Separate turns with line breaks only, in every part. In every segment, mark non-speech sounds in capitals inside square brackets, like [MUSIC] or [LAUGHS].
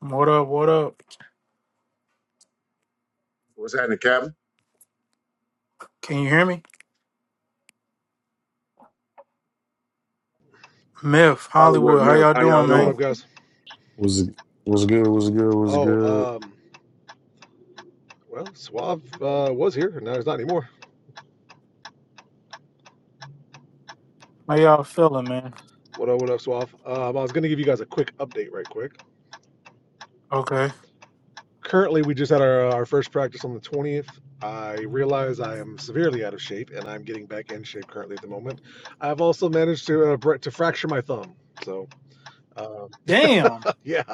What up? What up?
What's happening, Captain?
Can you hear me? Myth,
Hollywood,
Hollywood, how
man.
y'all
How y'all
doing,
What up, what up,
man?
doing?
guys?
Was was good. Was good. Was
Oh,
good.
um, well, Suave uh, was here, and now he's not anymore.
How y'all feeling, man?
What up, what up, Suave? Um, I was going to give you guys a quick update, right quick.
Okay.
Currently, we just had our, uh, our first practice on the 20th. I realize I am severely out of shape, and I'm getting back in shape currently at the moment. I've also managed to uh, br- to fracture my thumb. So, um,
Damn.
[LAUGHS] yeah,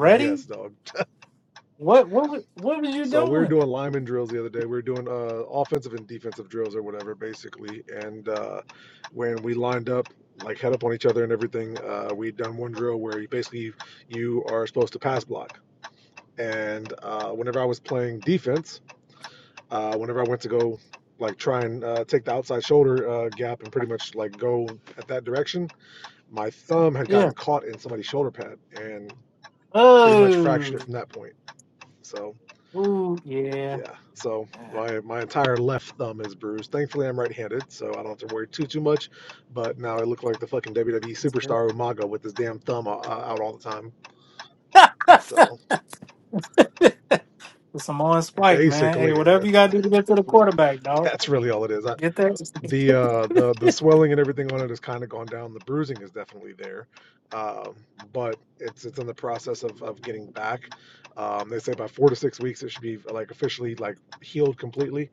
yes, dog.
What what wa- what was you
So we were
doing?
doing lineman drills the other day. We were doing uh, offensive and defensive drills or whatever, basically. And uh, when we lined up, like head up on each other and everything, uh, we done one drill where you basically you are supposed to pass block. And uh, whenever I was playing defense, uh, whenever I went to go like try and uh, take the outside shoulder uh, gap and pretty much like go at that direction, my thumb had
Yeah.
gotten caught in somebody's shoulder pad and pretty much
Oh.
fractured it from that point. So
Ooh, yeah.
Yeah. So
Yeah.
my my entire left thumb is bruised. Thankfully, I'm right-handed, so I don't have to worry too too much. But now I look like the fucking WWE
It's good.
superstar Umaga with his damn thumb o- out all the time. So
It's some on spike, man. Hey,
basically,
whatever you
that's
gotta do to get to the quarterback,
[LAUGHS]
dog.
that's really all it is. I,
Get that.
the uh
[LAUGHS]
the the swelling and everything on it has kind of gone down. The bruising is definitely there, um, but it's it's in the process of of getting back. Um, they say by four to six weeks it should be like officially like healed completely,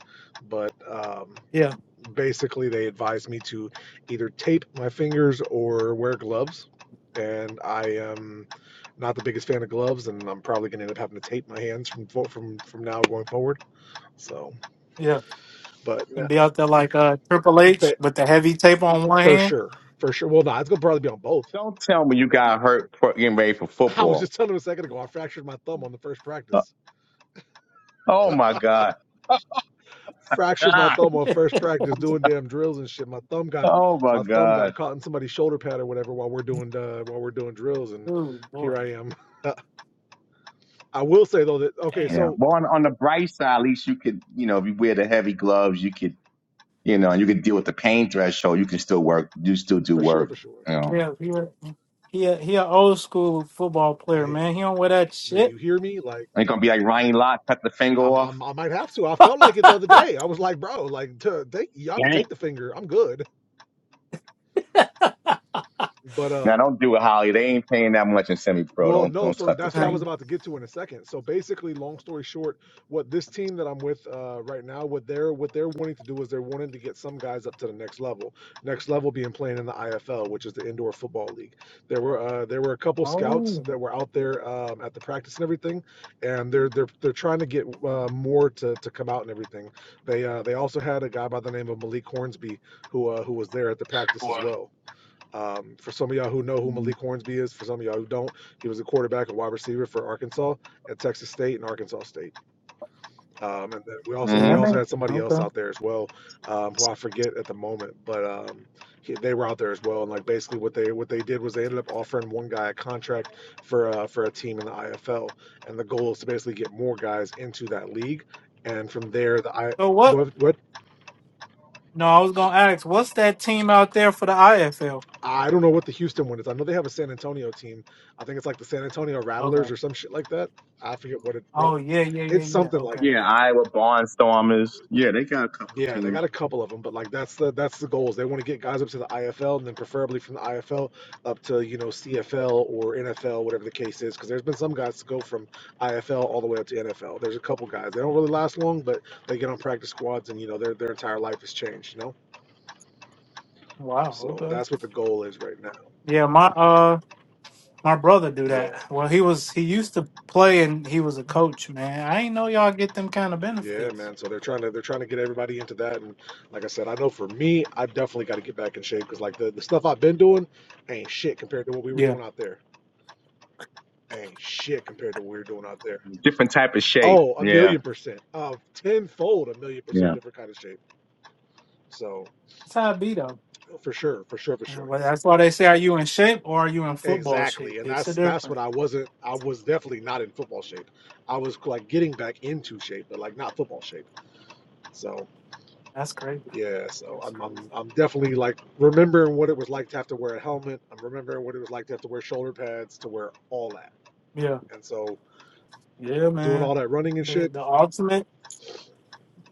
but um,
yeah.
basically they advised me to either tape my fingers or wear gloves and i am not the biggest fan of gloves and i'm probably going to end up having to tape my hands from from from now going forward so
Yeah.
but no-
And be out there like uh Triple H
but
with the heavy tape on one
for
hand.
sure for sure well no nah, it's going to probably be on both
Don't tell me you got hurt for- getting ready for
[LAUGHS] i was
football.
just telling him a second ago i fractured my thumb on the first
Uh,
practice
Oh my God.
fractured my
Ah,
thumb on
[LAUGHS]
first practice doing damn drills and shit my thumb got
oh my
my thumb
God.
got caught in somebody's shoulder pad or whatever while we're doing uh, while we're doing drills and
Ooh,
here
boy.
i am [LAUGHS] I will say though that okay,
Damn.
Yeah.
so
Well, on, on the bright side, at least you could, you know, if you wear the heavy gloves, you could, you know, and you could deal with the pain threshold. You can still work. You still do
for sure,
work.
for sure.
You know,
Kev, here. He a, he a old school football player,
Hey,
man. He don't wear that
do you
shit.
hear me? Like,
ain't gonna be like Ryan Lott cut the finger
I'm,
off.
I'm I might have to. I
[LAUGHS]
felt like it the other day. I was like, bro, like, to, take, y'all could take the finger. I'm good. But
Now
um,
don't do it, Holly. They ain't paying that much in semi-pro.
Well,
Don't
no,
don't
so
cut the
that's what I was
finger.
Um,
about to get to in a second. So basically, long story short, what this team that I'm with uh, right now, what they're what they're wanting to do is they're wanting to get some guys up to the next level. Next level being playing in the IFL, which is the Indoor Football League. There were uh, there were a couple scouts
oh,
that were out there um, at the practice and everything, and they're they're they're trying to get uh, more to, to come out and everything. They uh, they also had a guy by the name of Malik Hornsby who uh, who was there at the practice as
What?
well. Um, for some of y'all who know who Malik Hornsby is, for some of y'all who don't, he was a quarterback, a wide receiver for Arkansas at Texas State and Arkansas State. Um, and then we also
yeah,
we
that
hmm
also
name.
had somebody else
Okay.
out there as well, um, who I forget at the moment, but um, he, they were out there as well. And like basically what they what they did was they ended up offering one guy a contract for uh, for a team in the IFL, and the goal is to basically get more guys into that league. And from there, the I
So
go
what?
ahead. Go ahead.
No, I was gonna ask, what's that team out there for the IFL?
I don't know what the Houston one is. I know they have a San Antonio team. I think it's like the San Antonio
Okay.
Rattlers or some shit like that. I forget what it what
Oh yeah, yeah,
it's
yeah, yeah.
something like
Okay.
Yeah,
that.
Iowa Barnstormers. Yeah, they got a couple
Yeah, they got
teams.
a couple of them, but like that's the that's the goals. They want to get guys up to the IFL and then preferably from the IFL up to you know CFL or NFL, whatever the case is. Because there's been some guys to go from IFL all the way up to NFL. There's a couple guys. They don't really last long, but they get on practice squads and you know their their entire life has changed. You know,
Wow.
so
Okay.
that's what the goal is right now.
Yeah, my uh, my brother do
Yeah.
that. Well, he was he used to play and he was a coach, man. I ain't know y'all get them kind of
Yeah,
benefits.
man. So they're trying to they're trying to get everybody into that, and like I said, I know for me, I definitely got to get back in shape because like the, the stuff I've been doing ain't shit compared to what we were
Yeah,
doing out there. Ain't shit compared to what we were doing out there.
Different type of shape.
Oh, a
Yeah.
million percent, uh, tenfold, a million
Yeah.
percent different kind of shape. So
that's how it be though.
for sure, for sure, for
Uh,
sure,
Well, that's why they say, are you in shape or are you in football
exactly.
shape?
And
It's the
that's that's what
difference.
I wasn't. I was definitely not in football shape. I was like getting back into shape, but like not football shape. So.
That's crazy.
Yeah, so
That's
I'm,
crazy.
I'm I'm definitely like remembering what it was like to have to wear a helmet. I'm remembering what it was like to have to wear shoulder pads, to wear all that.
Yeah,
And so
yeah,
doing
man.
all that running and
The
shit,
the ultimate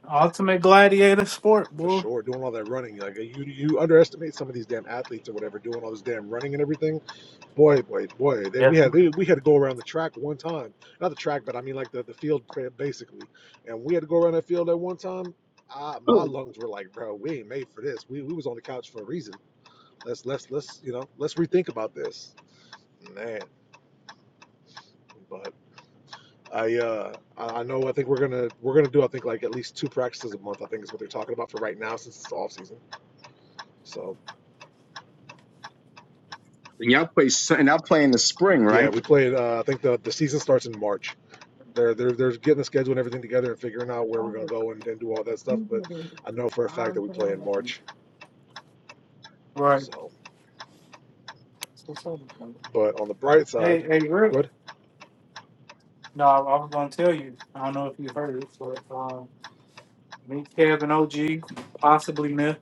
ultimate gladiator sport,
for
boy.
sure, doing all that running, like you you underestimate some of these damn athletes or whatever doing all this damn running and everything. Boy, boy, boy, they,
Yeah.
we had they, we had to go around the track one time, not the track, but I mean like the the field basically, and we had to go around that field at one time. I, my
Oh,
lungs were like, bro, we ain't made for this. We we was on the couch for a reason. Let's let's let's you know let's rethink about this. Man, but I uh I I know I think we're gonna we're gonna do I think like at least two practices a month, I think is what they're talking about for right now since it's off season. So
And y'all play s- and y'all play in the spring,
yeah,
right?
we played uh, I think the the season starts in March. They're they're they're getting the schedule and everything together and figuring out where we're gonna go and, and do all that stuff, but I know for a fact that we play in March.
Right.
So but on the bright
Hey,
side,
hey, Rick.
good.
No, I I was gonna tell you. I don't know if you heard it, but um, me, Kev, and OG, possibly Myth,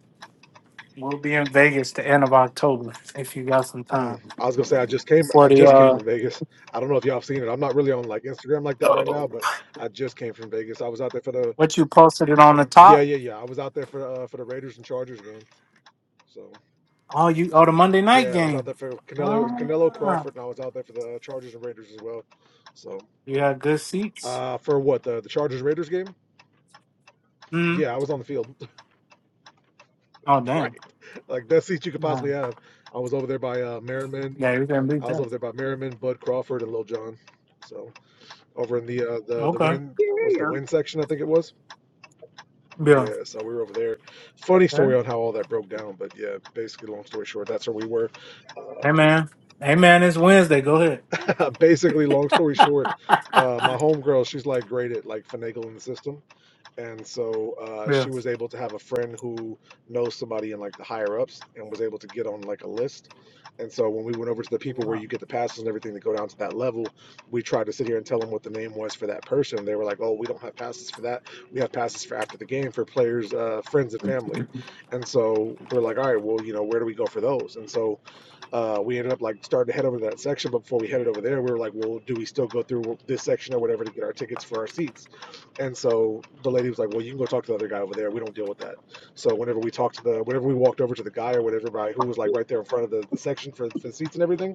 will be in Vegas the end of October if you got some
Mm,
time
I was gonna say I just came
for
I
the
just came
uh,
from Vegas. I don't know if y'all have seen it. I'm not really on like Instagram like that right now,
Oh.
but I just came from Vegas. I was out there for the
what you posted it on the
Yeah,
top.
yeah, yeah. I was out there for uh, for the Raiders and Chargers game. So
Oh, you oh the Monday night
yeah, I was out
game.
there for Canelo Canelo
Wow.
Crawford, and I was out there for the uh, Chargers and Raiders as well. So
You got good seats?
uh, for what the the Chargers Raiders game?
hmm
Yeah, I was on the field,
Oh,
[LAUGHS]
damn.
right? Like best seat you could possibly
Wow.
have. I was over there by uh, Merriman.
Yeah, you can beat
I was
that.
over there by Merriman, Bud Crawford, and Lil John. So over in the uh, the the
Okay.
win
Yeah.
was the
yeah.
win section, I think it was.
Yeah.
Yeah, so we were over there. Funny
Okay.
story on how all that broke down, but yeah, basically, long story short, that's where we were Uh,
Hey, man. Hey, man, it's Wednesday. Go ahead.
[LAUGHS] basically, long story short, uh, my homegirl, she's like great at like finagling the system, and so uh,
Yeah.
she was able to have a friend who knows somebody in like the higher ups, and was able to get on like a list. And so when we went over to the people where you get the passes and everything to go down to that level, we tried to sit here and tell them what the name was for that person. They were like, "Oh, we don't have passes for that. We have passes for after the game for players, uh, friends, and family." And so we're like, "All right, well, you know, where do we go for those?" And so uh, we ended up like starting to head over to that section, but before we headed over there, we were like, "Well, do we still go through this section or whatever to get our tickets for our seats?" And so the lady was like, "Well, you can go talk to the other guy over there. We don't deal with that." So whenever we talked to the, whenever we walked over to the guy or whatever, by who was like right there in front of the, the section for, for the seats and everything,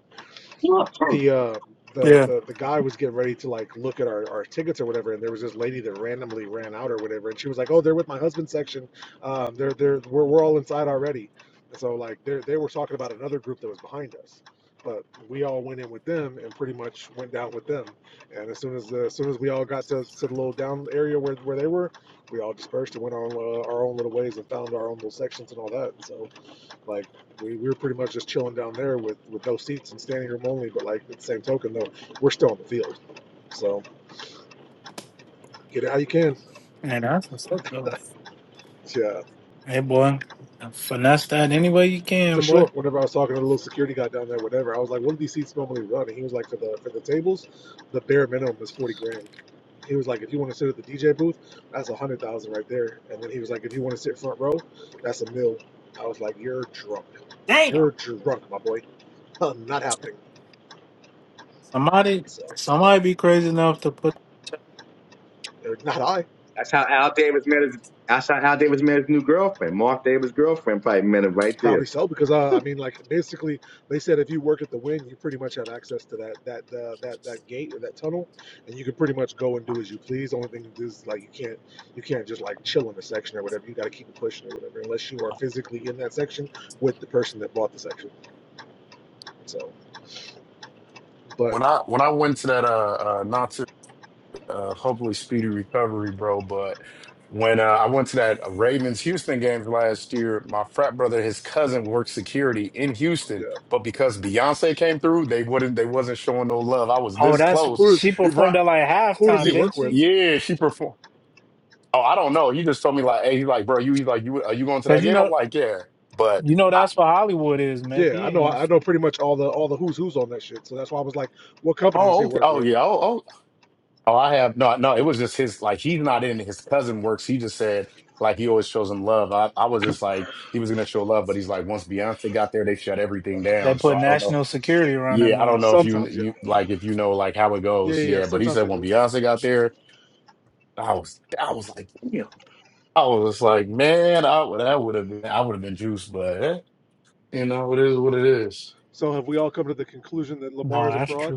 that
the uh the,
Yeah.
the the guy was getting ready to like look at our, our tickets or whatever and there was this lady that randomly ran out or whatever and she was like oh they're with my husband's section um they're they're we're, we're all inside already and so like they they were talking about another group that was behind us but we all went in with them and pretty much went down with them and as soon as as soon as we all got to, to the little down area where, where they were we all dispersed and went on uh, our own little ways and found our own little sections and all that so like we, we were pretty much just chilling down there with, with no seats and standing room only. But like at the same token, though, we're still on the field, so get it how you can.
Hey, that's what's up, though.
Yeah,
Hey, boy. Finesse that any way you
for
can,
sure.
boy.
Whenever I was talking to the little security guy down there, whatever, I was like, "What do these seats normally run?" And he was like, "For the for the tables, the bare minimum is forty grand." He was like, "If you want to sit at the DJ booth, that's a hundred thousand right there." And then he was like, "If you want to sit front row, that's a mil." I was like, "You're drunk.
Damn.
You're drunk, my boy. [LAUGHS] Not happening."
Somebody,
So,
somebody be crazy enough to put.
not I.
That's how Al Davis met his. That's how Al Davis met his new girlfriend. Mark Davis' girlfriend probably met him right
Probably
there.
so, because uh, I mean, like basically, they said if you work at the wing, you pretty much have access to that that uh, that that gate or that tunnel, and you can pretty much go and do as you please. The only thing is like you can't you can't just like chill in the section or whatever. You got to keep it pushing or whatever, unless you are physically in that section with the person that bought the section. So, but
When I when I went to that uh, uh not to uh, hopefully speedy recovery, bro. But when uh, I went to that Ravens Houston games last year, my frat brother, his cousin worked security in
yeah,
Houston, but because Beyonce came through, they wouldn't. They wasn't showing no love. I was
Oh,
this
that's
close,
who
she
does
right?
performed at like
who does he
halftime,
ye-
didn't
work with?
she?
Yeah, she performed. Oh, I don't know. He just told me like, hey, he's like, bro, you he's like, you are you going to that
Cause you
game? I'm
know,
like, yeah, but
you know
I,
that's what Hollywood is, man.
Yeah,
He
I
in
know I
Houston.
know pretty much all the all the who's who's on that shit. So that's why I was like, what company does he
oh, okay,
work
oh
with?
yeah, oh, oh, Oh, I have no, no. It was just his like he's not in his cousin works. He just said like he always shows him love. I, I was just like he was gonna show love, but he's like once Beyonce got there, they shut everything
They
down.
put
So I don't know.
national security around
Yeah,
him.
I don't
No,
know if you
Sometimes, yeah,
you like if you know like how it
yeah,
goes.
yeah. yeah,
Yeah, but he
Sometimes
said
they do.
when Beyonce got there, I was I was like damn. I was just like man, I would that would have been I would have been juiced, but eh, you know it is what it is.
So have we all come to the conclusion that Lamar is a
that's
fraud?
true.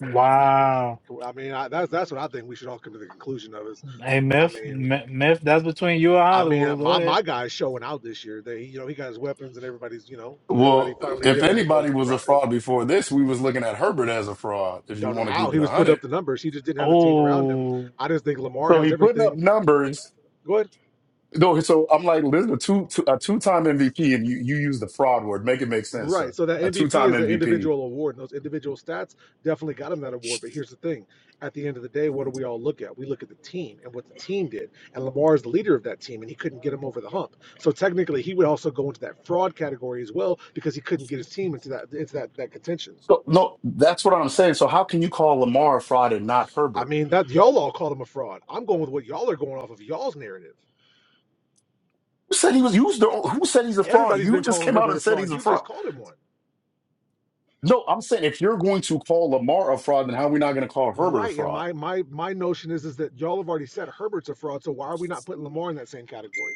Wow.
I mean, I, that's that's what I think we should all come to the conclusion of. Is
Hey,
I
Myth,
mean,
M- Myth, that's between you and
I mean,
Hollywood. Go
my my
ahead.
guy's showing out this year. They, you know, he got his weapons, and everybody's, you know, everybody
Well,
finally
if
giving him his little.
anybody was a
cri- His,
fraud before this, we was looking at Herbert as a fraud. If you
don't know
want to
how
keep
he
it a
was put
hundred.
up the numbers. He just didn't have the team around him.
Oh,
I just think Lamar
So
has
he putting up
everything.
numbers.
Go ahead.
No, so I'm like, listen, a two, two a two time MVP, and you you use the fraud word. Make it make sense,
Right.
sir.
So that
A two
MVP
time
is an
MVP.
individual award, and those individual stats definitely got him that award. But here's the thing: at the end of the day, what do we all look at? We look at the team and what the team did. And Lamar is the leader of that team, and he couldn't get him over the hump. So technically, he would also go into that fraud category as well because he couldn't get his team into that into that that contention.
So no, that's what I'm saying. So how can you call Lamar a fraud and not
I
Herbert?
mean, that y'all all called him a fraud. I'm going with what y'all are going off of y'all's narrative.
Who said he was used? Who said he's a fraud?
Everybody's
You
been
just
calling
came out
Herbert a
and said
fraud.
he's a
You just
fraud.
called him one.
No, I'm saying if you're going to call Lamar a fraud, then how are we not going to call Herbert a
Right, and
fraud?
my my my notion is is that y'all have already said Herbert's a fraud, so why are we not putting Lamar in that same category?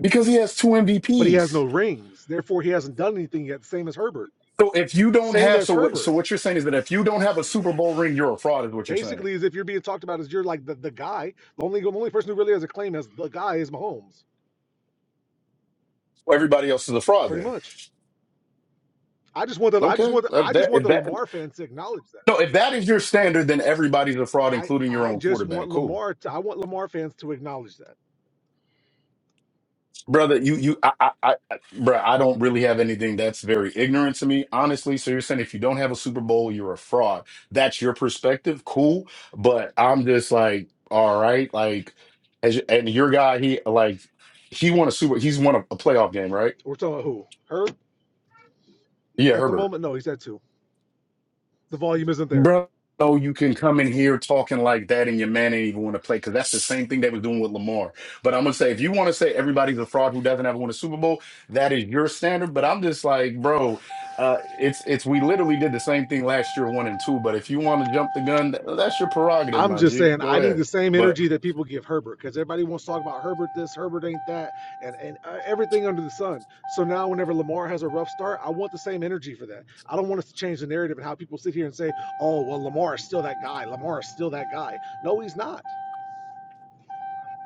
Because he has two
But he has no
MVPs.
rings, therefore he hasn't done anything yet. Same as Herbert,
So if you don't
same
have,
as
so what? So
Herbert.
what you're saying is that if you don't have a Super Bowl ring, you're a fraud. Is what you're saying.
Basically, as if you're being talked about as you're like the, the guy. The only the only person who really has a claim as the guy is Mahomes,
Well, everybody else is a fraud
pretty
then.
much. I just want the I just
Okay.
want the, I
If
just
that,
want
if
the
that,
Lamar fans to acknowledge that.
no, if that is your standard, then everybody's a fraud,
I
including your
I
own
just
quarterback.
want
Cool.
Lamar to I want Lamar fans to acknowledge that.
Brother, you, you, I, I, I, I- bruh, I don't really have anything that's very ignorant to me, honestly. So you're saying if you don't have a Super Bowl, you're a fraud. That's your perspective. Cool. But I'm just like, all right. Like, as, and your guy, he, like, he won a Super, he's won a, a playoff game, right?
We're talking about who? Her
Yeah,
at the
Herbert.
moment? No, he's at two. The volume isn't there.
Bro, so you can come in here talking like that and your man ain't even want to play because that's the same thing they was doing with Lamar. But I'm gonna say if you want to say everybody's a fraud who doesn't ever win a Super Bowl, that is your standard. But I'm just like, bro, uh, it's it's we literally did the same thing last year, one and two. But if you want to jump the gun, th- that's your prerogative,
I'm
my
just
G.
saying
Go
I need
ahead.
the same
But
energy that people give Herbert because everybody wants to talk about Herbert this, Herbert ain't that, and and uh, everything under the sun. So now whenever Lamar has a rough start, I want the same energy for that. I don't want us to change the narrative and how people sit here and say, "Oh, well, Lamar is still that guy. Lamar is still that guy." No, he's not.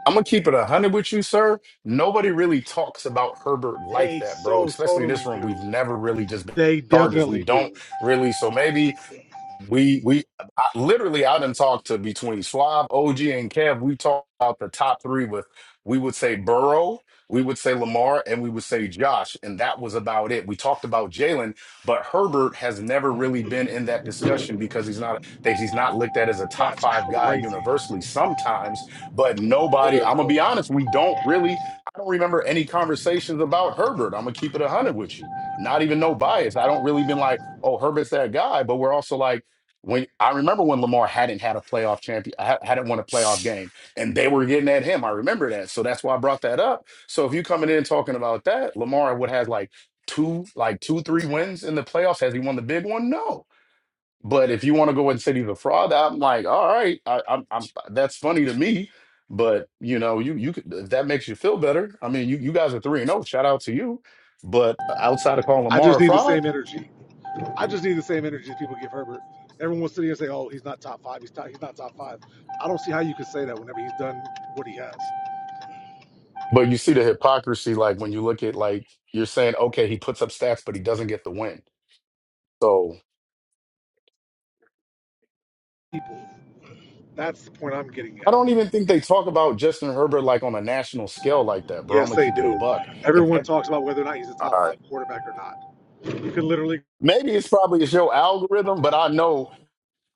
I'm gonna keep it a hundred with you, sir. Nobody really talks about Herbert like
They
that, bro.
so
Especially in
totally
this room,
do.
we've never really just been
They
Chargers. We
definitely
don't
do.
really. So maybe. We we I, literally I didn't talk to between Swab, OG, and Kev. We talked about the top three with we would say Burrow, we would say Lamar, and we would say Josh, and that was about it. We talked about Jalen, but Herbert has never really been in that discussion because he's not that he's not looked at as a top
That's
five guy
crazy.
universally sometimes, but nobody, I'm gonna
oh,
be honest, we don't really I don't remember any conversations about Herbert. I'm gonna keep it a hundred with you. Not even no bias. I don't really been like, oh, Herbert's that guy, but we're also like when I remember when Lamar hadn't had a playoff champion, hadn't won a playoff game, and they were getting at him. I remember that, so that's why I brought that up. So if you coming in talking about that, Lamar would have like two, like two, three wins in the playoffs. Has he won the big one? No. But if you want to go and say he's a fraud, I'm like, all right, I, I'm, I'm, that's funny to me. But you know, you you could, if that makes you feel better. I mean, you you guys are three and zero. Shout out to you. But outside of calling
I
Lamar
just
a
need the
fraud.
same energy. I just need the same energy as people give Herbert. Everyone will sit here and say, "Oh, he's not top five. He's top, he's not top five. I don't see how you can say that whenever he's done what he has.
But you see the hypocrisy, like when you look at like you're saying, okay, he puts up stats, but he doesn't get the win. So
People, that's the point I'm getting
I
at.
don't even think they talk about Justin Herbert like on a national scale like that, bro. I'm
Yes,
gonna
they
keep it a
do.
buck. If,
Everyone
if
talks about whether or not he's a
all
top five
right,
quarterback or not. You can literally
maybe it's probably it's your algorithm, but I know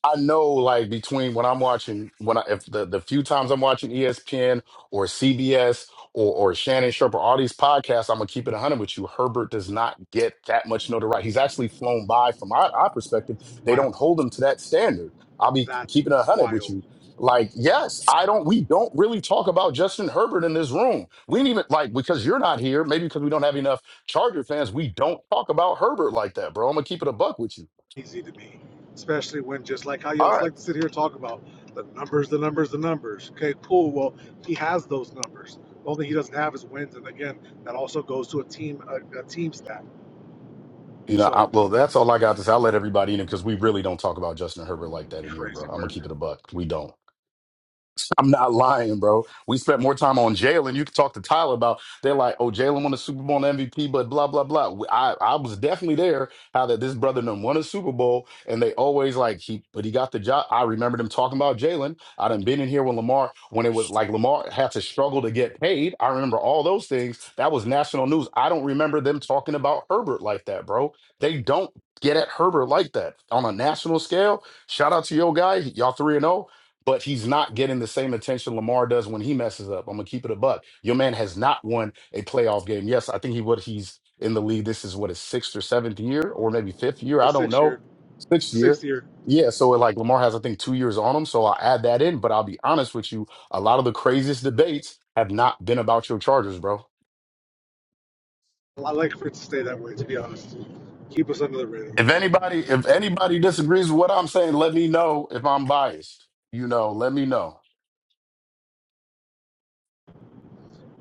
I know, like between when I'm watching, when I, if the, the few times I'm watching ESPN or CBS or or Shannon Sharpe or all these podcasts, I'm gonna keep it 100 with you. Herbert does not get that much notoriety. He's actually flown by from our, our perspective. They don't
wild.
hold him to that standard. I'll be
That's
keeping it 100 with
wild.
you. Like, yes, I don't. We don't really talk about Justin Herbert in this room. We didn't even like because you're not here. Maybe because we don't have enough Charger fans. We don't talk about Herbert like that, bro. I'm gonna keep it a buck with you.
Easy to me, especially when just like how y'all like to sit here and talk about the numbers, the numbers, the numbers. Okay, cool. Well, he has those numbers. The only thing he doesn't have is wins, and again, that also goes to a team, a, a team stat.
You know,
So
I, well, that's all I got to say. I'll let everybody in because we really don't talk about Justin Herbert like that in here, bro.
crazy
I'm gonna
work.
keep it a buck. We don't. [LAUGHS] I'm not lying, bro. We spent more time on Jalen. You can talk to Tyler about they're like, oh, Jalen won the Super Bowl and MVP, but blah blah blah. I I was definitely there. How that this brother done won a Super Bowl, and they always like he, but he got the job. I remember them talking about Jalen. I done been in here when Lamar when it was like Lamar had to struggle to get paid. I remember all those things. That was national news. I don't remember them talking about Herbert like that, bro. They don't get at Herbert like that on a national scale. Shout out to your guy, y'all three and zero but he's not getting the same attention Lamar does when he messes up. I'm gonna keep it a buck. Your man has not won a playoff game. Yes, I think he would. He's in the league. This is what his sixth or seventh year, or maybe fifth year. I
His
don't
sixth
know.
year,
Sixth year.
sixth year.
Yeah, so like Lamar has, I think, two years on him. So I'll add that in. But I'll be honest with you, a lot of the craziest debates have not been about your Chargers, bro.
I like for it to stay that way. To be honest, keep us under the radar.
If anybody, if anybody disagrees with what I'm saying, let me know if I'm biased. You know, let me know.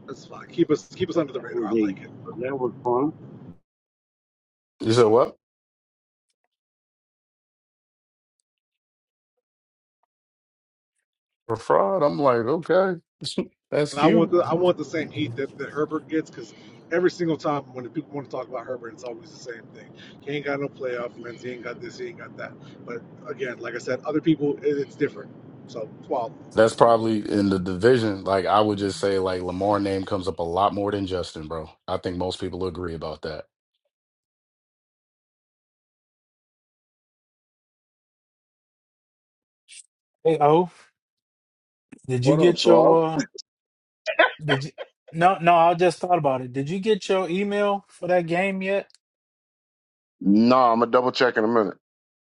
That's fine. Keep us keep us under the
was
radar. I like it,
a that was fun.
You said what? for fraud. I'm like, okay, [LAUGHS] that's
and I want
cute.
the I want the same heat that, that Herbert gets because every single time when the people want to talk about Herbert, it's always the same thing. He ain't got no playoff wins. He ain't got this. He ain't got that. But again, like I said, other people it, it's different. So wild.
That's probably in the division. Like, I would just say, like, Lamar name comes up a lot more than Justin, bro. I think most people agree about that.
hey, oh, did you
What up,
get
Swab?
your, uh, did you, no, no, I just thought about it. Did you get your email for that game yet?
No, I'm gonna double check in a minute.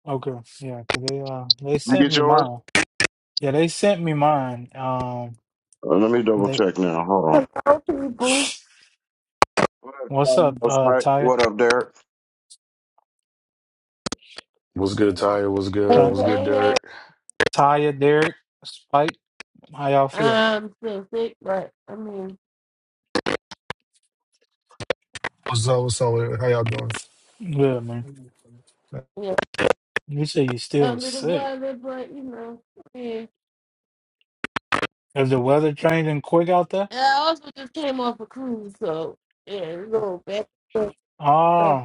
Okay. Yeah. Cause they, uh, they
You
sent
get
me
yours?
mine. Yeah. They sent me mine. Um,
Uh, let me double
they,
check now. Hold on. What up,
what's
Captain?
up,
What's
uh,
right?
Taya?
What up, Derek?
What's good,
going on.
Tyre? What's good?
Hey,
Ty-
What's good,
hey, hey.
Derek?
Taya, Derek, Spike, how y'all feel?
I'm still sick, but I mean,
What's up? What's up? How y'all doing?
Good, man.
yeah,
You say you still
under the
sick.
weather, but you know, yeah.
Is the weather changing quick out there?
And I also just came off a cruise, so yeah, it's a little bad. stuff.
Ah.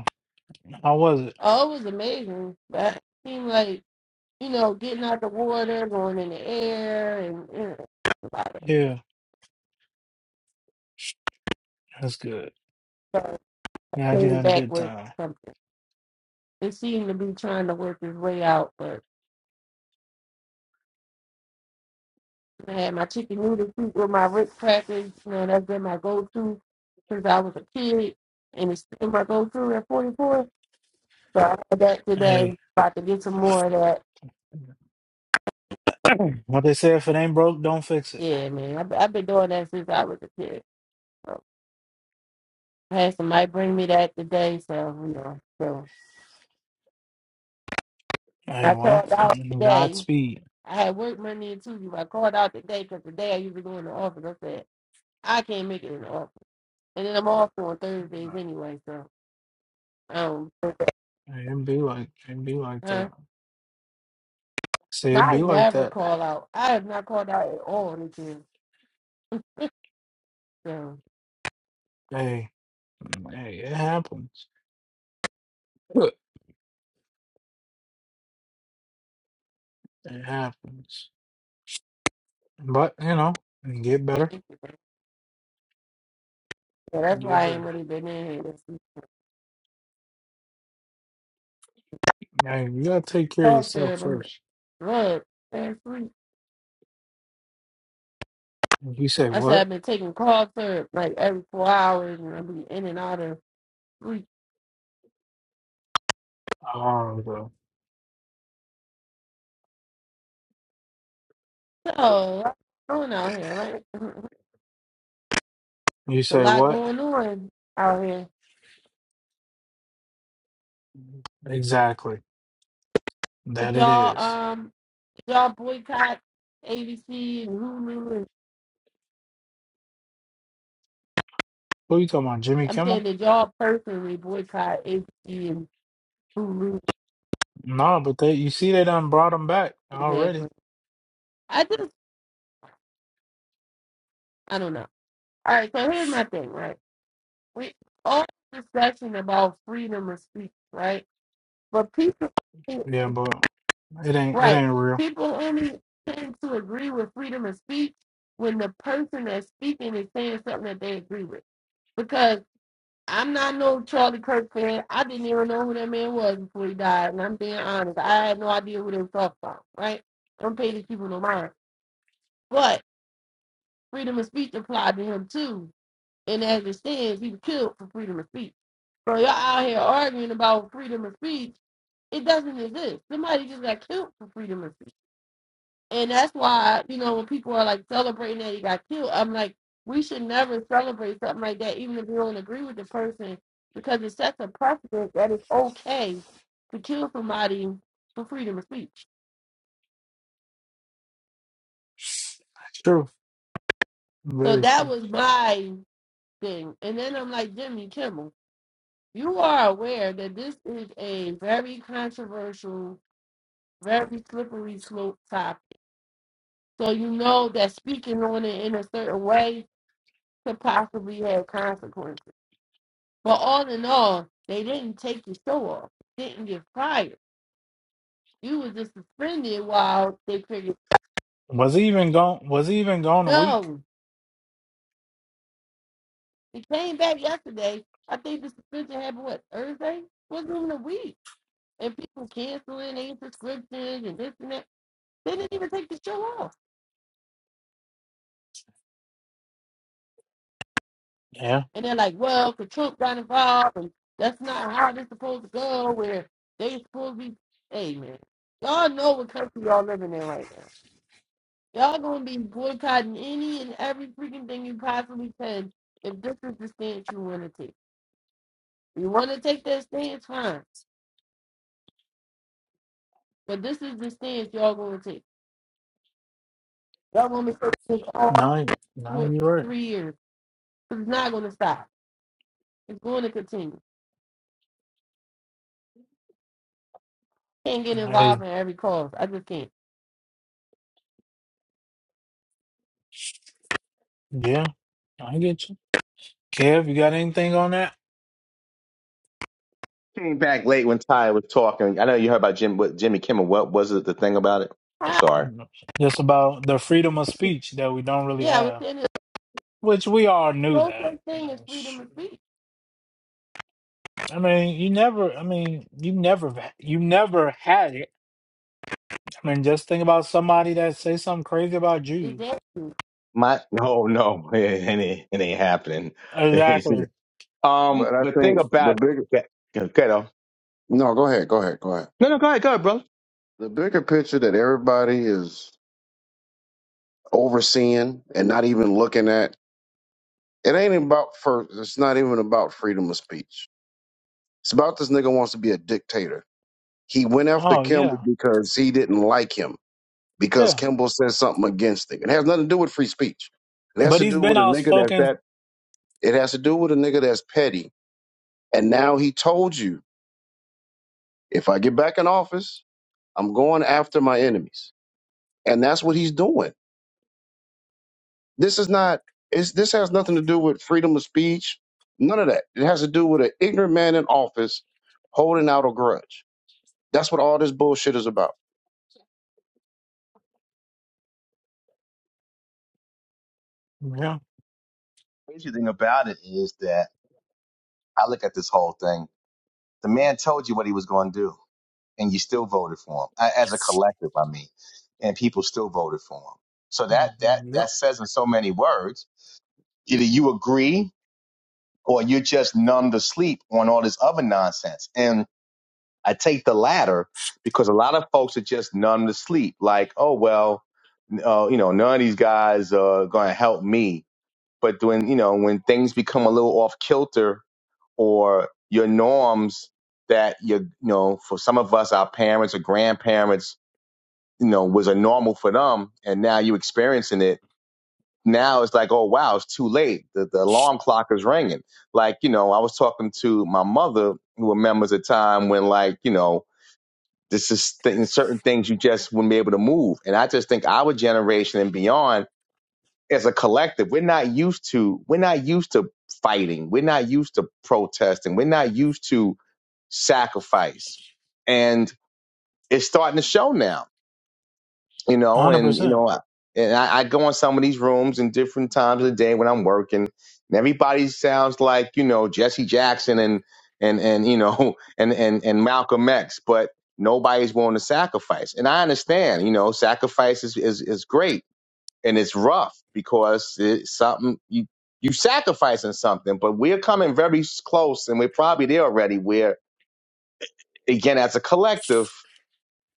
How was it?
Oh, it was amazing, but it seemed like you know, getting out the water, going in the air, and you know, a lot of
Yeah, that's good.
stuff
Glad you
came
had a
back
good
with
time.
something. It seemed to be trying to work its way out, but I had my chicken noodle soup with my Ritz crackers. Man, that's been my go-to since I was a kid, and it's still my go-to at 44. So I had that today.
Hey,
About to get some more of that.
[CLEARS THROAT] what they said, if it ain't broke, don't fix it.
Yeah, man, I've, I've been doing that since I was a kid. So I had somebody bring me that today, so you know. So
Hey,
I
well,
called out
mm,
today.
Godspeed.
I had work Monday and Tuesday. but I called out today because today I usually go in the office. I said I can't make it in the office, and then I'm off on Thursdays anyway. So um,
Hey, It be like it be like
huh?
that. See, it
I
be like
never
that.
call out. I have not called out at all this year. So
Hey, mm, hey, it happens. Look, It happens. But you know, get
thank
better,
you. So that's why
get
I ain't
better.
really been in here. This week.
Hey, you gotta take care of
cough
yourself
syrup, I'm
first.
drug, and free.
You say
I said
what?
I've been taking cough syrup like every four hours, and I'll be in and out of sleep.
Oh, bro.
So what's going out here, right? [LAUGHS] There's
You
a
say
lot
what?
going on out here.
Exactly.
Did
That it
y'all
is.
um did y'all boycott ABC and Hulu? And,
Who you talking about, Jimmy
I'm
Kimmel?
saying did y'all personally boycott ABC and Hulu
No, but they you see they done brought them back already.
exactly? I just I don't know. All right, so here's my thing, right? We all discussion about freedom of speech, right? But people,
Yeah, but it ain't it
right?
ain't real.
People only tend to agree with freedom of speech when the person that's speaking is saying something that they agree with. Because I'm not no Charlie Kirk fan. I didn't even know who that man was before he died, and I'm being honest. I had no idea who they was talking about, right? I'm paying these people no mind, but freedom of speech applied to him too And as it stands, he was killed for freedom of speech. So y'all out here arguing about freedom of speech. It doesn't exist. Somebody just got killed for freedom of speech. And that's why, you know, when people are like celebrating that he got killed, I'm like, we should never celebrate something like that, even if you don't agree with the person, because it sets a precedent that it's okay to kill somebody for freedom of speech.
It's true.
So
Very
that
true.
was my thing. And then I'm like, Jimmy Kimmel, you are aware that this is a very controversial very slippery slope topic. So you know that speaking on it in a certain way could possibly have consequences. But all in all, they didn't take your show off. You didn't get fired. You was just suspended while they figured
Was he even gone was he even gone a week?
no. they came back yesterday. I think the suspension happened what Thursday? Wasn't even a week. And people canceling their subscriptions and this and that. They didn't even take the show off.
Yeah.
And they're like, well, 'cause Trump got involved, and that's not how this supposed to go, where they supposed to be. Hey, man, y'all know what country y'all living in right now. Y'all gonna be boycotting any and every freaking thing you possibly can if this is the stance you wanna take. You wanna take that stance, fine. But this is the stance y'all gonna take. Y'all gonna be this all
No, no,
for
you're right.
three years. It's not gonna stop. It's gonna continue. Can't get involved
Hey,
in every cause. I just can't.
yeah. I get you. Kev, you got anything on that?
Came back late when Ty was talking. I know you heard about Jim, what Jimmy Kimmel. What was it? The thing about it? I'm
Ah,
sorry.
No. Just about the freedom of speech that we don't really
Yeah, I was
have.
saying this.
Which we all knew
No such
that, you
thing is
know.
freedom
Shoot.
of speech.
I mean, you never I mean, you never you never had it. I mean, just think about somebody that say something crazy about
Is
Jews.
that
My no, no, [LAUGHS] it ain't, it ain't happening. [LAUGHS]
Exactly.
um,
But I
but thing
think the
about
bigger
that. Go, go, though.
no, go ahead, go ahead, go ahead.
no, no, go ahead, go ahead, brother.
The bigger picture that everybody is overseeing and not even looking at, it ain't about first. It's not even about freedom of speech. It's about this nigga wants to be a dictator. He went after
Oh
Kimball
yeah,
because he didn't like him because
yeah.
Kimball said something against him. It has nothing to do with free speech. It has
But
to
he's
do
been
with a nigga that's that.
outspoken.
It has to do with a nigga that's petty. And now he told you, if I get back in office, I'm going after my enemies, and that's what he's doing. This is not. It's, this has nothing to do with freedom of speech. None of that. It has to do with an ignorant man in office holding out a grudge. That's what all this bullshit is about.
Yeah,
crazy thing about it is that I look at this whole thing. The man told you what he was going to do. and you still voted for him a- as a collective. I mean, and people still voted for him. So that
Mhm.
that
yeah,
that says in so many words, either you agree or you're just numb to sleep on all this other nonsense. And I take the latter because a lot of folks are just numb to sleep. Like, oh well, uh, you know, none of these guys are going to help me. But when you know when things become a little off kilter or your norms that you you know for some of us our parents or grandparents you know, was a normal for them, and now you experiencing it. Now it's like, oh wow, it's too late. The, the alarm clock is ringing. Like, you know, I was talking to my mother, who remembers a time when, like, you know, this is th- certain things you just wouldn't be able to move. And I just think our generation and beyond, as a collective, we're not used to we're not used to fighting. We're not used to protesting. We're not used to sacrifice. And it's starting to show now you know,
hundred
and you
percent.
know, and I, I go in some of these rooms in different times of the day when I'm working, and everybody sounds like you know Jesse Jackson and and and you know [LAUGHS] and and and Malcolm X, but nobody's willing to sacrifice. And I understand, you know, sacrifice is is, is great and it's rough because it's something you you sacrificing something, but we're coming very close, and we're probably there already. Where again, as a collective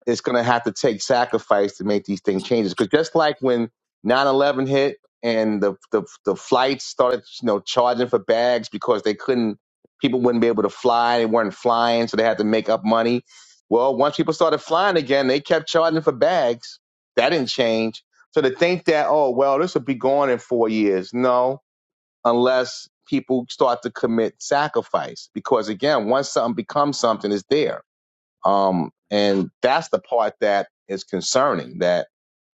it's going to have to take sacrifice to make these things changes. Because just like when 9/11 hit and the, the the flights started, you know, charging for bags because they couldn't, people wouldn't be able to fly. They weren't flying, so they had to make up money. Well, once people started flying again, they kept charging for bags. That didn't change. So to think that, oh well, this will be gone in four years. No, unless people start to commit sacrifice. Because again, once something becomes something, it's there um, and that's the part that is concerning that,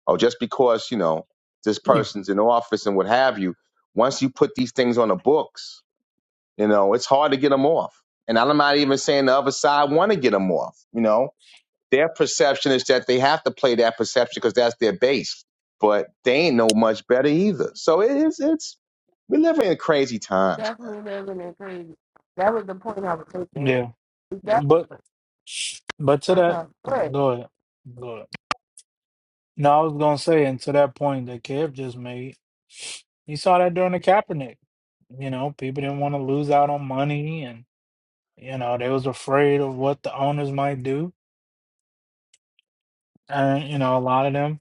oh, just because, you know, this person's in office and what have you, once you put these things on the books, you know, it's hard to get them off. And I'm not even saying the other side want to get them off. You know, their perception is that they have to play that perception because that's their base. But they ain't no much better either. So it is, it's, we live in crazy times, man.
definitely living in crazy? That was the point I was taking.
Yeah,
Is that
but but to that,
sometimes threat,
go ahead, go ahead. No, I was gonna say, and to that point that Kev just made, he saw that during the Kaepernick. You know, people didn't want to lose out on money, and you know they was afraid of what the owners might do, and you know a lot of them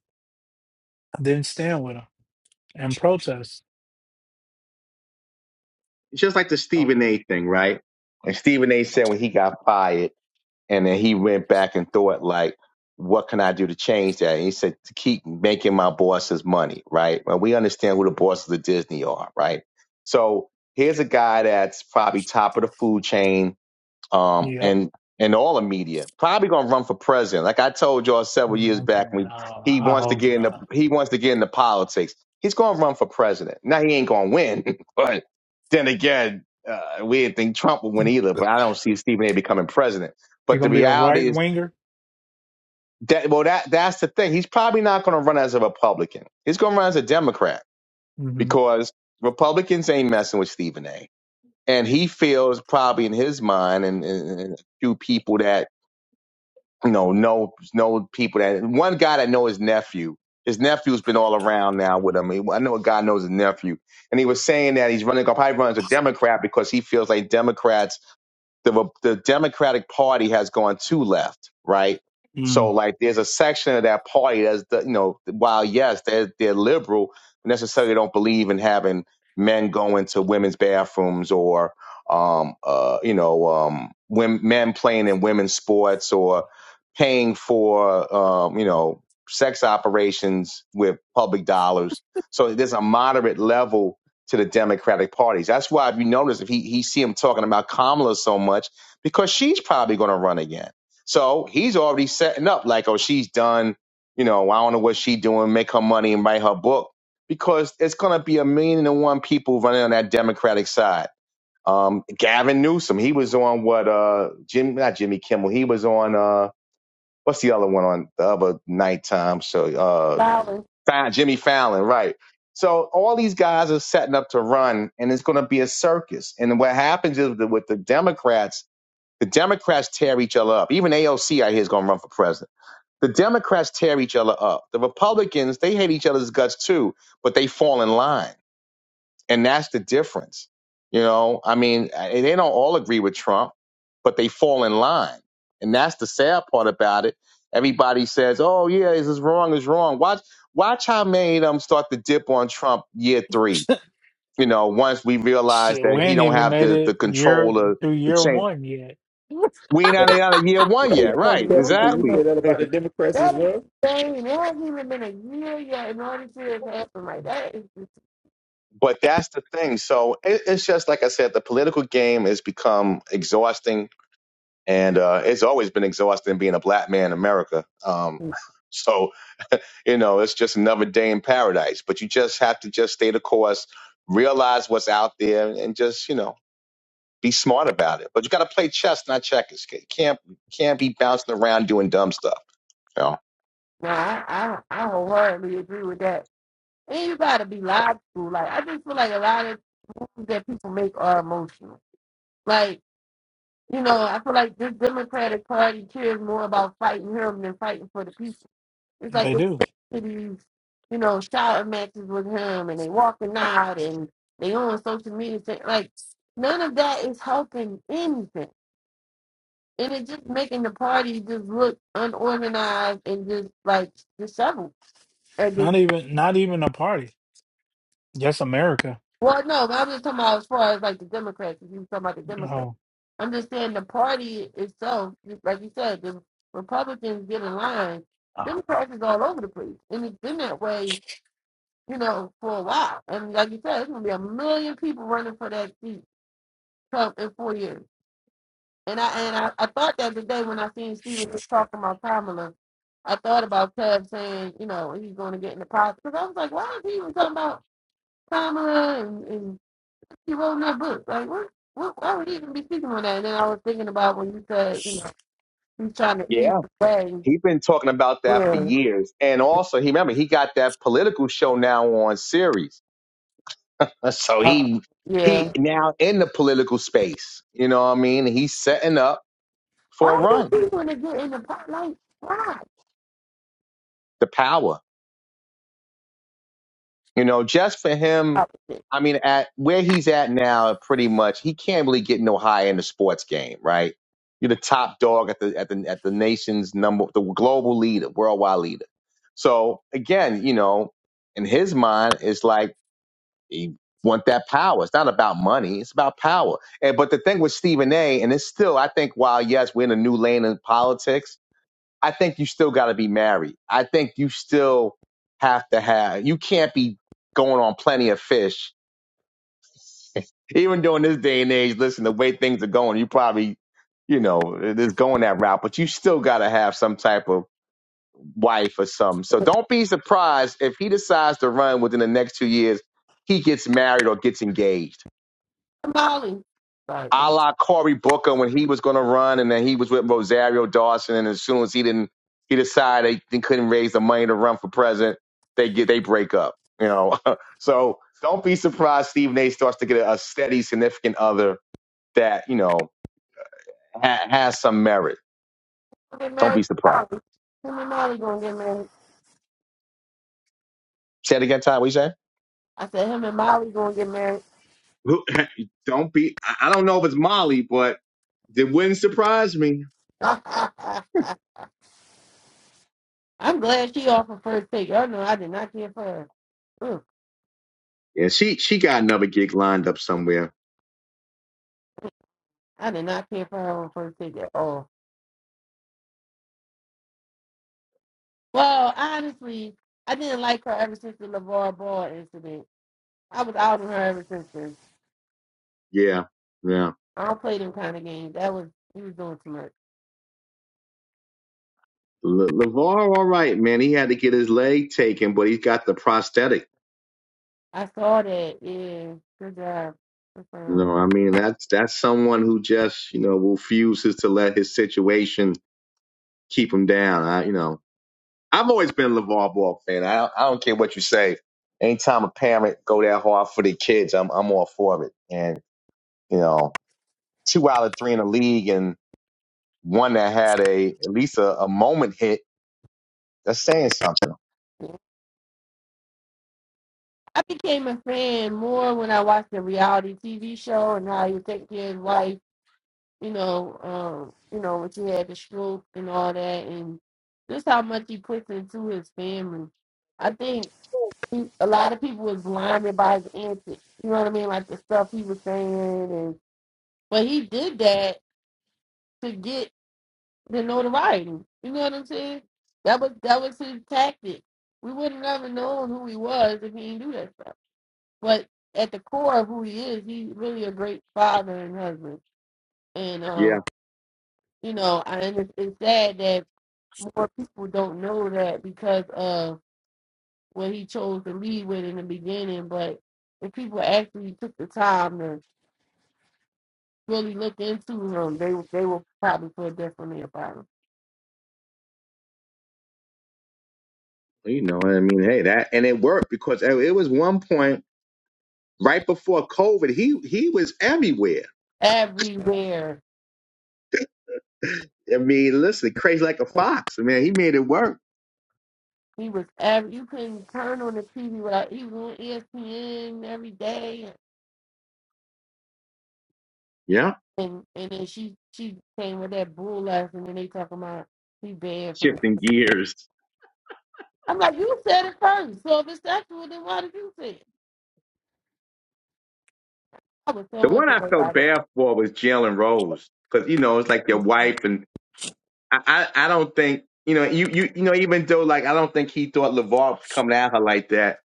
didn't stand with him and protest.
It's just like the
Oh,
Stephen A thing, right? And Stephen A said when he got fired, And then he went back and thought like, what can I do to change that? And he said, to keep making my bosses money, right? And we understand who the bosses of Disney are, right? So here's a guy that's probably top of the food chain um,
Yep.
and and all the media. Probably gonna run for president. Like I told y'all several years
Mm,
back, when he
I I
wants to
hope
get into
not.
he wants to get into politics. He's gonna run for president. Now he ain't gonna win, [LAUGHS] but then again, uh, we didn't think Trump would win either. But I don't see Stephen A. becoming president.
He's
But the
gonna be a right
reality is
winger.
that well, that that's the thing. He's probably not gonna run as a Republican. He's gonna run as a Democrat
hmm
because Republicans ain't messing with Stephen A. And he feels probably in his mind and, and, and a few people that you know, know know people that one guy that know his nephew. His nephew's been all around now with him. He- I know a guy knows his nephew, and he was saying that he's running. Probably runs a Democrat because he feels like Democrats the the Democratic Party has gone too left, right? So
Mm.
like there's a section of that party that's the, you know while yes they're they're liberal, necessarily don't believe in having men go into women's bathrooms or um uh you know um women, men playing in women's sports or paying for um you know sex operations with public dollars. So there's a moderate level to the Democratic parties. That's why if you notice, if he he see him talking about Kamala so much, because she's probably going to run again. So he's already setting up like, oh, she's done. You know, I don't know what she doing. Make her money and write her book because it's going to be a million and one people running on that Democratic side. Um, Gavin Newsom, he was on what? Uh, Jim, not Jimmy Kimmel. He was on uh, what's the other one on the other nighttime show? uh,
violence,
Fa- Jimmy Fallon, right. So all these guys are setting up to run, and it's going to be a circus. And what happens is that with the Democrats, the Democrats tear each other up. Even AOC, I hear, is going to run for president. The Democrats tear each other up. The Republicans, they hate each other's guts too, but they fall in line. And that's the difference. You know, I mean, I- they don't all agree with Trump, but they fall in line. And that's the sad part about it. Everybody says, oh, yeah, this is wrong, it's wrong. Watch, watch how many of them start to dip on Trump year three. You know, once we realize
Shit,
that
we
he
ain't
don't
even
have
made
the, the
it year
control of
through
the
year
change.
one yet.
We ain't out of out of year one
Kevin,
you
yet.
know,
Right.
can you
Exactly.
say
wilderness.
that about the Democrats as
That is
well?
insane. It hasn't even been a year yet, and all this shit has Like that is just
[LAUGHS] but that's the thing. So it, it's just like I said, the political game has become exhausting and uh, it's always been exhausting being a black man in America. Um,
no.
[LAUGHS] so you know, it's just another day in paradise. But you just have to just stay the course, realize what's out there, and just you know, be smart about it. But you got to play chess, not checkers. You can't can't be bouncing around doing dumb stuff. You know?
I, I I wholeheartedly agree with that. And you gotta be logical. Like I just feel like a lot of moves that people make are emotional. Like you know, I feel like this Democratic Party cares more about fighting him than fighting for the people. It's like
They
this
do
these, you know, shout matches with him and they walking out and they on social media saying like none of that is helping anything. And it's just making the party just look unorganized and just like disheveled. And just,
not even not even a party. Yes, America.
well, no, but I'm just talking about as far as like the Democrats. If you talking about the Democrats,
Oh,
I'm just saying the party itself, just like you said, the Republicans get in line.
oh.
Democrats is all over the place, and it's been that way you know, for a while. And like you said, it's gonna be a million people running for that seat come in four years. And I and I, I thought that the day when I seen Steven just talking about Kamala, I thought about Cub saying, you know, he's gonna get in the politics. Because I was like, why is he even talking about Kamala and, and he wrote in that book? Like what what why would he even be speaking on that? And then I was thinking about when you said, you know, he's trying to ease
Yeah,
the way.
he's been talking about that for
Yeah.
years, and also he remember he got that political show now on series, so
Uh,
he.
yeah.
He now in the political space, you know what I mean? He's setting up for a
Why do
run.
people want to get in the pot like why?
The power, you know, just for him. I mean, at where he's at now, pretty much he can't really get no higher in the sports game, right? You're the top dog at the at the at the nation's number, the global leader, worldwide leader. So again, you know, in his mind, it's like he want that power. It's not about money; it's about power. And but the thing with Stephen A. and it's still, I think, while yes, we're in a new lane in politics I think you still got to be married. I think you still have to have. You can't be going on plenty of fish, even during this day and age. Listen, the way things are going, you probably, you know, it is going that route. But you still got to have some type of wife or something. So don't be surprised if he decides to run within the next two years. He gets married or gets engaged
Molly. Like,
a
I'm
la Cory Booker when he was going to run, and then he was with Rosario Dawson, and as soon as he didn't, he decided they, couldn't raise the money to run for president. They get they break up, you know. [LAUGHS] so don't be surprised Steve Nate starts to get a, steady, significant other that you know ha- has some merit.
gonna get
Don't be
married to
surprised.
Molly. Him and Molly gonna get married.
Say it again, Ty. What you say?
I said, him and Molly gonna get married.
[LAUGHS] Don't be. I don't know if it's Molly, but it wouldn't surprise me.
[LAUGHS] I'm glad she offered first take. Y'all know I did not care for her. Ugh,
Yeah, she she got another gig lined up somewhere.
I did not care for her on first take at all. Well, honestly, I didn't like her ever since the LeVar Ball incident. I was out on her ever since then.
Yeah, yeah.
I don't play them kind of games. That was, he was doing too much.
Le- Levar, all right, man. He had to get his leg taken, but he's got the prosthetic.
I saw that. Yeah, good job. That's
You
fine.
know, I mean, that's that's someone who just you know refuses to let his situation keep him down. I, you know, I've always been a Levar Ball fan. I don't, I don't care what you say. Anytime a parent go that hard for the kids, I'm I'm all for it. And you know, two out of three in the league, and one that had a at least a, a moment hit. That's saying something.
I became a fan more when I watched the reality TV show and how he would take care of his wife, you know, um, you know, when she had the stroke and all that, and just how much he puts into his family. I think he, a lot of people was blinded by his antics. You know what I mean? Like the stuff he was saying, and but he did that to get the notoriety. You know what I'm saying? That was that was his tactic. We would have never known who he was if he didn't do that stuff. But at the core of who he is, he's really a great father and husband. And
Yeah,
um, you know, I, and it's, it's sad that more people don't know that because of what he chose to lead with in the beginning. But if people actually took the time to really look into him, they they will probably feel differently about him.
you know, I mean, hey, that and it worked because it it was one point. Right before COVID, he he was everywhere.
Everywhere
I mean, listen, crazy like a fox. I mean, he made it work.
he was, every you couldn't turn on the TV without he was on ESPN every day.
Yeah.
and and then she she came with that bull last and then they talking about he banned from it.
Shifting gears.
I'm like, you said it first. So if it's sexual, then why did you say it? I was so
The one I
annoyed by
felt
it.
bad for was Jalen Rose. Cause you know, it's like your wife and I, I, I don't think, you know, you, you, you know, even though like, I don't think he thought LeVar was coming at her like that.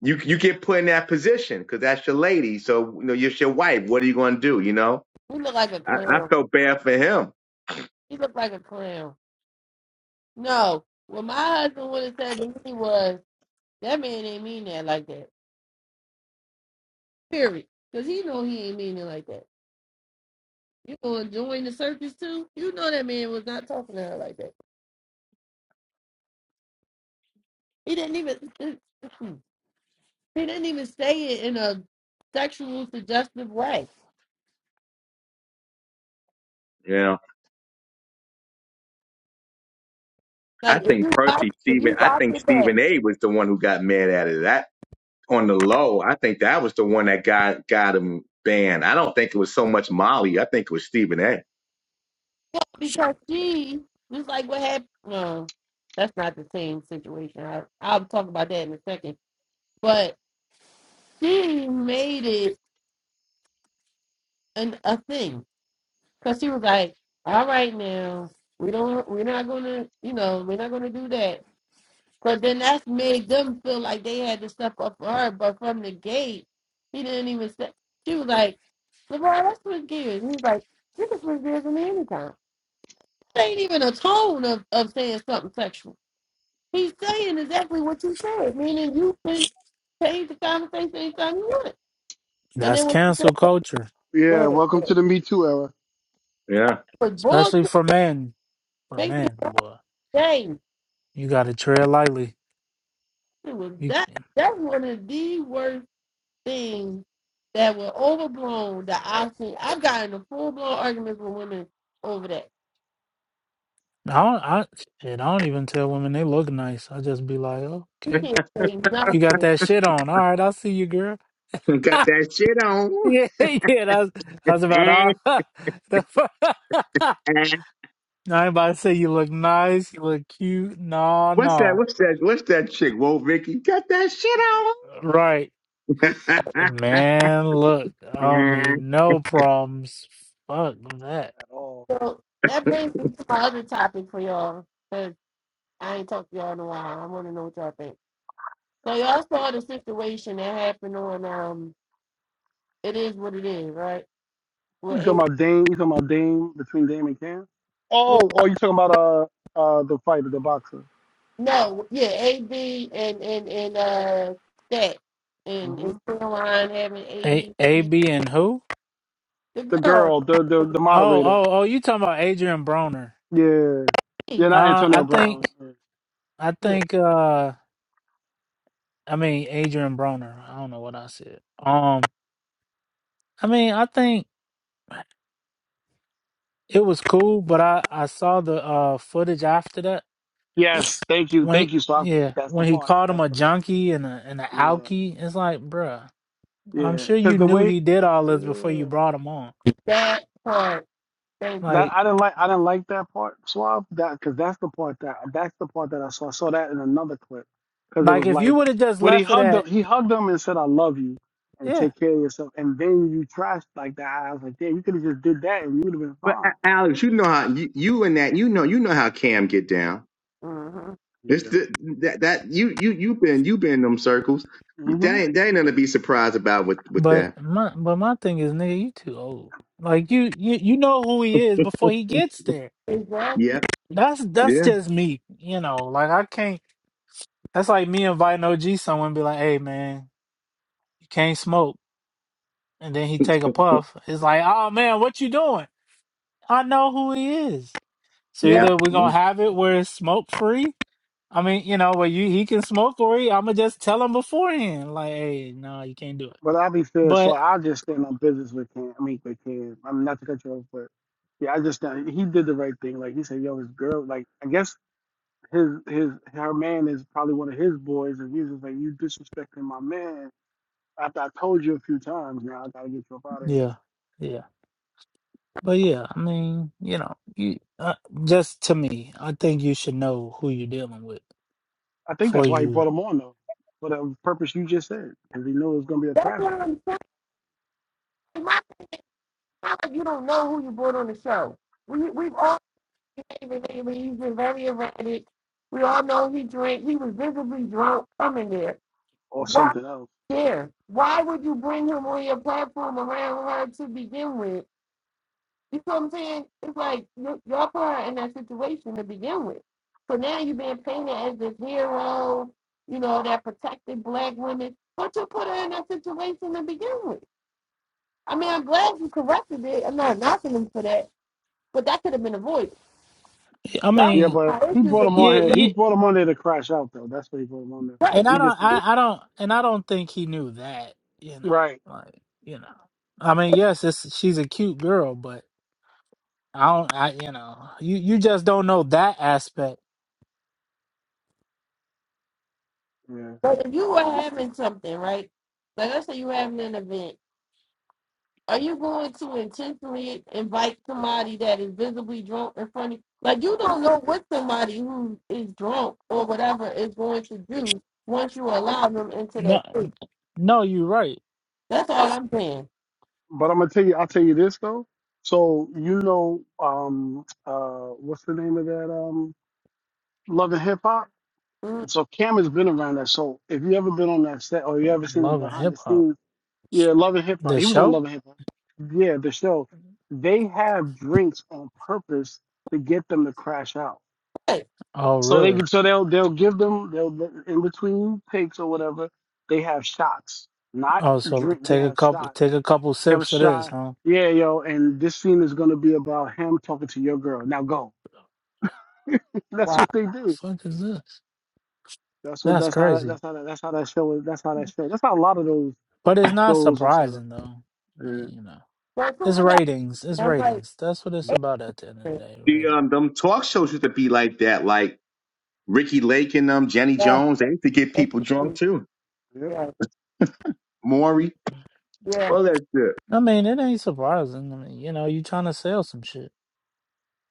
You, you get put in that position because that's your lady. So, you know, you're your wife. What are you going to do? You know,
He looked like a
I, I
clown.
felt bad for him.
He looked like a clown. No, what my husband would have said to me was, that man ain't mean that like that. Period. Cause he know he ain't mean it like that. You gonna join the circus too? You know that man was not talking to her like that. He didn't even [CLEARS THROAT] he didn't even say it in a sexual suggestive way
Yeah. I
Like if you
think
watch,
Percy
if
Stephen.
you
I
watch
think
it back,
Stephen A. was the one who got mad at it. That on the low, I think that was the one that got got him banned. I don't think it was so much Molly. I think it was Stephen A.
because she was like what happened. No, that's not the same situation. I, I'll talk about that in a second. But she made it an, a thing because she was like, "All right, now we don't, we're not gonna, you know, we're not gonna do that." Because then that's made them feel like they had to step up for her. But from the gate, he didn't even say. She was like, "LeBron, let's switch gears." And he was like, "You can switch gears with me anytime." ain't even a tone of, of saying something sexual. He's saying exactly what you said, meaning you can change the conversation anytime you want it. And then
that's
when
cancel culture,
Yeah, welcome to the Me Too era at
Yeah,
was bored
especially for men. For
makes me
men, boy,
ashamed.
you got to tread lightly.
It was
You,
that
can-
that's one of the worst things that were overblown that I've seen. I've gotten a full blown argument with women over that.
I don't, I, shit, I don't even tell women they look nice. I just be like, "Oh,
You
okay,
can't say nothing.
you got that shit on. All right, I'll see you, girl.
[LAUGHS] got
[LAUGHS]
that shit on.
yeah, yeah, that's that's about
Eh,
all. [LAUGHS]
eh.
I ain't about to say you look nice, you look cute. Nah,
What's that?
nah.
What's that? What's that chick? Whoa, Vicky, got that shit
Right.
on.
Man, look, I don't need
[LAUGHS]
no problems. Fuck that.
all.
So that brings me to my other topic for y'all. Because I ain't talked to y'all in a while. I want to know what y'all think. So y'all saw the situation that happened on um it is what it is, right? With
You talking
A
about Dame? You talking about Dame between Dame and Cam?
with,
Oh, oh, you talking about uh uh the fighter, the boxer,
no, yeah, A B and and and uh that and
hmm
and Caroline having A
A
B
A
C
B and who?
the
the
girl.
girl, the the the
Oh,
moderator.
oh, oh, you talking about Adrian Broner.
Yeah,
hey,
yeah, not
Uh
Antonio
I
Brown.
think I
Yeah,
think uh I mean Adrian Broner. I don't know what I said. Um I mean I think it was cool, but I I saw the uh footage after that
Yes, thank you,
when
thank
he-
you. So I,
yeah
that's the
when he
part.
called him
That's
a
the part.
junkie and a and a
Yeah,
alkie it's like bruh i'm
yeah,
sure
because
you
the
knew
way.
he did all this before
Yeah.
you brought him on
that part. Thank
That
you.
like
I didn't like. I didn't like that part, Suave. That because that's the part that that's the part that I saw. I saw that in another clip because it
like
was
if
like
you would have just
when he
left it
hugged him,
at
he hugged him and said, "I love you and
yeah
take care of yourself." And then you trashed like that. I was like, "Yeah, you could have just did that and you would have been
but
fine."
A- Alex, you know how you, you and that you know you know how Cam get down.
Mm-hmm.
It's
Yeah.
the, that that you you you been you been in them circles. That
hmm
ain't that ain't nothing to be surprised about with with
but
that.
my but my thing is nigga you too old like you you you know who he is before he gets there
Exactly.
Yeah,
that's that's
yeah,
just me you know like i can't that's like me inviting og someone and be like hey man you can't smoke and then he
[LAUGHS]
take a puff it's like oh man what you doing i know who he is So
That,
yeah.
either we're gonna
Mm.
have it where it's smoke free. I mean, you know, where you he can smoke or he, I'ma just tell him beforehand, like, hey, no, you can't do it.
But i be fair, so
But
I just stand on business with him. I mean, with him, I mean, not to cut you off, but yeah, I just uh, he did the right thing. Like he said, "Yo, his girl." Like I guess his his her man is probably one of his boys, and he was just like, "You disrespecting my man." After I told you a few times, now I gotta get you up out of here.
yeah, yeah. But yeah, I mean, you know, you uh, just to me, I think you should know who you're dealing with
I think
before
that's why he
you.
brought him on though, for the purpose you just said, because he knew it was gonna be a
that's
crash
what
out
I'm saying. My thing, like you don't know who you brought on the show. We we've all hated him. He's been very erratic. We all know he drank. He was visibly drunk coming there.
or
Why
something else.
Yeah. Why would you bring him on your platform around her to begin with? You know what I'm saying? It's like you- y'all put her in that situation to begin with. So now you've been painted as this hero, you know, that protected black women. But you put her in that situation to begin with. I mean, I'm glad you corrected it. I'm not knocking him for that, but that could have been avoided.
I
That's
Yeah,
mean,
but
my
he
issue
brought
with
him on
yeah,
people.
here. He
yeah.
brought him on there to crash out though. That's what he brought him on there for.
Right.
And
He
I don't,
just didn't-
I, I
[LAUGHS]
don't, and I don't think he knew that. You know,
right.
like, you know, I mean, yes, it's she's a cute girl, but. I don't. I you know you you just don't know that aspect.
Yeah,
But if you were having something, right? Like let's say you were having an event Are you going to intentionally invite somebody that is visibly drunk in front of you? Like you don't know what somebody who is drunk or whatever is going to do once you allow them into that
No,
space.
no, you're right.
That's all I'm saying.
but I'm gonna tell you. I'll tell you this though. So you know, um, uh, what's the name of that? Um, Love and Hip Hop.
Mm,
So Cam has been around that. So if you ever been on that set or you ever seen the
Love and
behind the
hip hop.
scenes Yeah, Love and Hip Hop.
The
He was on
show.
Love and Hip Hop. Yeah, the show. They have drinks on purpose to get them to crash out.
Right.
Oh
So they
really?
so they'll they'll give them they'll in between takes or whatever. They have shots, not
Oh, so
drink. They
take a
have
couple
shots.
take a couple
They have a
sips of this,
shot.
huh?
Yeah, yo, and this scene is gonna be about him talking to your girl. Now go. [LAUGHS] That's
Wow.
what they
The
do.
fuck is this?
That's what.
That's
That's how. That,
crazy.
that's how. That, that's how that show is. That's how that show. That's how a lot of those
But it's not
shows are set up.
surprising though. I mean,
Yeah.
you know.
So as soon
It's
as I,
ratings. It's
I'm like,
ratings. That's what it's
Mhm.
about at the end of
yes,
the day,
The
rating.
um, them talk shows used to be like that, like Ricky Lake and um, Jenny
yes,
Jones. They used to get people drunk
yes,
too.
Yep.
yes,
Maury,
yes.
all that shit.
I mean, it ain't surprising. I mean, you know, you trying to sell some shit,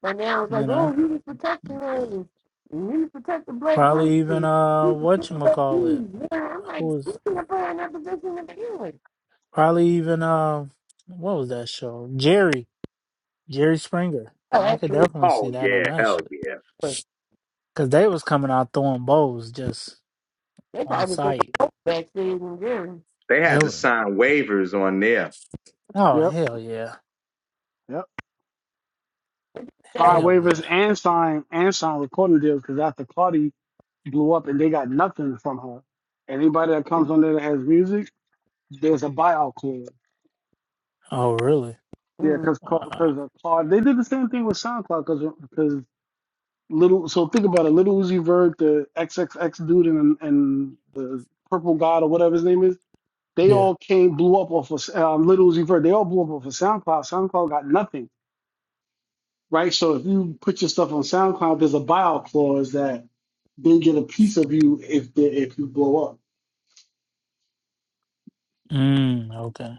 But now it's like,
you
oh,
know?
he was protecting her. He was protecting Blake
Probably even
Winfrey. He
uh
was protecting Black
whatchamacallit.
Keys. Yeah, I'm like,
Who is?
he's gonna put her in that position to begin with.
Probably even uh, what was that show? Jerry, Jerry Springer. I
Oh,
could
that's
definitely see
Oh
that on
yeah,
that
hell
shit
yeah.
because they was coming out throwing bows just
They
on
probably do
sight.
both vaccines and jury.
They
It
had to
was,
sign waivers on there.
oh
Yep.
hell yeah,
Yep. Sign
That-
hell
waivers
yeah.
and sign and sign recording deals because after Cardi blew up and they got nothing from her. Anybody that comes on there that has music, there's a buyout clause.
Oh really?
Yeah,
Mm.
because
Wow.
because of Claude, they did the same thing with SoundCloud because because little. So think about it, little Uzi Vert, the XXX dude, and and the Purple God or whatever his name is. They
Yeah.
all came blew up off of um, little Uzi Vert. They all blew up off of SoundCloud. SoundCloud got nothing. right? So if you put your stuff on SoundCloud, there's a buyout clause that they get a piece of you if they, if you blow up.
Mm, okay.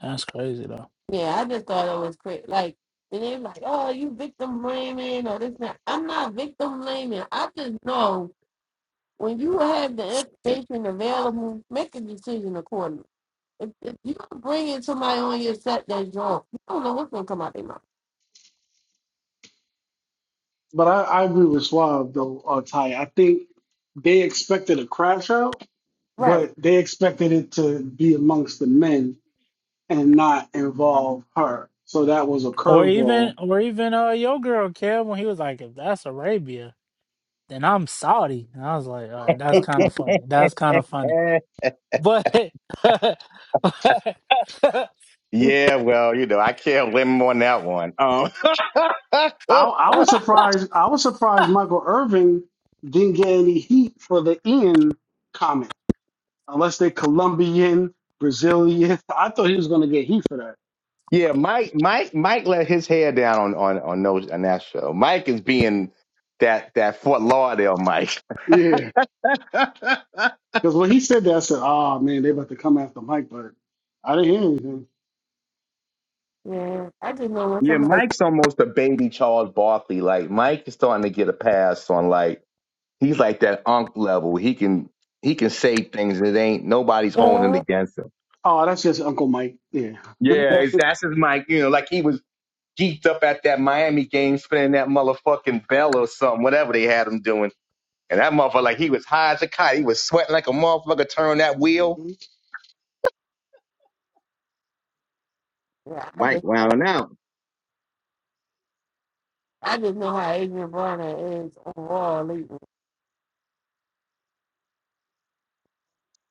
That's crazy though.
Yeah, I just thought it was crazy. Like, and they're like, oh, you victim blaming or this. Not. I'm not victim blaming. I just know when you have the information available, make a decision accordingly. If, if you bring in somebody on your set that's drunk, you don't know what's going to come out their mouth.
But I, I agree with Swab though, uh, Ty. I think they expected a crash out,
Right.
but they expected it to be amongst the men and not involve her. So that was a
Or even,
curveball.
or even uh, your girl Kev when he was like, if that's Arabia, then I'm Saudi. And I was like, all right, that's kind of funny. That's kind of funny.
Eh,
But. [LAUGHS]
yeah, well, you know, I can't limit on that one. Um,
I, I
[LAUGHS]
was surprised. I was surprised Michael Irvin didn't get any heat for the Ian comment, unless they're Colombian, Brazilian. [LAUGHS] I thought he was going to get heat for that
yeah, Mike, Mike, Mike let his hair down on on on those on that show. Mike is being that that Fort Lauderdale Mike.
Yeah,
[LAUGHS]
because when he said that, I said, "Oh man, they about to come after Mike," but I didn't hear anything.
Yeah, I just know when
Yeah,
somebody's
Mike's almost a baby Charles Barkley. Like Mike is starting to get a pass on like he's like that unk level. He can he can say things that ain't nobody's holding it
yeah,
against him.
Oh, that's just Uncle Mike. Yeah.
Yeah, it's, that's his Mike. You know, like he was geeked up at that Miami game, spinning that motherfucking bell or something, whatever they had him doing. And that motherfucker, like he was high as a kite. He was sweating like a motherfucker turning that wheel.
Mhm.
yeah, I
Mike
just,
wilding out.
I just know how Adrian Bronner is overall lately.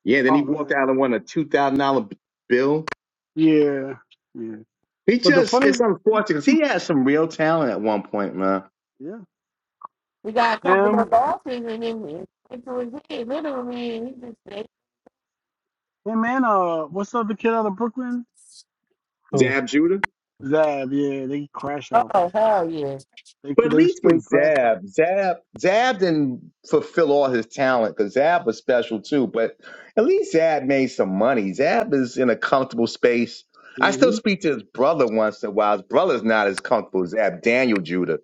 Yeah, then he
Oh
walked out
man.
and won a two thousand dollar bill.
Yeah. Yeah.
He
But the
just it's
funny, he,
unfortunate 'cause
he,
he had some real talent at one point, man.
yeah,
We got a couple of
him,
losses and then it was it. Literally, and he just said,
him, and uh, what's the other kid out of Brooklyn?
[LAUGHS] oh,
Zab Judah.
Zab. Yeah, they crash out.
oh, hell yeah.
They
But at
they
least with
straight crash out.
Zab, Zab, Zab didn't fulfill all his talent because Zab was special too. But at least Zab made some money. Zab is in a comfortable space. I still
hmm
speak to his brother once in a while. His brother's not as comfortable as Zab, Daniel Judah.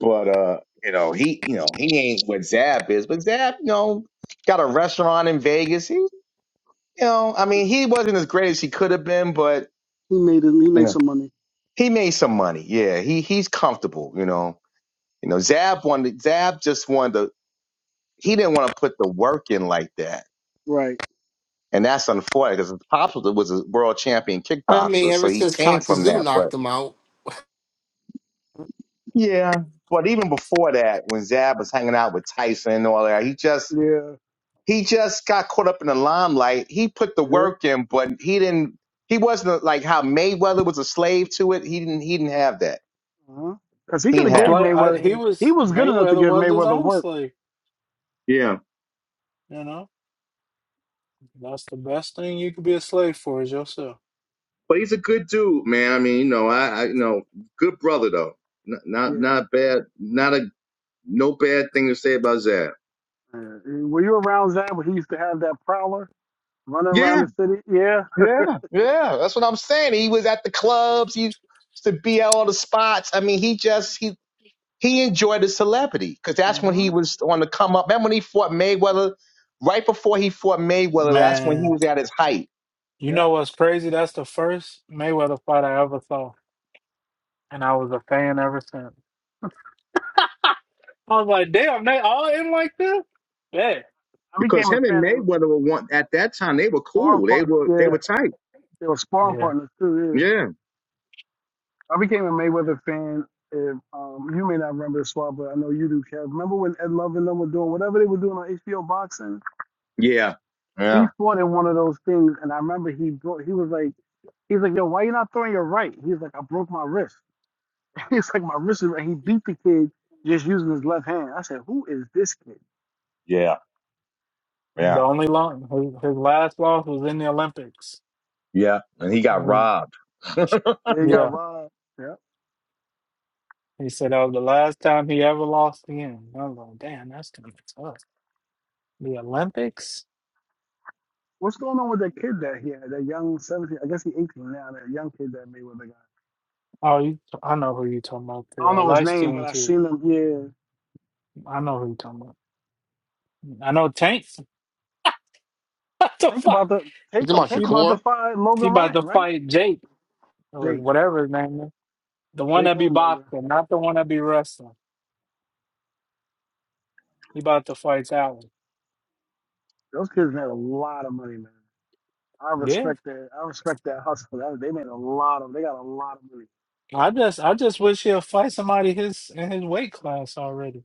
But uh, you know, he you know, he ain't what Zab is. But Zab, you know, got a restaurant in Vegas. He you know, I mean, he wasn't as great as he could have been, but
He made it. He
you
made
know,
some money.
he made some money. Yeah, he he's comfortable, you know. You know, Zab wanted Zab just wanted to he didn't want to put the work in like that.
Right.
And that's unfortunate because Pops was was a world champion
I mean,
kickboxer, so
ever
he
since
came from
Cockazoo
that. But
knocked him out,
yeah, but even before that, when Zab was hanging out with Tyson and all that, he just
Yeah.
he just got caught up in the limelight. He put the
Yeah.
work in, but he didn't. He wasn't like how Mayweather was a slave to it. He didn't. He didn't have that.
Uh huh. Because he
He
could
didn't
have
It's
gave
have.
Like I,
Mayweather.
he
And
He
was
was good enough to
Mayweather
give
was his
Mayweather
own
work.
slave.
It. Yeah.
You know, that's the best thing you could be a slave for is yourself.
But he's a good dude, man. I mean, you know, I, I you know, good brother though. N- Not not bad, not a no bad thing to say about Zab.
Uh, were you around Zab when he used to have that prowler running around
Yeah,
the city? Yeah.
yeah, yeah. That's what I'm saying. He was at the clubs. He used to be at all the spots. I mean, he just he he enjoyed his celebrity because that's when
Uh-huh.
he was on the come up. Remember when he fought Mayweather? Right before he fought Mayweather, that's when he
Man,
was at his height.
you
Yeah.
know what's crazy? That's the first Mayweather fight I ever saw, and I was a fan ever since. I was like, damn, they all in like this? Yeah,
I
Because
became a
him and
fan of
Mayweather were one at that time. They were
sparring
cool. They
partner.
were they were
Yeah.
tight.
They were sparring
yeah.
partners too,
Yeah,
yeah. I became a Mayweather fan. If um, you may not remember this one, but I know you do, Kev. Remember when Ed Love and them were doing whatever they were doing on HBO boxing?
Yeah,
He
yeah,
fought in one of those things, and I remember he brought, he was like, he's like, yo, why you not throwing your right? He's like, I broke my wrist. [LAUGHS] he's like, my wrist is right. He beat the kid just using his left hand. I said, who is this kid?
yeah, yeah.
The only long his, his last loss was in the Olympics.
Yeah, and he got
And he,
robbed. [LAUGHS]
Yeah, he got
yeah,
robbed. Yeah.
he said that was the last time he ever lost again. I was like, damn, that's kind of tough. The Olympics?
What's going on with that kid that he had? That young seventeen, I guess he eighteen now. That young kid that Mayweather got.
Oh, you, I know who you talking about.
I
Too.
don't
Uh,
know his
light
name, but
skin
I
too.
seen him. Yeah.
I know who you talking about. I know Tank. [LAUGHS] what the
Think
fuck?
about the
you
take
talking
them.
about
Think
He
about the
Shakur?
fight
he
Logan
about
Ryan,
to
right?
fight Jake or
Jake,
whatever his name is. The one
Jake
that be
or Logan.
boxing, not the one that be wrestling. He about to fight that one.
Those kids made a lot of money, man. I
Yeah,
respect that. I respect that hustle. That, they made a lot of. They got a lot of money.
I just I just wish he'll fight somebody his in his weight class already.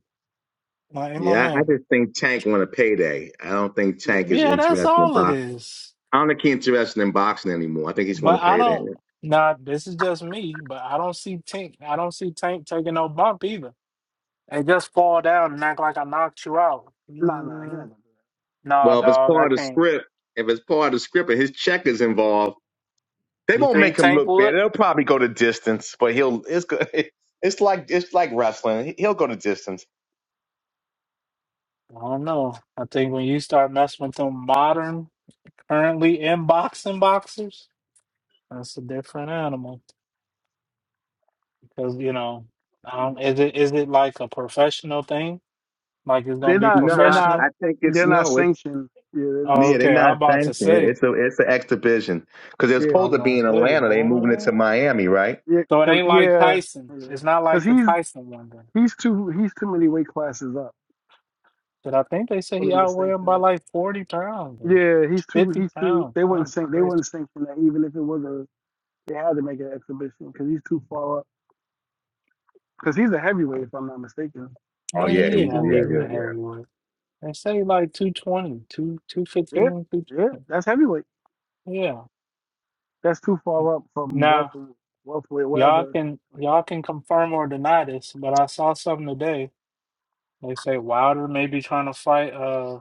My ain't my
Yeah, I I
man.
just think Tank want a payday. I don't think
Yeah.
Tank is
Yeah, that's
interested in
all it
boxing.
is.
I don't think he's interested in boxing anymore. I think he's going to
But I
payday.
don't. Nah, this is just me. But I don't see Tank. I don't see Tank taking no bump either. Hey, just fall down and act like I knocked you out.
Nah, nah, he not
Mm,
gonna
nah,
Well, if it's
dog, I
part of the
can't.
script, if it's part of the script and his check is involved, they
You
won't make
think
him
Tank
look bad.
would?
They'll probably go to distance, but he'll it's good. [LAUGHS] It's like it's like wrestling. He- He'll go to distance.
I don't know. I think when you start messing with them modern, currently in boxing boxers, that's a different animal. Because you know,
do that.
um, is it is it like a professional thing? Like it's
[CLEARS THROAT] They're
gonna be
not.
No,
They're
I
not.
I
professional?
think it's
They're not
no. It's
sanctioned. Yeah, they're not
Oh,
yeah,
sanctioned.
they're
okay, I'm
not
about to
sanctioned.
say.
It's a it's an exhibition because they're
Yeah.
I
supposed
was
to be
gonna
in
say,
Atlanta. They moving it to
boy.
Miami, right?
Yeah.
So it
Cause
ain't like
yeah.
Tyson.
Yeah.
It's not
Cause
like the
he's
Tyson one. then.
He's too he's too many weight classes up
But I think they say
for
he
them to
outweighed him by
sanction it.
like 40 pounds and
Yeah, he's too
50
he's too
pounds.
they wouldn't
I'm
sanction they
crazy.
wouldn't sanction that even if it was a they had to make an exhibition because he's too far up because he's a heavyweight if I'm not mistaken.
Oh
The
Well,
yeah,
the
he,
yeah,
Paul
yeah,
he's
yeah,
a
kid.
yeah.
heavyweight. They say like two twenty, 2,
Yeah,
215,
yeah, that's heavyweight.
Yeah.
That's too far up from
Now,
welterweight, welterweight,
y'all
wherever.
can y'all
Okay.
can confirm or deny this, but I saw something today. They say Wilder may be trying to fight uh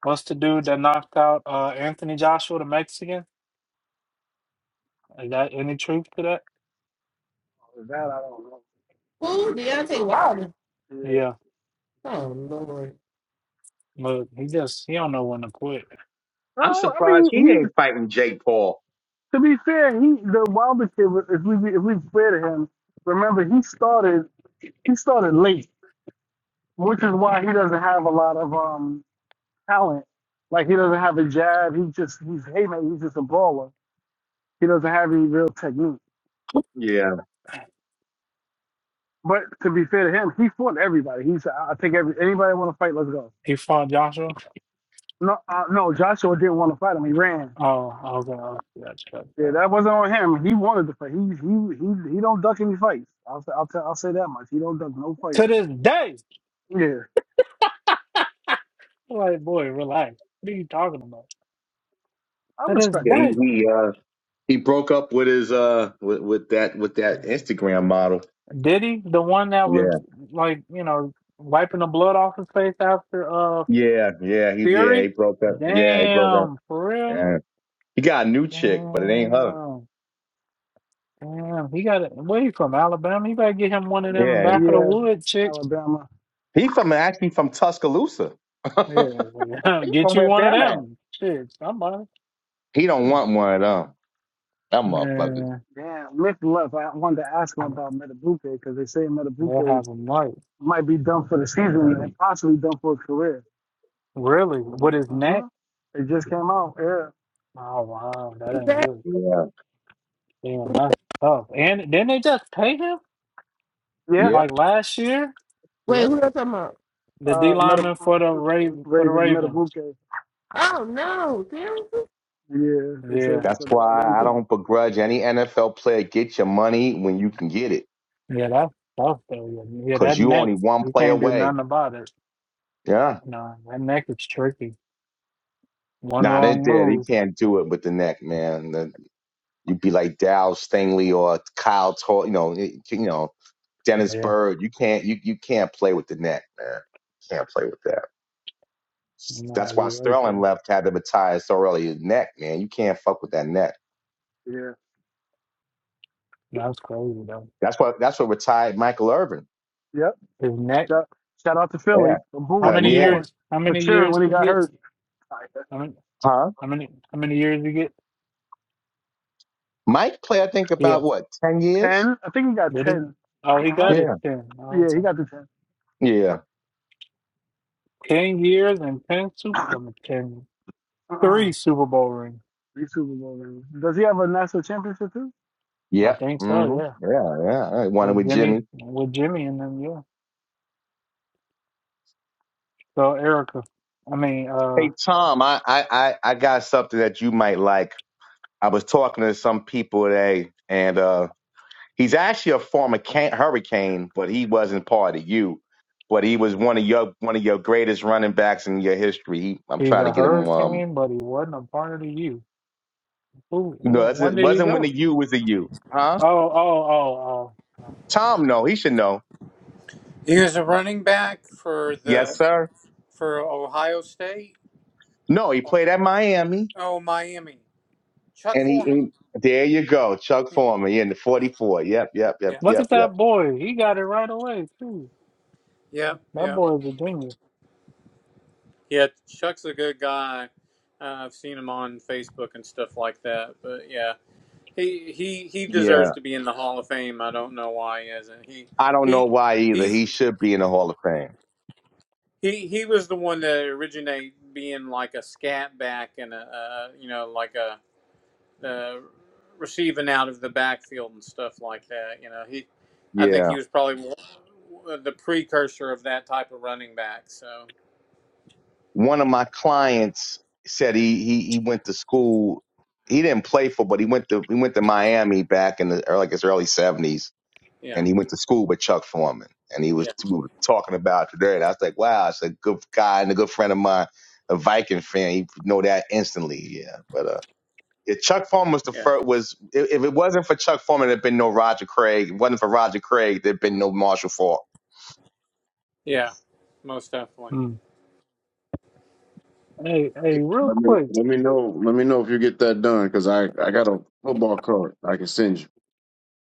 what's the dude that knocked out uh Anthony Joshua, the Mexican? Is that any truth to that?
That I don't know.
who? Deontay Wilder.
Yeah.
Yeah.
Oh, Lord.
Look, he just he don't know when to quit.
I'm
Well, I
surprised
mean,
he
he.
ain't fighting Jake Paul.
To be fair, he the Wilder kid. If we if we fair to him, remember he started he started late. which is why he doesn't have a lot of um talent. Like he doesn't have a jab. He just he's haymaker. he's just a brawler. He doesn't have any real technique.
Yeah,
But to be fair to him, he fought everybody. He said, "I I take every anybody want to fight, let's go."
He fought Joshua.
No, uh, no, Joshua didn't want to fight him. He ran.
Oh, I was gonna ask you that stuff
Yeah,
though.
that wasn't on him. He wanted to fight. He he he he don't duck any fights. I'll say- I'll tell I'll say that much. He don't duck no fight.
To this day,
Yeah,
I'm like boy, relax. What are you talking about?
I
To this
yeah
respect him.
he
day,
he uh he broke up with his uh with, with that with that Instagram model.
Diddy, the one that was
Yeah,
like you know wiping the blood off his face after uh
yeah, yeah. He yeah he
Fury.
broke up. Yeah, he broke up.
Damn, for real.
Yeah. He got a new chick, but it ain't her.
Damn, damn. He got it. Where he from? Alabama. He better get him one of them
Yeah,
back of the
Yeah,
wood chicks.
Alabama.
he from actually from Tuscaloosa. [LAUGHS] he
Yeah, [LAUGHS] get
from
you
where
one of
Bam at.
them. Shit, somebody.
He don't
Shit.
want one of them. Them motherfuckers.
Man,
Damn, Nick left. I wanted to ask him about Metabuke because they say
they'll
Metabuke
have him right.
might be done for the season and possibly done for a career.
Really? With his neck?
Uh-huh. It just came out. Yeah.
Oh wow, that
Who's
ain't
that?
good.
Yeah,
Damn, that's tough. And didn't they just pay him
Yeah.
like
yep.
last year?
Wait,
Yeah.
who else talking about?
The D
Uh, Meta
lineman for the Raven for the
Raven
Ravens.
Metabuke.
Oh, no. Seriously?
Yeah. They say
Yeah,
it's
That's
a bad
why I
injury.
don't begrudge any NFL player. Get your money when you can get it,
yeah, that's tough though. Yeah, yeah,
cause
that
you
neck.
only one
He
play
can't do
away.
nothing about it.
Yeah.
No, that neck is tricky. One
Nah, they
wrong
did. He
move.
can't do it with the neck, man. The- You'd be like Dow Stingley or Kyle, Tor- you know, it- you know, Dennis
Yeah,
Bird. You can't, you you can't play with the neck, man. Can't play with that.
no,
That's why
you're right
Sterling
though.
left had to retire so early. His Neck, man. You can't fuck with that neck.
Yeah.
That's crazy though.
That's what that's what retired Michael Irvin.
Yep.
His neck.
Shout, shout out to
Yeah,
Philly for
How
booing
had a
for
many
yeah,
booing
years? How
for
many
cheering
years
when he
he
got
gets?
hurt.
How many?
huh?
How many? How many years he get?
Mike played, I think,
Yeah,
about what ten years.
Ten. I think he got
did he?
10
Oh, he
Uh-huh.
got it
Yeah,
then.
Yeah, he got the ten.
yeah,
Ten years and ten super, I mean, ten, three
Uh-huh.
Super Bowl rings.
He's Super Bowl. Man. Does he have a national championship too?
I
yep.
think
hmm
so. Yeah,
Yeah, yeah. One
with
with
Jimmy,
Jimmy.
with Jimmy and them. Yeah. So Erica, I mean, uh,
Hey Tom, I, I I I got something that you might like. I was talking to some people today, and uh, he's actually a former can- Hurricane, but he wasn't part of you. But he was one of your one of your greatest running backs in your history. He, I'm
he's
trying to
a
get him. Um,
Hurricane, but he wasn't a part of the U. Who?
no, it
where-
wasn't,
When
it
did he
wasn't when the
go?
U was a U, huh?
Oh, oh, oh, oh. oh.
Tom, no, he should know.
He was a running back for
Yes,
the
sir.
for Ohio State.
No, he played at Miami,
Oh, Miami. Chuck
and he.
Foreman.
And there you go, Chuck Foreman in the
Yeah,
'44. Yep, yep, yep,
yeah,
Look
yep,
at
yep.
that boy. He got it right away too.
yeah,
That
yeah.
boy is a genius.
Yeah, Chuck's a good guy. Uh, I've seen him on Facebook and stuff like that. But yeah, he he he
Yeah.
deserves to be in the Hall of Fame. I don't know why he isn't. He
I don't know
he
why either.
he's
He should be in the Hall of Fame.
he he was the one that originated being like a scat back and a, uh you know like a uh, receiving out of the backfield and stuff like that. You know, he, I think
Yeah.
he was probably the precursor of that type of running back. So
One of my clients said he he he went to school. He didn't play for, but he went to he went to Miami back in the early, like his early seventies,
yeah,
and he went to school with Chuck Foreman. And he was
yeah,
we were talking about it today, and I was like, wow, it's a good guy and a good friend of mine, a Viking fan. You know that instantly, yeah. But uh, yeah, Chuck Foreman was the
yeah,
first. Was if if it wasn't for Chuck Foreman, there'd been no Roger Craig. If it wasn't for Roger Craig, there'd been no Marshall Faulk.
yeah, most definitely.
Mm. Hey, hey, real
Let me,
quick.
let me know. Let me know if you get that done, because I I got a football card I can send you.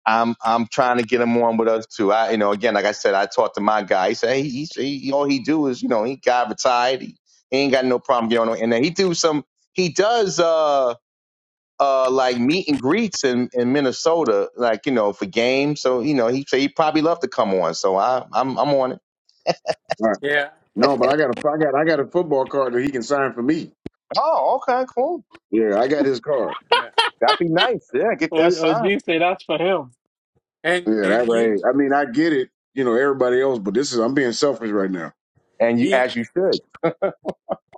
I'm I'm trying to get him on with us too. I you know again like I said I talked to my guy. He said hey, he, he all he do is you know he got retired. He, he ain't got no problem getting on. And then he do some he does uh uh like meet and greets in in Minnesota like you know for games. So you know he say he probably love to come on. So I I'm I'm on it.
All right.
Yeah,
What
No,
you
but
say?
I got a I got I got a football card that he can sign for me.
Oh okay cool.
Yeah, I got his card.
yeah,
That'd be nice. Yeah, get that
O- OG
signed.
say that's for him.
and
Yeah, that
and you,
way.
Mm.
I mean, I get it. You know, everybody else, but this is I'm being selfish right now.
And you
you
as you should.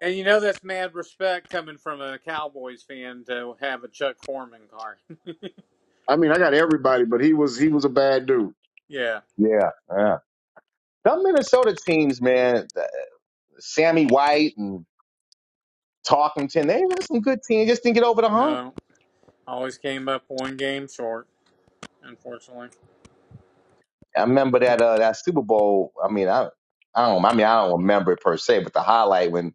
and you know that's mad respect coming from a Cowboys fan to have a Chuck Foreman car. [LAUGHS]
I mean, I got everybody, but he was he was a bad dude.
yeah,
Yeah yeah. Some Minnesota teams man, Sammy White and talking to, and they had some good teams, just didn't get over the hump.
no, always came up one game short, unfortunately.
I remember that uh, that Super Bowl. I mean, I I don't. I mean, I don't remember it per se, but the highlight when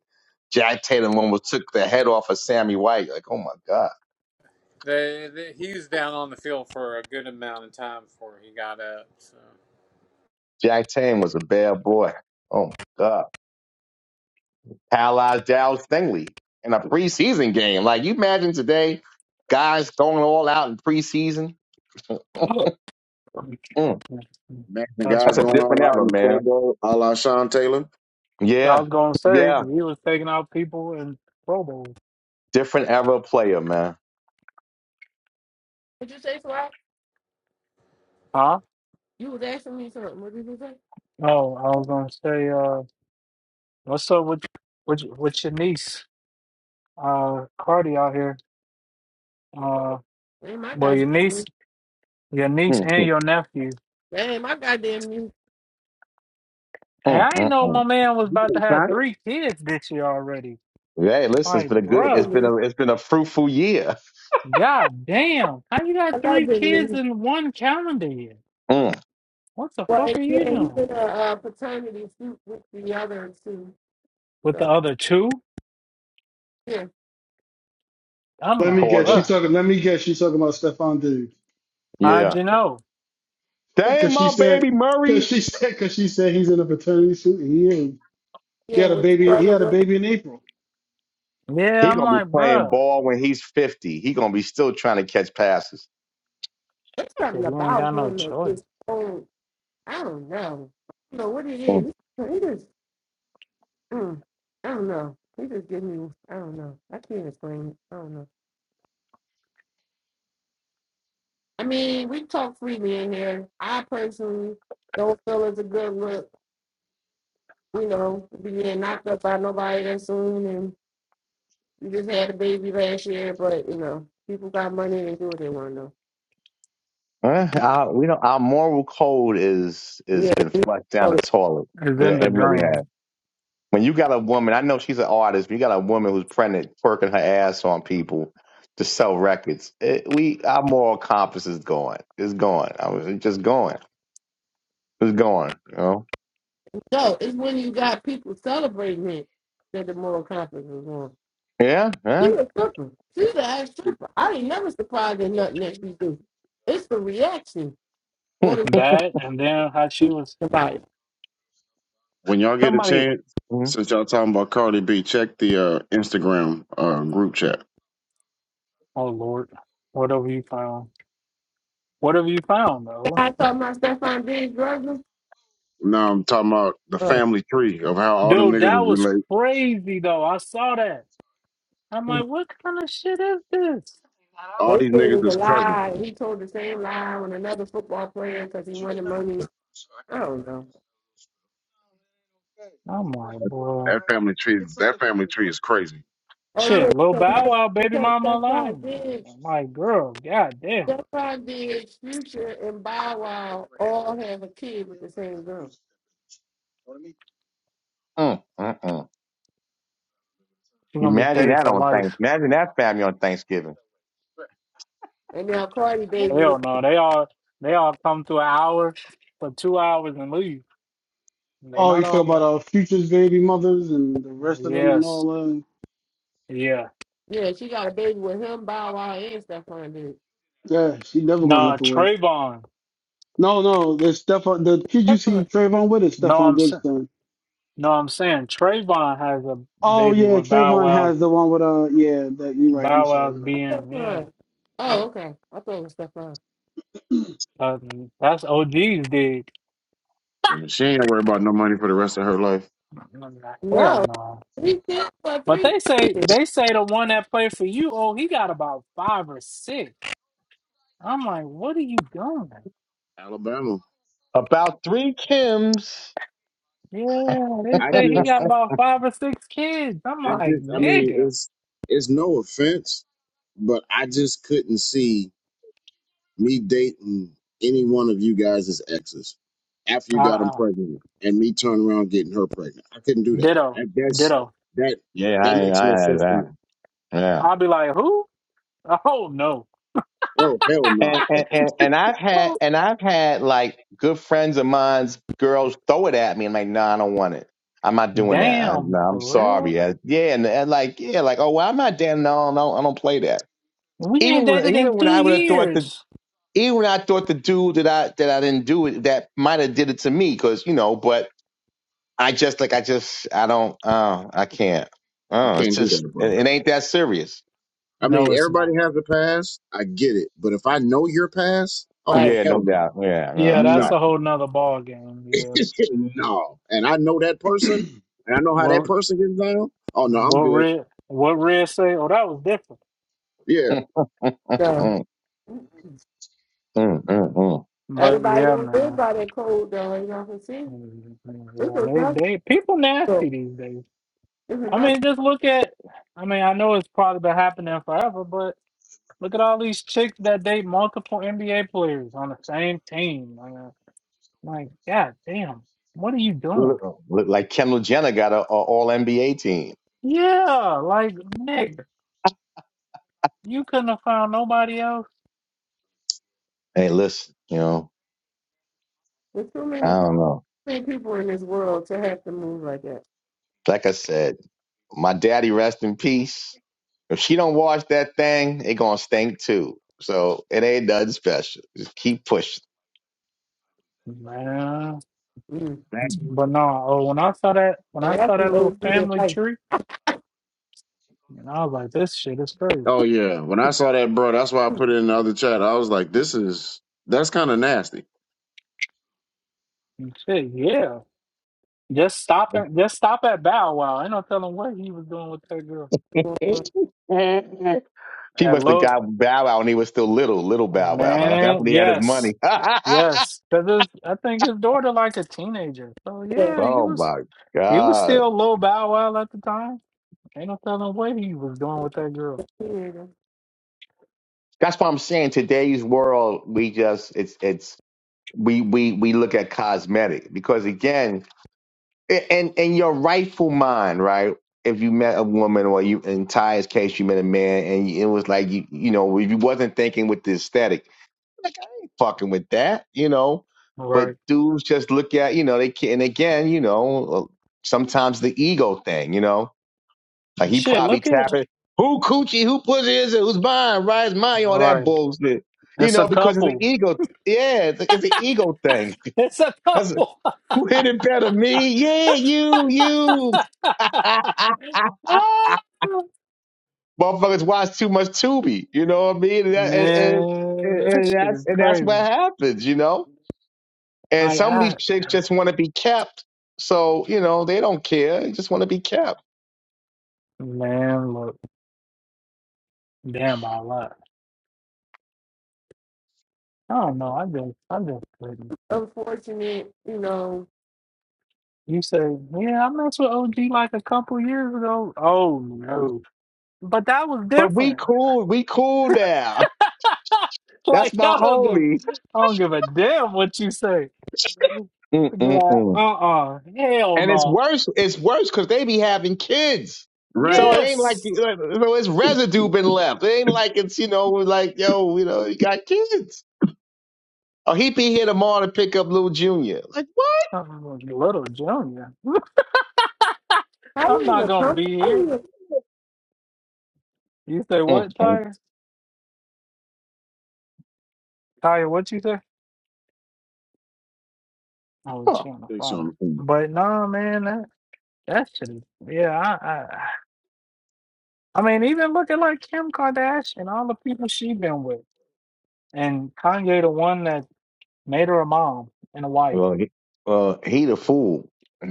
Jack Tatum almost took the head off of Sammy White. Like, oh my god,
They, they, he was down on the field for a good amount of time before he got up. So.
Jack Tatum was a bad boy. Oh my god, paralyzed Dallas Stingley in a preseason game. Like, you imagine today, guys going all out in preseason.
[LAUGHS]
Mm,
Man, the
That's
guy's
that's a
what.
going all
different
out in
era,
the Pro
man.
Bowl, a la Sean Taylor.
I
Yeah,
was gonna say
yeah,
he was taking out people in Pro Bowl.
different era player, man.
What you say, Swag?
Huh?
You was asking me something. What did you say?
Oh, I was gonna say, uh, what's up with with with your niece, uh, Cardi out here? Uh,
Damn, my
well, your
goddamn
niece,
news.
your niece
Mm,
and
mm,
your nephew.
Damn, my goddamn news.
And
mm,
I didn't
mm,
know
mm.
my man was
You
about to
can
have
sign it.
three kids this year already.
Hey, listen, it's
Like,
been a
I
good,
love the
it's
bruh,
been
news.
a, it's been a fruitful year.
god damn, how you got
I love
three
the
kids
news.
in one calendar year?
Mm,
What the
Well, and
fuck are you
yeah, he's
doing
in a uh, paternity suit with the other two.
with the
So,
other two?
yeah,
I'm
Let me
like,
call
guess. She
this,
bruh,
talking. Let me guess. She talking about Stephon Diggs.
that's,
how'd
yeah.
you know?
Dang,
Cause she
my
said,
baby
cause
Murray,
she said, cause she said he's in a paternity suit and he ain't. He
yeah,
had a
with the
baby. He
other
had a
one.
baby in April.
Yeah,
he
I'm
gonna be
like,
playing
bruh.
ball when he's fifty. He gonna be still trying to catch passes.
There's something
Shit, You ain't
about
got no
him that just,
choice.
oh, I don't know. I don't know what it
Mm.
is. He just, mm, I don't know. He just give me, I don't know. I can't explain it. I don't know. I mean, we talk freely in here. I personally don't feel it's a good look, you know, being knocked up by nobody that soon. And you just had a baby last year, but, you know, people got money and do what they want to know.
Uh, our, we know our moral code is is
Yeah.
been flushed down
oh,
the toilet.
It's
Yeah,
in the
it really
dream.
has. When you got a woman, I know she's an artist, but you got a woman who's pregnant, twerking her ass on people to sell records. It, we our moral compass is gone. It's gone. I was it's just going. It's gone. You know.
So it's when you got people celebrating it that the moral compass is on.
Yeah,
She
yeah.
a stripper. She's an ass stripper. I ain't never surprised at nothing that she do. It's the reaction
Hmm.
or the
That and then how she was
about it.
When y'all get a
Somebody,
chance,
mm,
since y'all talking about Cardi B, check the uh, Instagram uh, group chat.
oh Lord. Whatever you found. What have you found
Hey,
though.
I told my Stefan Diggs brother.
Now I'm talking about the
Oh,
family tree of how all them
Dude,
niggas is
that was
related.
crazy though. I saw that. I'm
they
like, what kind of shit is this?
All
said
these
it
niggas
was a
is cousins.
lie. He told the same lie on another football player because he wanted money. I don't know.
I'm like, boy.
That family tree, that family tree is crazy.
Oh yeah,
Shit, Lil Bow
because
Wow, baby
because
mama
Stephon
alone.
Diggs,
I'm like, girl, goddamn,
Stephon Diggs, Future, and Bow Wow all have a kid with the same girl.
mm, mm, mm.
She gonna be
imagine
paid
that
for
on Thanksgiving.
life.
Imagine that family on Thanksgiving.
And now Cardi baby,
Hell no, they all they all come to an hour for two hours and leave. They
Oh, you
not
talk about
all
our futures baby mothers and the rest of them and
Yes,
all that.
yes.
yeah, she got a baby with him, Bow Wow, and Stephon Diggs.
Yeah, she never gonna have
Nah,
to work.
Trayvon.
No, no, there's Stefan. The kid you see Trayvon with is
No,
Stefan
I'm
Diggs'
sa-
son.
no, I'm saying Trayvon has a
Oh
baby
yeah,
with Bow
Trayvon
Wow's
has the one with uh yeah. That you're right. I'm
Bow
sorry.
Wow's
You're right.
BM. Yeah,
Stefan. Oh, okay. I thought it was Stefan.
Uh, that's OG's dig.
And She ain't gotta worry about no money for the rest of her life.
Hell
No,
no.
three, six, four,
But
three.
they say they say the one that played for you, oh, he got about five or six. I'm like, what are you doing?
Alabama.
About three Kims.
Yeah, they
I
say he
just,
got about five or six kids. I'm
I
like,
just, I mean,
nigga.
it's, it's no offense, but I just couldn't see me dating any one of you guys as exes after
Uh,
you got them
uh,
pregnant and me turning around getting her pregnant. I couldn't do that.
ditto,
that that's
ditto.
that
Yeah,
that
I, ain't-
makes
I
no
had
sense to me.
that. Yeah.
I'll be like, who? Oh no.
Oh hell
And,
no,
and and and I've had
[LAUGHS]
and I've had like good friends of mine's girls throw it at me and like, no, nah, I don't want it. I'm not doing that. I, no,
Damn,
I'm
for real?
sorry. I, yeah, and, and like, yeah, like, oh, well, I'm not damn. No, no, I don't play that.
We ain't
Even when
dated in
even when
two
I would have thought that
years.
even when I thought the dude that I that I didn't do it that might have did it to me because you know, but I just like I just I don't uh I can't
I
uh it's
can't do
just
that, bro.
it, it ain't that serious.
I mean,
No, it's
everybody
not.
has a past. I get it. But if I know your past, oh,
Right.
Yeah, no
hell no.
doubt. Yeah, no,
Yeah, that's
No.
a
exactly.
whole nother ball game. Yeah.
[LAUGHS] no. And I know that person and I know how that
What
person gets down. Oh, no, I'm
what
good.
red what red say? Oh, that was different.
Yeah.
Mm,
So
mm, mm, mm, mm.
But
everybody
yeah,
don't live
man.
by that code, though. You know what I'm saying?
Mm-hmm.
It's
Yeah, they
enough.
they people
though.
nasty these days.
It's
I
enough.
mean, just look at. I mean, I know it's probably been happening forever, but look at all these chicks that date multiple NBA players on the same team. I mean, like, god damn, what are you doing?
Look, look like Kendall Jenner got a, a All NBA team.
Yeah, like, nigga, you couldn't have found nobody else.
Hey, listen, you know,
There's too
I
many, too
don't know.
many people in this world to have to move like that.
Like I said, my daddy rest in peace. If she don't wash that thing, it gonna stink too. So it ain't nothing special. Just keep pushing.
Man,
Mm.
Dang.
but no, oh, when I saw that, when
And
I
that's
saw that
some old
little
school
family
advice.
tree, and I was like, this shit is crazy.
Oh, yeah. When I saw that, bro, that's why I put it in the other chat. I was like, this is, that's kind of nasty.
And shit, yeah. Just stop and just stop at Bow Wow. Ain't no telling what he was doing with that girl
[LAUGHS] She
at
must have
Lloyd.
got Bow Wow when he was still little, little Bow Wow, huh? That's when
Man,
he had his money.
yes,
[LAUGHS]
yes. Because I think his daughter like a teenager. So
Yeah.
yeah, he
oh
was
my
he was
God.
still Lil Bow Wow at the time. Ain't no telling what he was doing with that girl.
yeah.
That's what I'm saying. Today's world, we just it's it's we we we look at cosmetic because again, a- and and your rightful mind, right? If you met a woman or you in Ty's case, you met a man and it was like you you know, if you wasn't thinking with the aesthetic. Like I ain't fucking with that, you know. But
Right.
dudes just look at, you know, they can and again, you know, uh, sometimes the ego thing, you know. Like he
Shit,
probably
look at.
tapping who coochie, who pussy is it, who's mine, right? It's mine,
All
all that
right,
bullshit. You
it's a
know, because it's an
couple.
ego yeah, it's, it's an ego thing.
It's a
[LAUGHS] That's
couple. [LAUGHS]
who hit it better, me? Yeah, you, you. [LAUGHS]
Ah,
Motherfuckers watch too much Tubi, you know what I mean? And, that, and, and,
man,
and
that
and
shit
that's
is
and that's what
crazy.
happens, you know And
Like
some of
I,
these chicks just want to be kept. So, you know, they don't care. They just want to be kept.
man, look, damn, I lied. I don't know. I just, I just couldn't.
Unfortunate, you know.
You say, yeah, I messed with OG like a couple years ago. Oh no, but that was
But we
different.
cool. We cool now.
[LAUGHS]
[LAUGHS] That's
like
my
I don't give,
homie.
I don't give a damn what you say. Be like,
Mm-mm-mm.
uh, uh hell
And it's
no.
worse. It's worse because they be having kids.
Right.
So it ain't like,
Yes,
so it's residue been left. It ain't like it's, you know, like, yo, you know, you got kids. Oh, he be here tomorrow to pick up little Junior. Like, what?
I'm a little junior.
How
[LAUGHS]
do you
I'm not
even
gonna
come?
be
How do you
here.
even?
You say what,
Mm-mm.
Ty? Kaya, what you say? Oh,
Huh.
she on the
Takes you on
phone.
the finger.
But nah, man, that that shit is yeah. I, I I mean, even looking like Kim Kardashian, all the people she been with, and Kanye, the one that made her a mom and a wife,
Well, he, well, he the fool.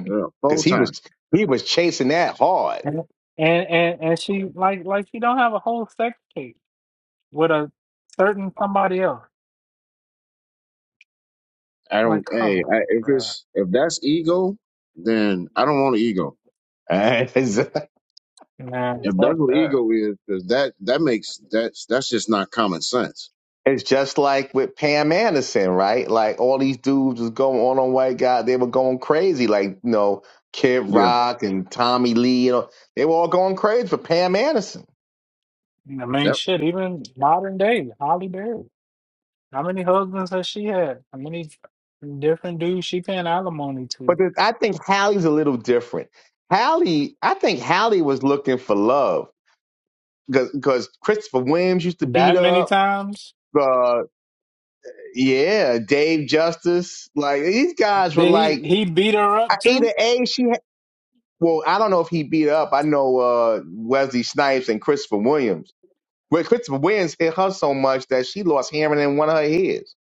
Yeah, full
Because he
time.
was, he was chasing that hard.
and and and, and she like like she don't have a whole sex tape with a certain somebody else.
I don't,
Like, come
hey, I,
on,
if
bruh.
it's, if that's ego, then I don't want an ego.
[LAUGHS] And it's,
man,
If that's
fuck
what
that.
ego is, because that, that makes, that's, that's just not common sense
it's just like with Pam Anderson, right? Like all these dudes was going on on White Guy, they were going crazy. Like you know, Kid
Yeah.
Rock and Tommy Lee, you know, they were all going crazy for Pam Anderson.
I mean,
Yep.
shit, even modern day Holly Berry. How many husbands has she had? How many different dudes she paying alimony
But
to?
th- I think Hallie's a little different. Hallie, I think Hallie was looking for love because Christopher Williams used to beat
That
her
many
up.
times?
Uh, yeah, Dave Justice, like these guys were
Did he
like
he beat her
I-
up too?
either a she well, I don't know if he beat up. I know uh, Wesley Snipes and Christopher Williams. Well, Christopher Williams hit her so much that she lost hearing in one of her ears.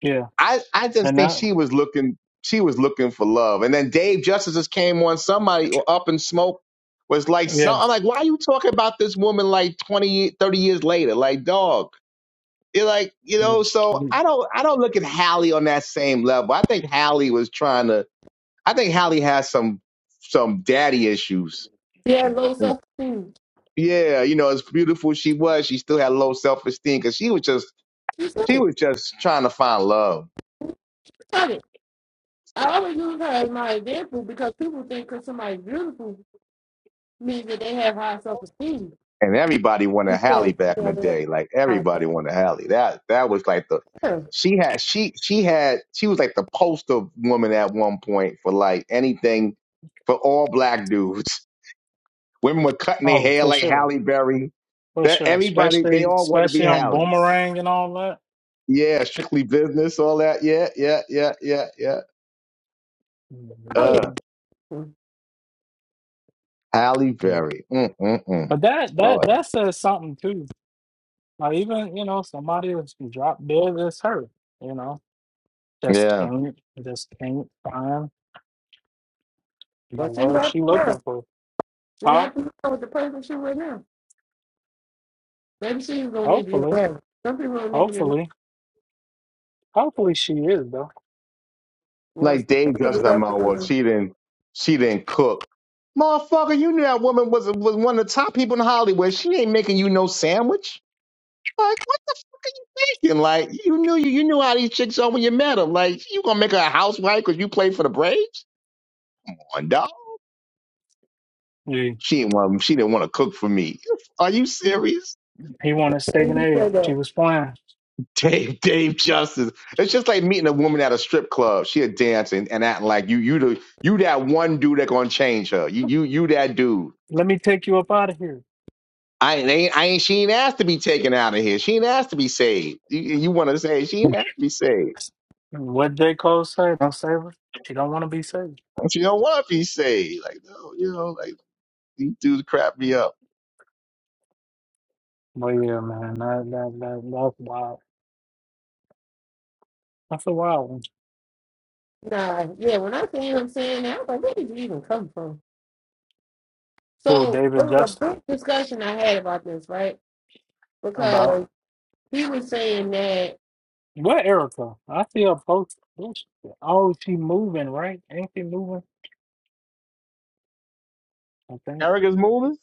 Yeah,
I, I just
and
think
that
she was looking she was looking for love. And then Dave Justice just came on somebody up in smoke was like so
yeah.
I'm like, why are you talking about this woman like 20, 30 years later? Like, dog. You're like, you know, so I don't I don't look at Hallie on that same level. I think Hallie was trying to I think Hallie has some some daddy issues
Yeah, low self esteem.
Yeah, you know, as beautiful as she was, she still had low self esteem because she was just
You said
she
it.
was just trying to find love.
said it. I always use her as my example because people think because somebody's beautiful means that they have high self esteem.
And everybody
She
wanted
said
Halle back
she
in the
never had
day. Like
high
everybody wanted Halle. That that was like the
self esteem.
she had she she had she was like the poster woman at one point for like anything for all black dudes. [LAUGHS] Women were cutting their
Oh,
hair
for
like
sure,
Halle Berry.
for
That
sure.
everybody they
Especially
all wanted to be
especially on
Halle.
boomerang and all that.
Yeah, strictly business, all that. Yeah, yeah, yeah, yeah, yeah. Uh
Yeah.
Halle Berry. Mm, mm, mm.
But that that
Lord.
that says something too. Like even you know somebody that's dropped dead is her. You know, just
Yeah.
can't just can't find the
Well, she's
love
happy
she
now.
looking for.
She's
Huh?
happy with the person she with now. Maybe she don't to need to get
Hopefully.
married. Some people don't even get married.
Hopefully. Hopefully she is though.
Well, she
Like Dave
could be
Justice, I'm
happy
out. Well,
then.
she didn't, she didn't cook. Motherfucker, you knew that woman was was one of the top people in Hollywood. She ain't making you no sandwich. Like what the freaking like? You knew you, you knew how these chicks are when you met them. Like you gonna make her a housewife because you played for the Braves? Come on, dog.
Yeah.
She didn't want she didn't want to cook for me. Are you
He
serious?
wanted steak
And
and
he
egg.
said
She
that.
was playing.
[LAUGHS] Dave, Dave Justice. It's just like meeting a woman at a strip club. She a dancing and acting like you you the you that one dude that gonna change her. You you you that dude.
Let me take you up out of here.
I ain't, I ain't, she ain't asked to be taken out of here. She ain't asked to be saved. You, you want to say she ain't asked to be saved. [LAUGHS]
What J. Cole say? Don't save her. She don't want to be saved.
And She don't want to be saved. Like, no, you know, like these dudes crap me up.
But yeah, man, that that that that's wild. That's a wild one.
Nah, yeah, when I see him saying that, I was like, where did you even come from?
Who
So it
David
was a
Justin
big discussion I had about this, right?
about?
Because he was saying that,
What Erica? I see her post. Who she- Oh, she moving right? Ain't she moving? I think.
Erica's moving?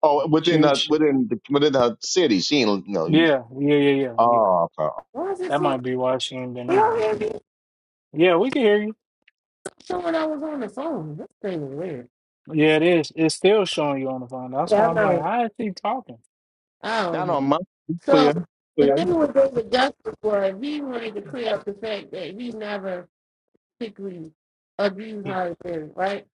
Oh,
Like
within
she,
her,
she
within the, within her city. She ain't, no, you, ain't.
Yeah, yeah, yeah, yeah, yeah.
oh, okay.
why is it
That
so
might be why she ain't been
He
in.
already
Yeah, we can hear you.
So when I was on the phone, this thing is weird.
Yeah, it is. It's still showing you on the phone. That's
Yeah,
why
I
I'm like,
know.
how is he talking?
I don't
Not
know.
on my, clear,
So the
clear.
thing with David Justice was he wanted to clear up the fact that he never particularly abused Holly Berry, right?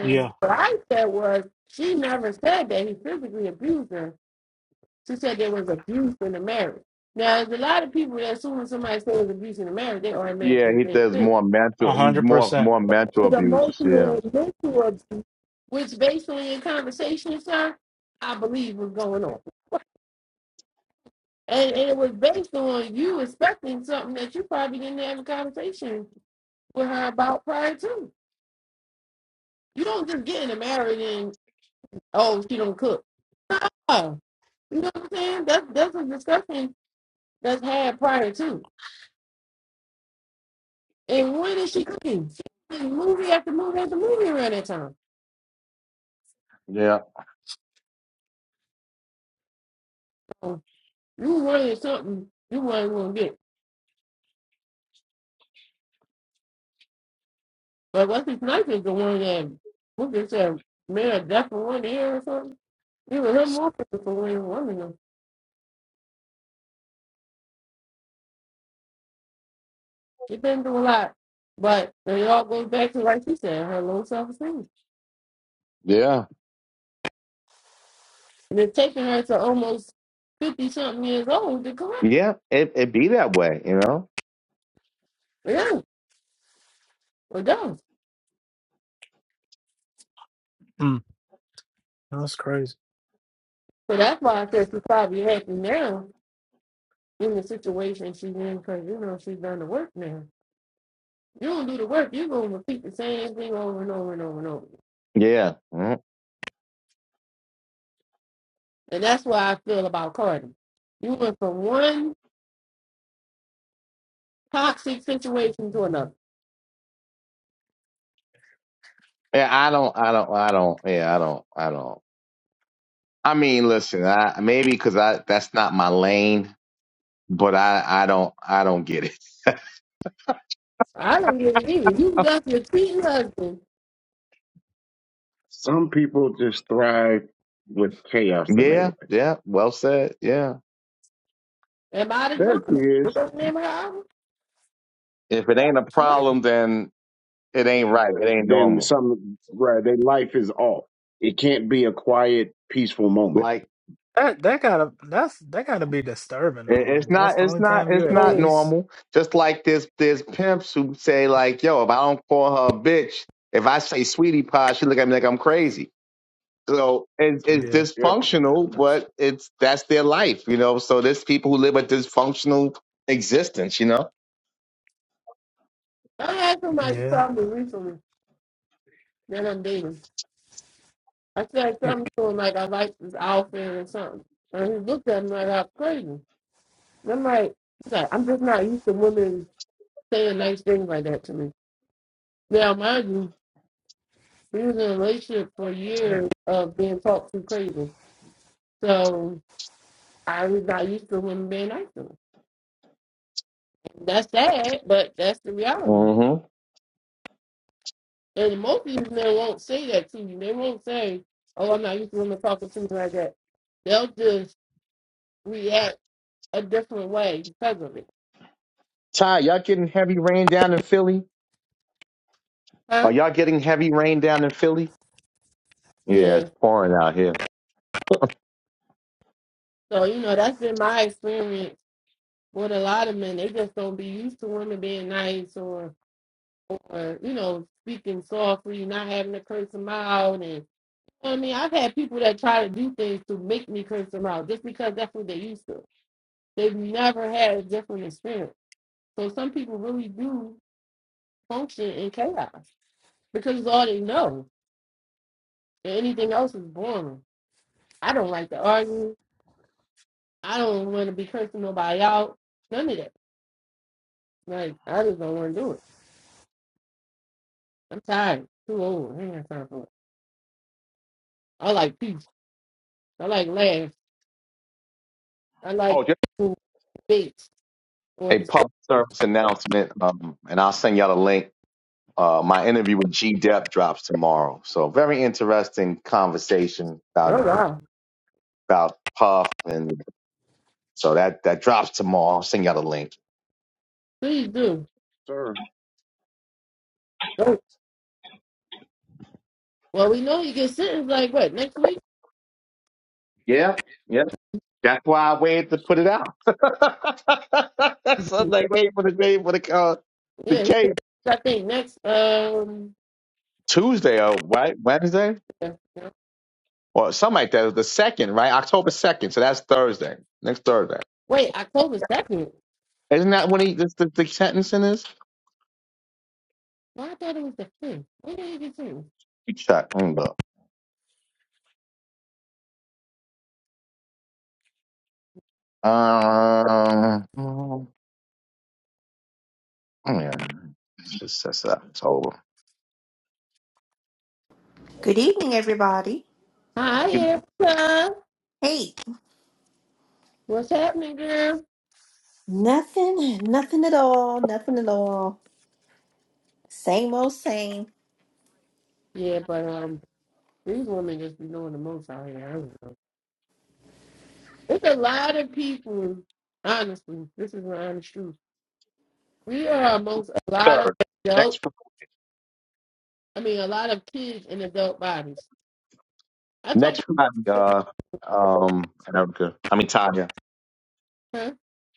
Yeah,
what I said was she never said that he physically abused her. She said there was abuse in the marriage. Now, there's a lot of people that assume when somebody says abuse in the marriage, they
Yeah,
automatically
he
think
does
physical.
more
a
mental,
hundred
more,
percent.
more mental
is
abuse.
emotional
Yeah.
and mental abuse, which based on your conversation, sir, I believe was going on. And, and it was based on you expecting something that you probably didn't have a conversation with her about prior to. You don't just get in a marriage and, oh, she don't cook. No. You know what I'm saying? That's, that's a discussion that's had prior to. And when is she cooking? She cooking movie after movie after movie around that time.
Yeah.
So you wanted something you weren't going to get. But what's his name is the one that who just said man a deaf for one ear or something. Even him more for for one woman. she's been through a lot. But it all goes back to like she said, her low self esteem.
Yeah.
And it's taking her to almost fifty something years old to correct it.
Yeah. It, it be that way, you know?
Yeah, it does.
Mm, That's crazy.
So that's why I said she's probably happy now in the situation she's in because you know she's done the work now. You don't do the work, you're gonna repeat the same thing over and over and over and over.
Yeah. Mhm.
And that's why I feel about Cardi. You went from one toxic situation to another.
Yeah. I don't, I don't, I don't, yeah, I don't, I don't. I mean, listen, I maybe because I that's not my lane, but I I don't I don't get it. [LAUGHS]
I don't get it either. You got your cheating husband
Some people just thrive with chaos in their
Yeah,
life.
yeah, well said. Yeah,
and by the
There she
drama. You
is.
don't remember how?
if it ain't a
She like
problem,
it.
then it ain't right. It ain't
Then
normal.
some, right? Their life is off. It can't be a quiet, peaceful moment.
Like
That that gotta that's that gotta be disturbing though.
it- it's
Like that's
not
the
it's
only
not
time you're
it's
at
not
So
peace.
normal. Just like there's there's pimps who say like, yo, if I don't call her a bitch, if I say sweetie pie, she look at me like I'm crazy. So it's, it's
Yeah.
Yeah,
dysfunctional,
That's-
but it's that's their life, you know. So there's people who live a dysfunctional existence, you
I had somebody
Yeah.
tell me recently that I'm dating. I said
It,
something to him like I like this outfit or something. And he looked at me like I'm crazy. And I'm like, he's like, I'm just not used to women saying nice things like that to me. Now mind you, we was in a relationship for
dang.
years of being talked to crazy. So I was not used to women being nice to me. That's sad, but that's the reality.
know.
And most of these men won't say that to you. They won't say, "Oh, I'm not used to women talking to me like that." They'll just react a different way because of it,
Ty, y'all getting heavy rain down in Philly?
huh?
Are y'all getting heavy rain down in Philly? Yeah,
Yeah.
it's pouring out here.
So you know that's been my experience with a lot of men. They just don't be used to women being nice or, or you know, speaking softly, not having to curse them out, and you know what I mean, I've had people that try to do things to make me curse them out just because that's what they used to. They've never had a different experience. So some people really do function in chaos because it's all they know. And anything else is boring. I don't like to argue. I don't want to be cursing nobody out. None of that. Like I just don't want to do it. I'm tired. Too old. I ain't got time for it. I like peace. I like laughs. I like
Oh, just
cool debates or
a
just
public service announcement, um, and I'll send y'all the link. Uh, my interview with G. Dep drops tomorrow, so very interesting conversation
oh
about
wow.
about Puff, and so that that drops tomorrow. I'll send y'all the link.
Please do.
sir.
Don't. Well, we know you get sentenced like what next week?
Yeah, yeah. That's why I waited to put it out. [LAUGHS] so I'm like, wait for the day for the uh, the
Yeah,
case.
I think next. Um,
Tuesday or Wed- Wednesday?
yeah, yeah.
or something like that. It was the second, right? October second. So that's Thursday. Next Thursday.
wait, October second.
Isn't that when he this the, the sentencing is? Let
No, I thought it was the thing. What did it get
me Check. Let me look. Um, mm, yeah, it's that's October.
Good evening, everybody.
Hi,
It's
Erica.
Hey,
What's happening, girl?
nothing, nothing at all, nothing at all. Same old same.
Yeah, but um, these women just be knowing the most out here. I don't know. It's a lot of people. Honestly, this is the honest truth. We are amongst a lot of
Third. Next
adult.
Fri-
I mean, a lot of kids in adult bodies. I talked.
next Friday. Uh, um, Erica. I mean Tanya.
Huh?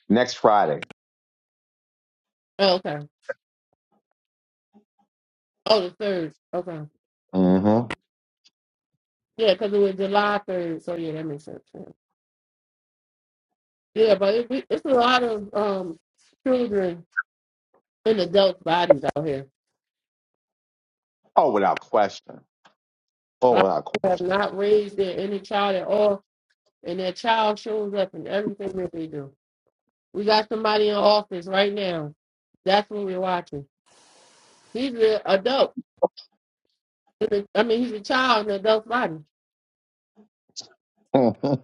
Next Friday.
Oh, okay. Oh, the third. Okay.
Mm-hmm.
Yeah, because it was July third. So yeah, that makes sense. Yeah, yeah but it, we- it's a lot of um children in adult bodies out here.
Oh, without question. Oh, without
have not raised their any child at all, and their child shows up in everything that they do. We got somebody in office right now. That's what we're watching. He's an adult. I mean, he's a child in an adult body.
question.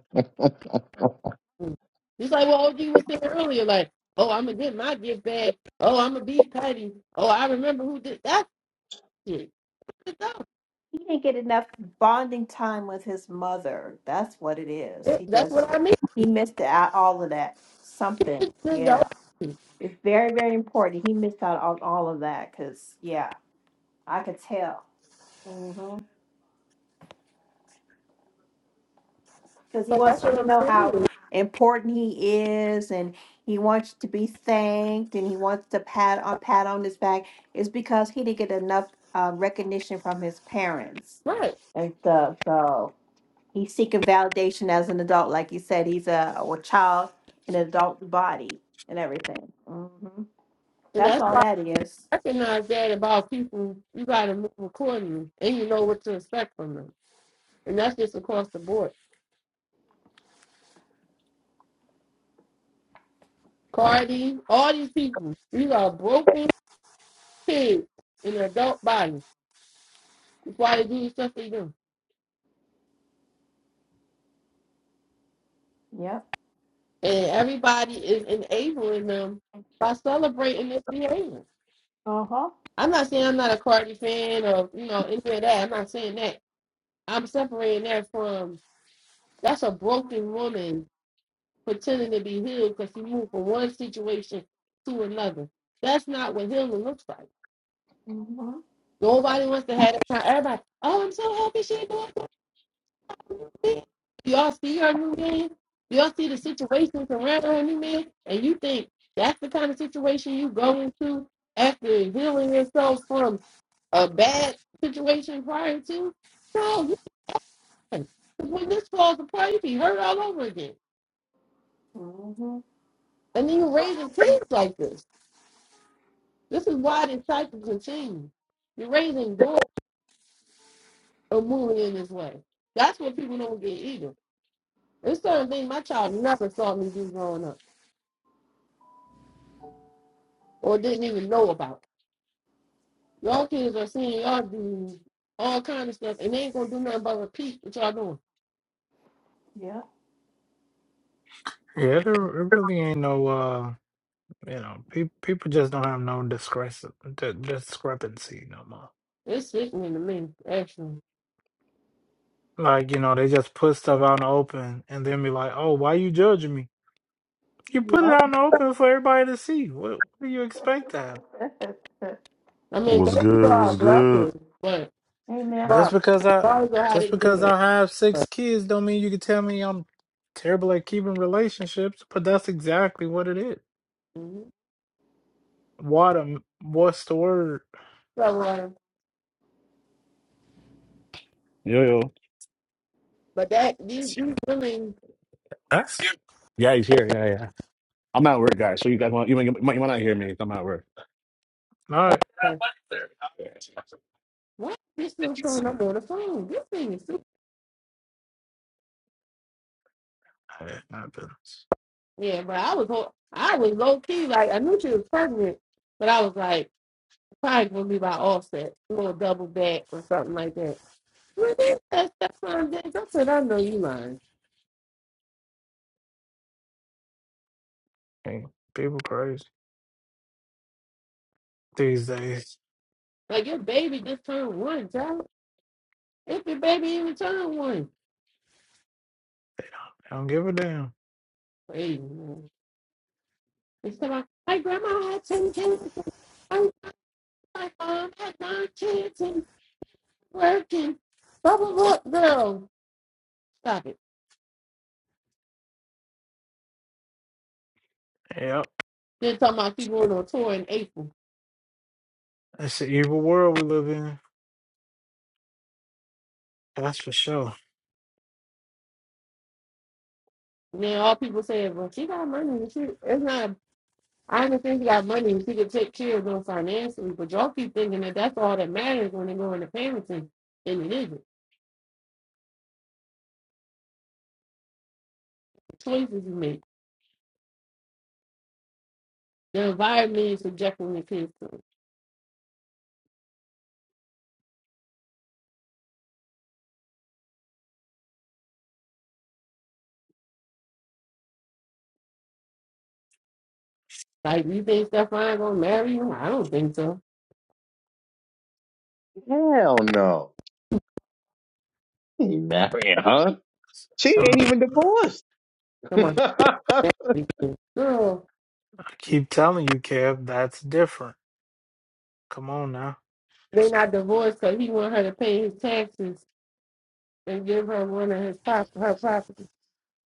It's like what OG was saying earlier, like, oh, I'm gonna get my gift back. Oh, I'm gonna be petty. Oh, I remember who did that shit. It's adult.
He didn't get enough bonding time with his mother. That's what it is.
It-
He
That's
just
what I mean.
he missed out all of that. Something,
It's an adult.
yeah. It's very, very important. He missed out on all of that because, yeah, I could tell. Mm-hmm. because he
So that's
wants you
what
to
I'm
know how
saying.
important he is and he wants you to be thanked and he wants to pat on pat on his back is because he didn't get enough uh, recognition from his parents
Right.
and so, so he's seeking validation as an adult like you said he's a, a child in an adult body and everything hmm
And
that's
that's
all that is
recognize that about people, you got to move accordingly, and you know what to expect from them, and that's just across the board. Cardi, all these people, these are broken kids in an adult body. That's why they do the stuff they do,
yep
and everybody is enabling them by celebrating this behavior.
uh-huh
I'm not saying I'm not a Cardi fan or you know any of that. I'm not saying that. I'm separating that from that's a broken woman pretending to be healed because he moved from one situation to another. That's not what healing looks like.
mm-hmm.
Nobody wants to have that kind. Everybody, oh, I'm so happy she doing this. Y'all see her new man. Y'all see the situations around her new man, and you think that's the kind of situation you go into after healing yourself from a bad situation prior to? No, you can't. 'Cause When this falls apart, you be hurt all over again.
Mm-hmm.
And then you raise raising kids like this. This is why this cycle continues. You're raising doors or moving in this way. That's what people don't get either. There's certain things my child never saw me do growing up or didn't even know about. Y'all kids are seeing y'all do all kind of stuff and they ain't gonna do nothing but repeat what y'all doing.
yep
yeah. There there really ain't no uh you know pe- people just don't have no discrepan- di- discrepancy no more.
It's sickening to me, actually.
Like you know they just put stuff out in the open and then be like, oh, why you judging me? You put it out in the open for everybody to see. What, what do you expect to happen?
yep
I mean,
What's
baby
good?
are
What's good?
blessings, but
[LAUGHS] amen
Just
God,
because I
God how
just
they do
because
it.
I have
But,
six kids don't mean you can tell me I'm terrible at keeping relationships, but that's exactly what it is.
hmm
What a, what's the word?
so, uh,
Yo yo,
but that these these women,
Huh? Yeah, he's here. Yeah, yeah. I'm at work, guys. So you guys want you might you might, you might not hear me. if I'm at work.
Not
uh, why are they still showing up on the phone? This thing is super.
eh, not business.
Yeah, but I was ho- I was low key like I knew she was pregnant, but I was like probably gonna be by offset, a little double back or something like that. But then that stepson did. I said, I know you lying.
Hey, People crazy these days.
Like your baby just turned one, child. If your baby even turned one,
I don't give a damn.
crazy. man. And so I, my grandma had ten kids. I, my mom had nine kids and working. Blah blah blah. Girl, stop it.
Yep.
Then talking about she going on tour in April.
It's the evil world we live in. That's for sure.
Then all people say, well, she got money. and She, it's not. I understand she got money and she could take care of them financially, but y'all keep thinking that that's all that matters when they go into parenting, and it isn't. The choices you make, the environment you're subjecting your kids to. Like, you think Stefan gonna marry you? I don't think so.
[LAUGHS] Hell no. He married, huh? She
So
ain't
I
even divorced.
Come on,
[LAUGHS]
girl.
keep telling you, Kev, that's different. Come on now.
They not divorced because he want her to pay his taxes and give her one of his prop her property.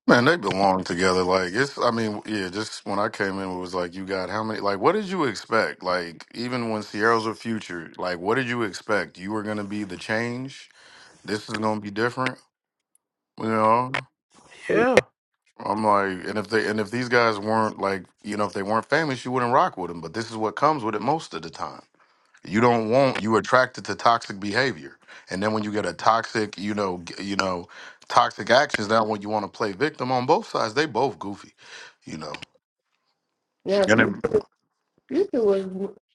Man, they belong together. Like it's, I mean, yeah. Just when I came in, it was like, you got how many? Like, what did you expect? Like, even when Sierra's a future, like, what did you expect? You were gonna be the change. This is gonna be different. You know?
Yeah.
I'm like, and if they and if these guys weren't like, you know, if they weren't famous, you wouldn't rock with them. But this is what comes with it most of the time. You don't want you attracted to toxic behavior, and then when you get a toxic, you know, g- you know, toxic actions, now when you want to play victim on both sides, they both goofy, you know.
Now,
And
Fu-
then,
Future was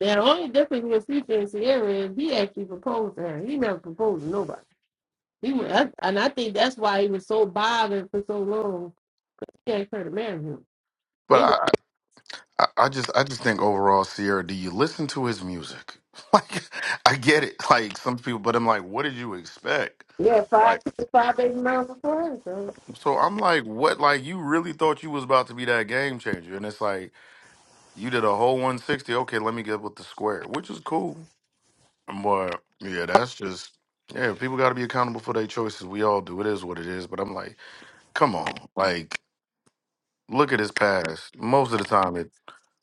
the only difference with Future and Sierra is he actually proposed to her. He never proposed to nobody. He was, that- and I think that's why he was so bothered for so long. He can't try to marry him.
but
They were
I, I, I just I just think overall, Sierra, do you listen to his music? [LAUGHS] Like I get it, like some people, but I'm like, what did you expect?
yeah, five
Like
six, five baby before him. So
so I'm like, what like you really thought you was about to be that game changer? And it's like you did a whole 160, okay, let me get with the square, which is cool. But yeah, that's just yeah, people gotta be accountable for their choices. We all do. It is what it is. But I'm like, come on. Like, look at his past. Most of the time it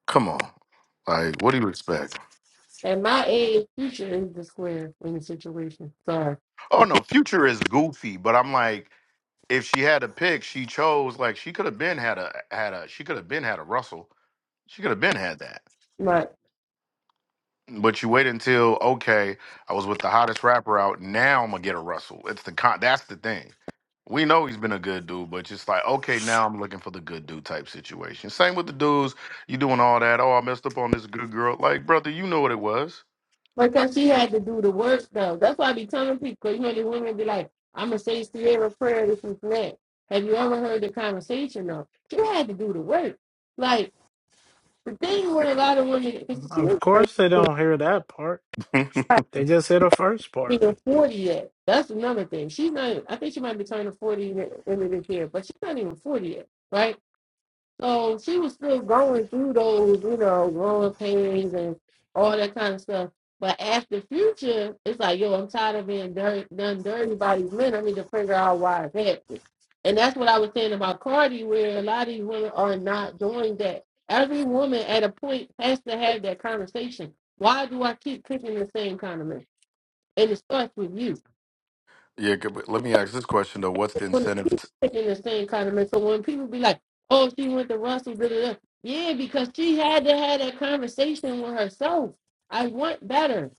come on. Like, what do you expect?
at my age, future is the square in the situation. Sorry,
Oh no, Future is goofy, but I'm like, if she had a pick, she chose like she could have been had a had a she could have been had a Russell. She could have been had that.
but
But you wait until okay, I was with the hottest rapper out. Now I'm gonna get a Russell. It's the con. That's the thing. We know he's been a good dude, but just like okay, now I'm looking for the good dude type situation. Same with the dudes. You doing all that? Oh, I messed up on this good girl. Like brother, you know what it was.
because she had to do the work though. That's why I be telling people. You know, the women be like, "I'm gonna say Sierra prayer this and that." Have you ever heard the conversation though? She had to do the work. Like the thing with a lot of women, she
Of
was
course, they don't hear that part.
[LAUGHS] yeah.
They just hear the first
She's
part.
not even 40 yet. That's another thing. She's not, even- I think she might be turning 40 in the end of this year, but she's not even 40 yet, right? So she was still going through those, you know, growing pains and all that kind of stuff. But after future, it's like, yo, I'm tired of being dirt, done dirty by these men. I need to figure out why it's happening. And that's what I was saying about Cardi, where a lot of these women are not doing that. Every woman at a point has to have that conversation. Why do I keep picking the same kind of men? And it starts with you.
could- but Let me ask this question though. What's the
put
incentive?
in the same condiment. So when people be like, "Oh, she went to Russell," da, da, da. yeah, because she had to have that conversation with herself. I want better.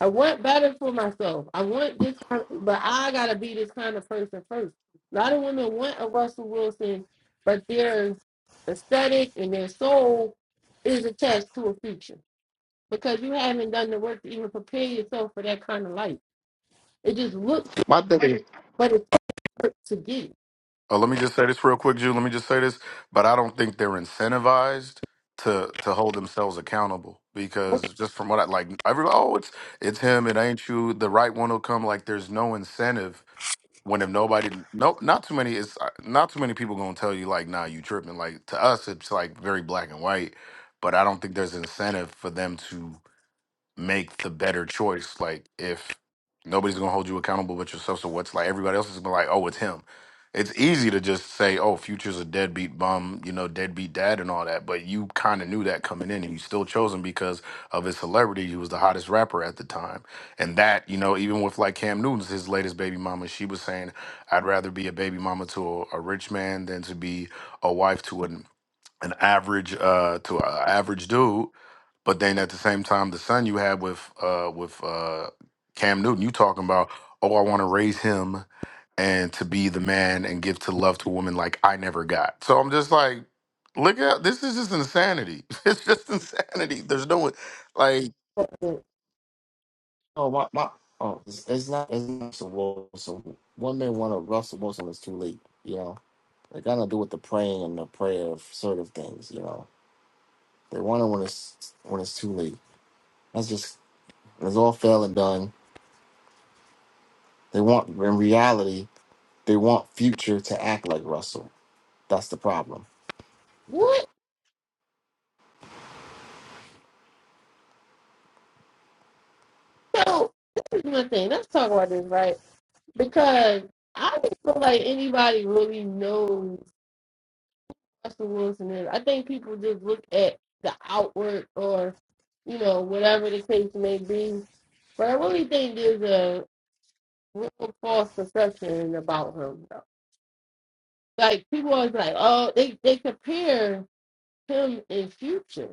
I want better for myself. I want this, kind but I gotta be this kind of person first. A lot of women want a Russell Wilson, but their aesthetic and their soul is attached to a future because you haven't done the work to even prepare yourself for that kind of life. It just looks,
My thing. is-
but it's hard to get.
Uh, let me just say this real quick, Jew. Let me just say this, but I don't think they're incentivized to to hold themselves accountable because just from what I like, every oh, it's it's him, it ain't you. The right one will come. Like there's no incentive when if nobody, no, not too many. It's uh, not too many people gonna tell you like, nah, you tripping. Like to us, it's like very black and white, but I don't think there's incentive for them to make the better choice. Like if nobody's gonna hold you accountable but yourself, so what's like everybody else is gonna be like, oh, it's him. It's easy to just say, oh, future's a deadbeat bum, you know, deadbeat dad and all that, but you kind of knew that coming in, and you still chose him because of his celebrity. He was the hottest rapper at the time, and that, you know, even with like Cam Newton's his latest baby mama, she was saying, I'd rather be a baby mama to a, a rich man than to be a wife to an an average uh to an average dude but then at the same time, the son you had with uh with uh Cam Newton, you talking about, oh, I want to raise him and to be the man and give to love to a woman like I never got. So I'm just like, look at this is just insanity. [LAUGHS] It's just insanity. There's no like
it.
Oh my my. Oh, it's, it's not. It's not Russell Wilson. One man want of Russell Wilson is too late. You know, they got to do with the praying and the prayer of sort of things. You know, they want it when it's when it's too late. That's just it's all fail and done. They want in reality, they want future to act like Russell. That's the problem.
What? So this is one thing. Let's talk about this, right? Because I don't feel like anybody really knows Russell Wilson is. I think people just look at the outward or, you know, whatever the case may be. But I really think there's a real false perception about him. Though. Like people always like, oh, they they compare him in future,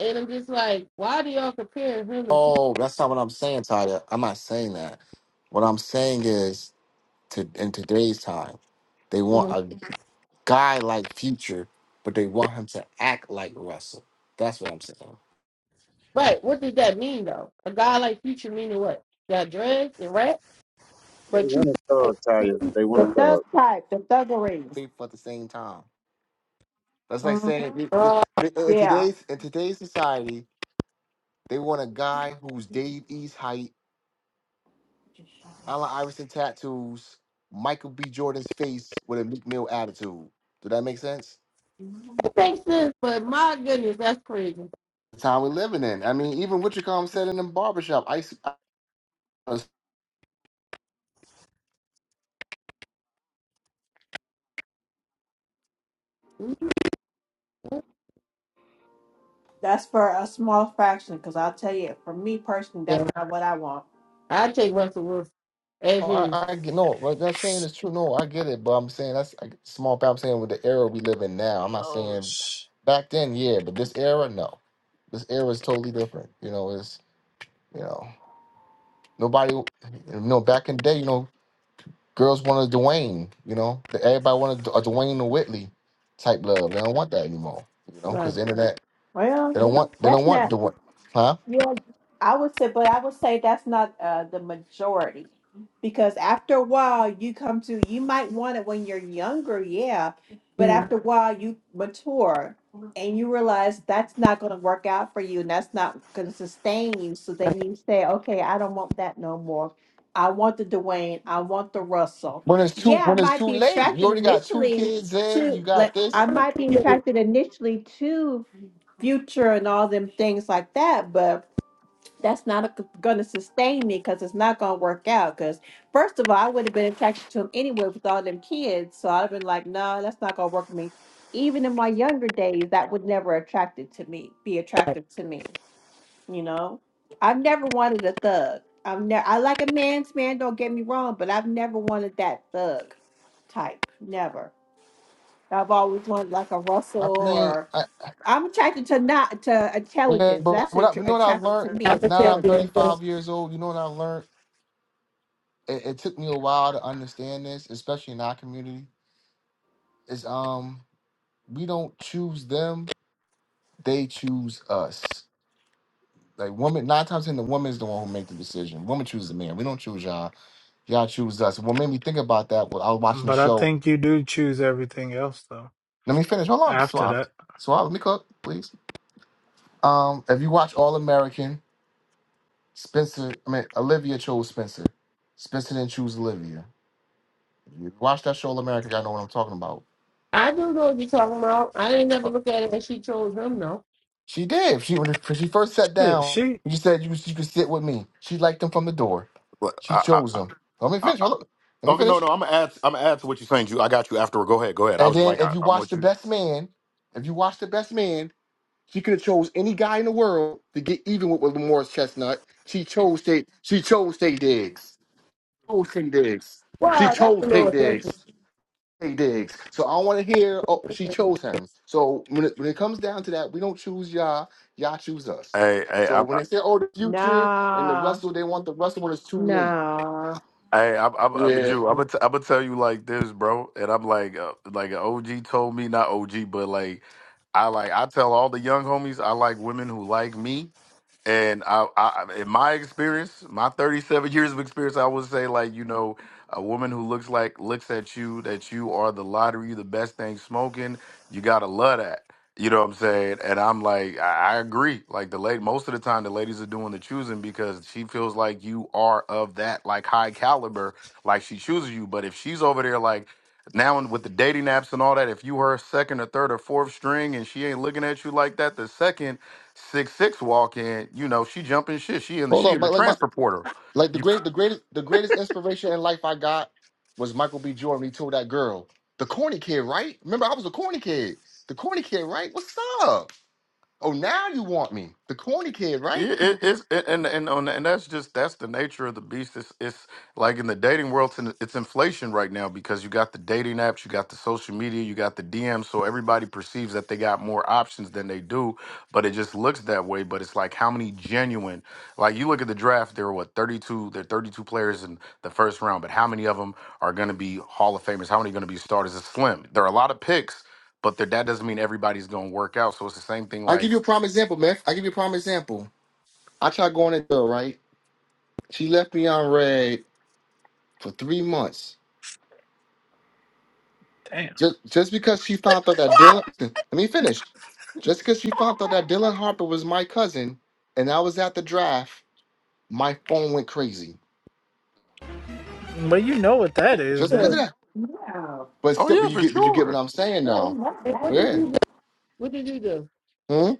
and I'm just like, why do y'all compare him in future?
Oh, that's not what I'm saying, Tyler. I'm not saying that. What I'm saying is to in today's time. They want a guy like Future, but they want him to act like Russell. That's what I'm saying.
But what does that mean though? A guy like Future meaning what? Got dreads and rap,
They
but you
want to
like
thug, Taya. They want
The
to
thug
thug.
type, the thuggeries.
People at the same time. That's like saying
Mm-hmm.
th- th-
uh,
th- in
Yeah,
today's in today's society, they want a guy who's Dave East height, Allen Iverson tattoos, Michael B. Jordan's face with a Meek Mill attitude. Does that make sense?
it makes sense. But my goodness, that's crazy.
The time we're living in. I mean, even Witchcom said in the barbershop, I
Mm-hmm.
that's for a small fraction. Because I'll tell you, for me personally, that's
Yeah,
not what I want.
I take Russell Wilson as
Oh,
is.
I, I get no, what that's saying is true. No, I get it, but I'm saying that's like small. but I'm saying with the era we live in now. I'm not
Oh,
saying
sh-
back then, yeah, but this era, no, this era is totally different. You know, it's you know nobody, you know, back in the day, you know, girls wanted Dwayne. You know, the- everybody wanted a Dwayne and Whitley type love. They don't want that anymore. You know, because
Like,
the internet,
Well,
they don't want, they
that's
don't
not.
want Dwayne, huh?
Yeah, I would say, but I would say that's not uh, the majority because after a while you come to, you might want it when you're younger, yeah, but
mm.
after a while you mature and you realize that's not going to work out for you and that's not going to sustain you. So then you say, okay, I don't want that no more. I want the Dwayne, I want the Russell.
When it's too,
Yeah, I
when it's
might
too
be
late, you
attracted
already got two
initially
kids in, you
to,
got
like,
this.
I might be attracted initially to future and all them things like that, but that's not going to sustain me because it's not going to work out. Because first of all, I would have been attracted to him anyway with all them kids, so I'd have been like, no, that's not going to work for me. Even in my younger days, that would never attracted to me, be attractive to me. You know, I've never wanted a thug. I've never. I like a man's man. Don't get me wrong, but I've never wanted that thug type. Never. I've always wanted like a Russell
I mean,
or
I,
I'm attracted to not to
Yeah,
intelligence.
but
That's
what
what
I,
attra-
you know what I
attracted
learned
to me
now
I'm
is
a
now that I'm
champion.
intelligence.
So
35 years old. You know what I learned? It, it took me a while to understand this, especially in our community. Is um we don't choose them; they choose us. Like woman, nine times in the woman's the one who make the decision. Woman chooses the man. We don't choose y'all. Y'all choose us. What made me think about that was I was watching the
But I
show.
think you do choose everything else though.
Let me finish. Hold on,
After
Suave.
that,
Suave, let me cook, please. Um, if you watch All American, Spencer, I mean Olivia chose Spencer. Spencer didn't choose Olivia. You watch that show, All America. Y'all know what I'm talking about.
I do know what you're talking about. I didn't never
Uh,
look at it as she chose him though.
She did. She when she first sat
shit,
down,
she,
she said you, you could sit with me. She liked him from the door.
what-
She
I, I,
chose
I,
him. Let me
I,
finish.
I-
Hold up. Let me
okay, no,
finish.
no, I'm gonna add I'm gonna add to what you're saying, Drew. I got you afterward. Go ahead, go ahead. I
And
was
then
like,
if
I,
you
I'm
watch
with
the
you.
best man, if you watch the best man, she could have chose any guy in the world to get even with, with Morris Chestnut. She chose Tate. She chose Tay Diggs. Chose Tay Diggs. She
Wow, that's a
chose Tay
little aggressive
Diggs. Tay Diggs. So I want to hear. Oh, she chose him. So when it, when it comes down to that, we don't choose y'all. Y'all choose us.
Hey, hey,
So
I'm,
when they say, "Oh, the future and the
Nah,
Russell," they want the Russell when it's too late.
nah.
Hey, I'm, I'm, I'm a
Yeah.
Jew. I'm gonna, t- I'm gonna tell you like this, bro. And I'm like, uh, like an OG told me, not OG, but like, I like, I tell all the young homies, I like women who like me. And I, I, I- in my experience, my 37 [LAUGHS] years of experience, I would say like, you know, a woman who looks like looks at you that you are the lottery, you the best thing smoking. You gotta love that. You know what I'm saying? And I'm like, I, I agree. Like the late most of the time the ladies are doing the choosing because she feels like you are of that like high caliber, like she chooses you. But if she's over there like now and with the dating apps and all that, if you her second or third or fourth string and she ain't looking at you like that, the second six six walk in, you know, she jumping shit. She in the
Hold
she
on,
in
my,
the
like my
transfer portal.
like the
You. [LAUGHS]
great the greatest the greatest inspiration in life I got was Michael B. Jordan. He told that girl, the corny kid, right? Remember, I was a corny kid. The corny kid, right? What's up? Oh, now you want me? The corny kid, right?
It, it,
People.
it's it, and and on and that's just that's the nature of the beast. It's, it's like in the dating world, it's, in, it's inflation right now because you got the dating apps, you got the social media, you got the DMs. So everybody perceives that they got more options than they do, but it just looks that way. But it's like how many genuine? Like you look at the draft, there were what thirty two, there are thirty two players in the first round, but how many of them are going to be Hall of Famers? How many are going to be starters? It's slim. There are a lot of picks, but there, that doesn't mean everybody's going to work out. So it's the same thing
I give
like,
you a prime example, man. I give you a prime example. I tried going into right. She left me on red for three months.
damn.
Just just because she found out that Dylan [LAUGHS] [CLEARS THROAT] let me finish. Just because she found out that Dylan Harper was my cousin and I was at the draft, my phone went crazy.
But you know what that is,
Just because of
too.
then.
that.
No.
But
oh
still
yeah,
but you
for
get but you get what
sure.
I'm saying
Yeah, we
though.
love
And
that.
what did
Yeah.
you do? What did you do?
Hmm?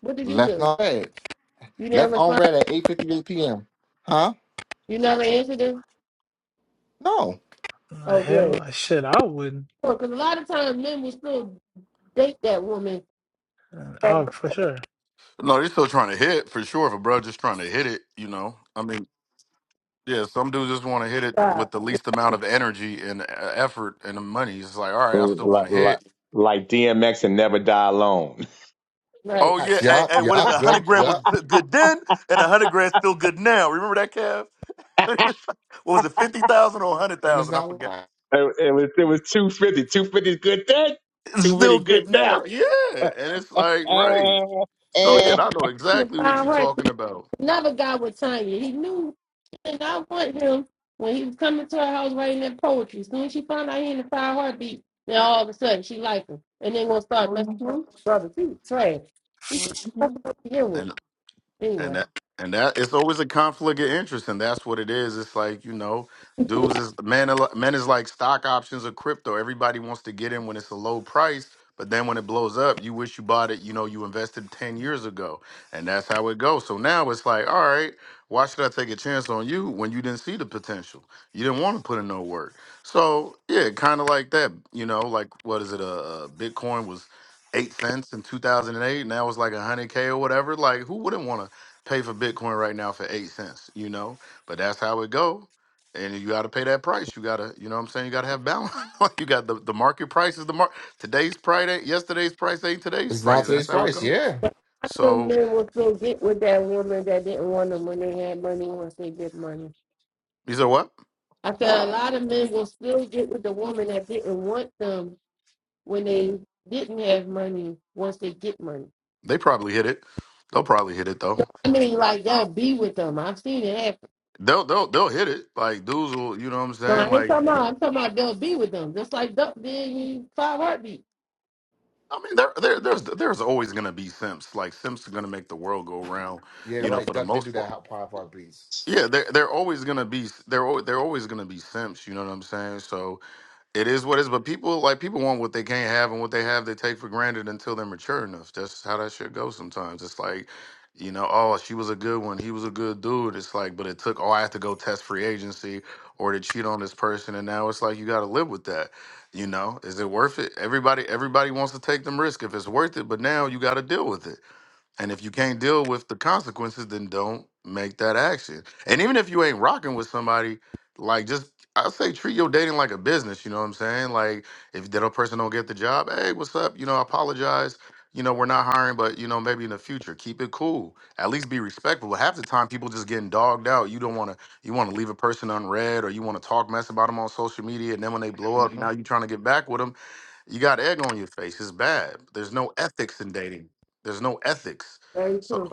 What did you
Left
do?
on red.
You never
Left
not
on
respond.
red at 8.58 p.m. Huh?
You never answered him.
No.
Oh, good.
Hell, uh, shit, I wouldn't.
Because a lot of times men will still date that woman
uh,
at
Oh,
the
for sure.
No, they're still trying to hit for sure. If a bro just trying to hit it, you know, I mean, yeah, some dudes just want to hit it with the least amount of energy and uh, effort and money. It's like, all right, I still want
like,
to
like,
hit.
like DMX and Never Die Alone.
Right.
Oh
Facts.
yeah, hey,
Yup,
hey, what is
yup,
a hundred
good.
grand was
Yup.
good then, and a hundred grand still good now. Remember that, Kev?
[LAUGHS]
[LAUGHS]
it,
what was it, fifty thousand or hundred
And it's
thousand? I
not
forgot.
live.
it was it was 250. 250 is good then.
It's
250
still
good
good
now.
now. Yeah,
[LAUGHS]
and it's like right.
Uh,
So
Yeah,
yeah,
uh.
and I know
in the
exactly what
fine
you're
heart.
talking about.
Another guy with Tanya. He knew she did not want him when he was coming to her house writing that poetry. As soon as she found out he in the fine heartbeat, then all of a sudden she liked him. And then gonna start messing up
Mm-hmm.
with his brother. He was trash. He's
Mm-hmm.
not to begin with.
and
Anyway.
that and that it's always a conflict of interest and that's what it is it's like you know dudes is men are li- men is like stock options or crypto everybody wants to get in when it's a low price but then when it blows up you wish you bought it you know you invested 10 years ago and that's how it goes so now it's like all right why should i take a chance on you when you didn't see the potential you didn't want to put in no work so yeah kind of like that you know like what is it uh, uh, bitcoin was eight cents in 2008 now it's like 100k or whatever like who wouldn't want to pay for Bitcoin right now for eight cents, you know. But that's how it go. And you got to pay that price. You got to, you know what I'm saying? You got to have balance. [LAUGHS] you got the, the market price is the mark. Today's price ain't yesterday's price ain't today's
It's
price.
not
That's
today's
how it
price,
go.
yeah.
But I think
So
men will still get with that woman that didn't want them when they had money once they get money.
you said what?
I said a lot of men will still get with the woman that didn't want them when they didn't have money once they get money.
They probably hit it. They'll probably hit it though.
I mean, like they'll be with them. I've seen it happen.
They'll they'll they'll hit it. Like dudes will, you know what I'm
So I
saying?
ain't
Like
talking about, I'm talking about they'll be with them. Just like Duck did in Five Heartbeats.
I mean, there there there's there's always gonna be simps. Like simps are gonna make the world go round.
Yeah,
You know,
right.
for the
Duck did do
most part
that hot pie for our beats.
Yeah, they're they're always gonna be they're al- they're always gonna be simps. You know what I'm saying? So it is what it is. But people like people want what they can't have, and what they have they take for granted until they're mature enough. That's how that shit goes sometimes. It's like, you know, oh she was a good one, he was a good dude. It's like, but it took oh I have to go test free agency or to cheat on this person, and now it's like you got to live with that. You know, is it worth it? Everybody everybody wants to take them risk if it's worth it, but now you got to deal with it. And if you can't deal with the consequences, then don't make that action. And even if you ain't rocking with somebody, like just I say treat your dating like a business, you know what I'm saying? Like if that other person don't get the job, hey, what's up? You know, I apologize. You know, we're not hiring, but you know, maybe in the future, keep it cool. At least be respectful. Half the time people just getting dogged out. You don't want to you want to leave a person unread or you want to talk mess about them on social media and then when they blow up, now you trying to get back with them. You got egg on your face. It's bad. There's no ethics in dating. There's no ethics.
Very
So
true.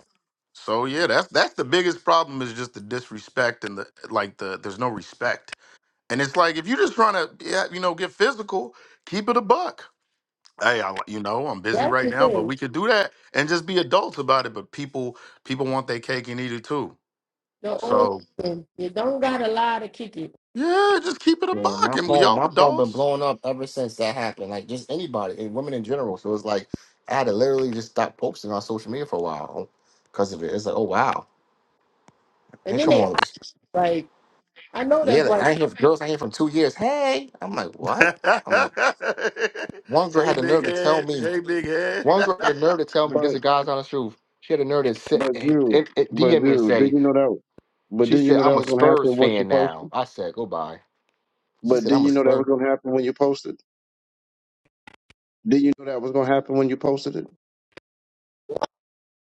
so yeah, that's that's the biggest problem is just the disrespect and the like the there's no respect. And it's like if you're just trying to yeah, you know, get physical, keep it a buck. Hey, I, you know, I'm busy
That's
right
the
now, but
thing.
we could do that and just be adults about it. But people people want their cake and eat it too.
The old
So
thing. You don't got a lie to kick it.
yeah, just keep it a
Yeah,
buck
my
and we
phone,
all
my phone been
adults.
blowing up ever since that happened. Like just anybody, and women in general. So it's like I had to literally just stop posting on social media for a while because of it. It's like, oh wow,
And
here
then
come
they
all the
like, I know
yeah.
that's
Like,
like,
I ain't hear from girls. I ain't hear from two years. Hey, I'm like,
[LAUGHS]
what?
hey
I'm like, one girl had the
big
nerve to tell
head.
me.
Hey big head.
One girl had the nerve to tell me this
But,
is God's honest truth. She had the nerve to sit
but
and,
you,
and, and
but
DM me and
you, did
say
you know that? But
she
did you
said
know
I'm
that
a
was gonna
Spurs
happen once you
fan now.
posted?
I said, go bye. She
But
said
did
I'm a
you know that
Spurs.
was gonna happen when you posted? Did you know that was gonna happen when you posted it?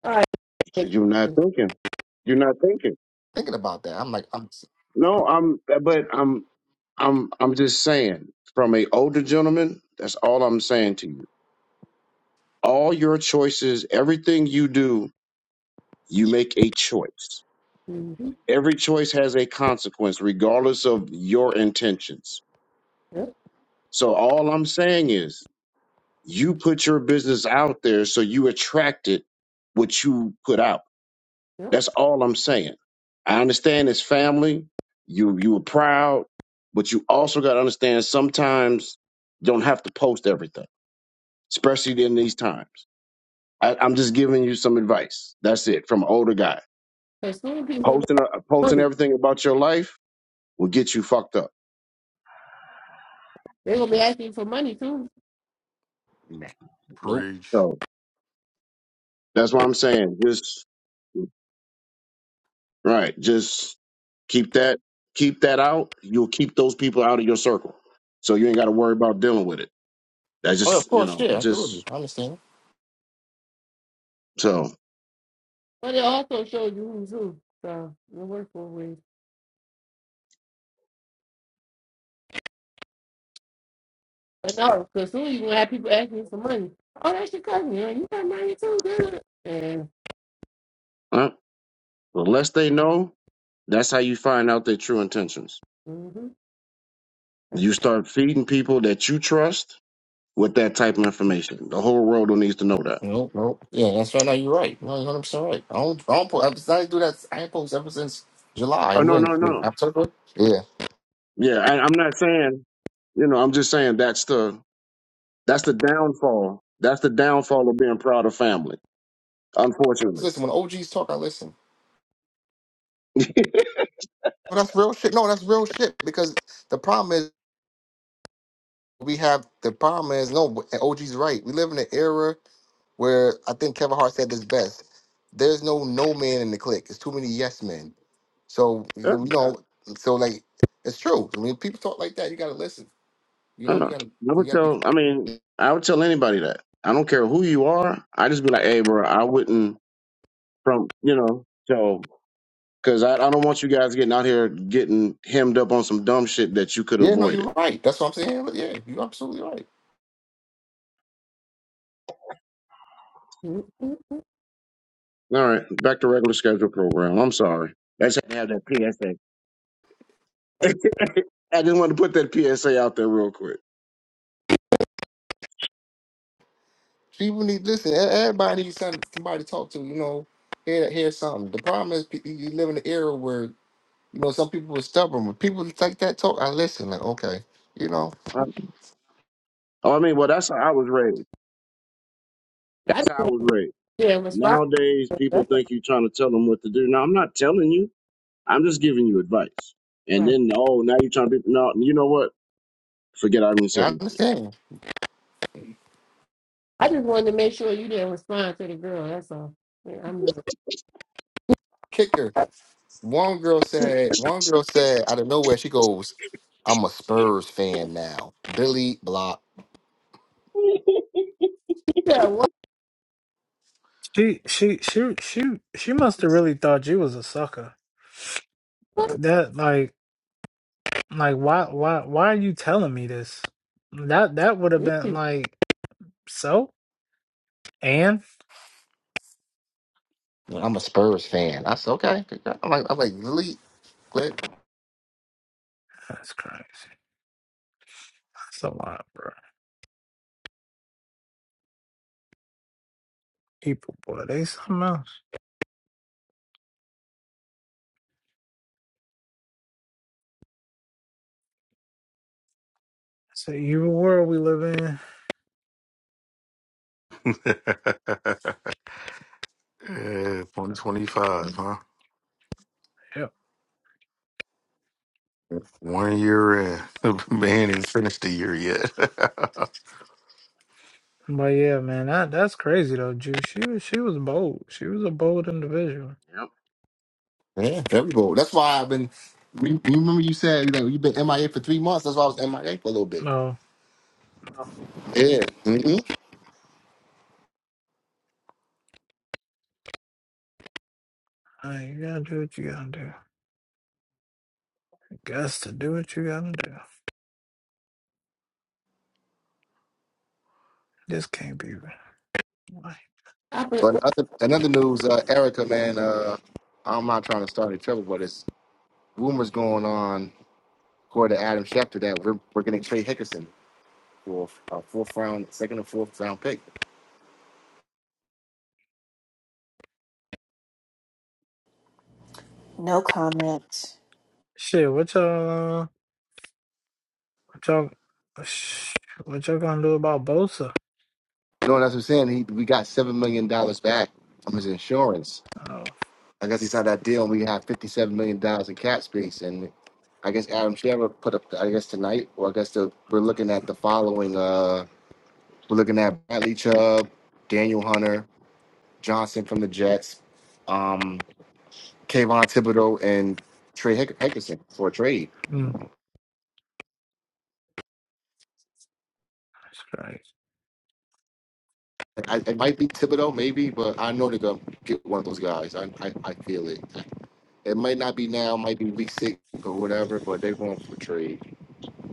all right.
You're not thinking. You're not thinking.
Thinking about that, I'm like, I'm. s-
No, I'm but I'm I'm I'm just saying from a older gentleman, that's all I'm saying to you. All your choices, everything you do, you make a choice.
Mm-hmm.
Every choice has a consequence regardless of your intentions.
Yep,
So all I'm saying is you put your business out there so you attracted what you put out.
yep.
That's all I'm saying. I understand it's family. You you were proud, but you also got to understand sometimes you don't have to post everything, especially in these times. I, I'm just giving you some advice. That's it from an older guy.
Because soon people want
Posting uh, posting
money.
everything about your life will get you fucked up.
They're going to be asking for money too.
Nah.
[LAUGHS]
nope,
Preach.
So that's why I'm saying just right. Just keep that keep that out. You'll keep those people out of your circle, so you ain't got to worry about dealing with it. That's
Oh, of
just you
course,
know
yeah, absolutely.
just
I understand.
so.
But it also shows you who's who. So it works both ways. But no, because soon you're gonna have people asking you for money. Oh, that's your cousin. You, know, you got money too, dude. And
All right. The less they know, that's how you find out their true intentions.
mm-hmm, that's
You
a,
start feeding people that you trust with that type of information. The whole world needs to know that.
Nope, nope. Yeah, that's right. Now you're right. No, you're 100% right. I don't, I don't post, I didn't do that. I ain't post ever since July.
Oh
And are
no,
in
no,
in
no.
October? Yeah.
Yeah, I, I'm not saying. You know, I'm just saying that's the that's the downfall. That's the downfall of being proud of family. Unfortunately,
Listen, when OGs talk, I listen. Well, that's real shit. No, that's real shit because the problem is we have, the problem is, no, and OG's right. We live in an era where I think Kevin Hart said this best. There's no no man in the clique. It's too many yes men. So,
yeah.
you you know, so like, it's true. When people talk like that, you got to listen. You
yeah.
know, you gotta
I
you
would
gotta be.
tell. I mean, I would tell anybody that. I don't care who you are. I just be like, hey, bro, I wouldn't from you know. So Because I, I don't want you guys getting out here getting hemmed up on some dumb shit that you could
Yeah, no,
avoid it.
you're right. That's what I'm saying. But yeah, you're absolutely right.
mm-hmm.
All right, back to regular schedule program. I'm sorry. I just had to have that PSA. [LAUGHS] I just wanted to put that PSA out there real quick.
People need listen. e- Everybody needs some- somebody to talk to. You know, hear hear something. The problem is pe- you live in an era where you know some people are stubborn. When people like that talk, I listen. Like okay, you know,
I, oh, I mean, well, that's how I was raised.
I just
That's how I
wanted
was raised.
to didn't respond.
Nowadays, people
That's all
think you're trying to tell them what to do. No, I'm not telling you. I'm just giving you advice. And
right.
then, oh, now you're trying to be, no, you know what? Forget I even said
yeah, I
anything.
understand.
I just wanted to make sure you didn't respond to the girl. That's all. Yeah, I'm good.
Kicker. One girl said. One girl said out of nowhere, she goes, "I'm a Spurs fan now." Billy Block.
Yeah, what?
She, she, she, she, she must have really thought you was a sucker.
what?
That, like, like, why, why, why are you telling me this? That, that would have been
Really?
like, so, and
I'm a Spurs fan. I said, okay. I'm like, I'm like, delete.
that's crazy. That's a lot, bro. People, boy, they something else. It's an evil world we live in.
[LAUGHS] Yeah, 125, huh?
Yep.
One year in. [LAUGHS] Man, did finished the year yet. [LAUGHS]
But yeah, man, that that's crazy though, Juice. She was she was bold. She was a bold individual.
Yep.
Yeah, very bold. That's why I've been. You you remember you said you you've been MIA for three months. That's why I was MIA for a little bit.
No,
Yeah. hmm
uh, you gotta do what you gotta do. You guess to do what you gotta do. This can't be right.
I been,
But another another news, uh, Erica, man. Uh, I'm not trying to start any trouble, but it's rumors going on according to Adam Schefter that we're we're getting Trey Hickerson for a fourth round, second or fourth round pick.
No comment.
Shit, what y'all uh, what y'all sh- what y'all gonna do about Bosa?
No, that's what I'm saying. He we got seven million dollars back from his insurance
Oh,
I guess he signed that deal. and We have fifty-seven million dollars in cap space, and I guess Adam Shara put up. I guess tonight, or I guess the, we're looking at the following. Uh, we're looking at Bradley Chubb, Daniel Hunter, Johnson from the Jets, um, Kayvon Thibodeau, and Trey Hick- Hickerson for a trade.
mm, it's crazy.
I, it might be Thibodeau, maybe, but I know they're gonna get one of those guys. I, I, I feel it. It might not be now, might be week six or whatever, but they're going for a trade.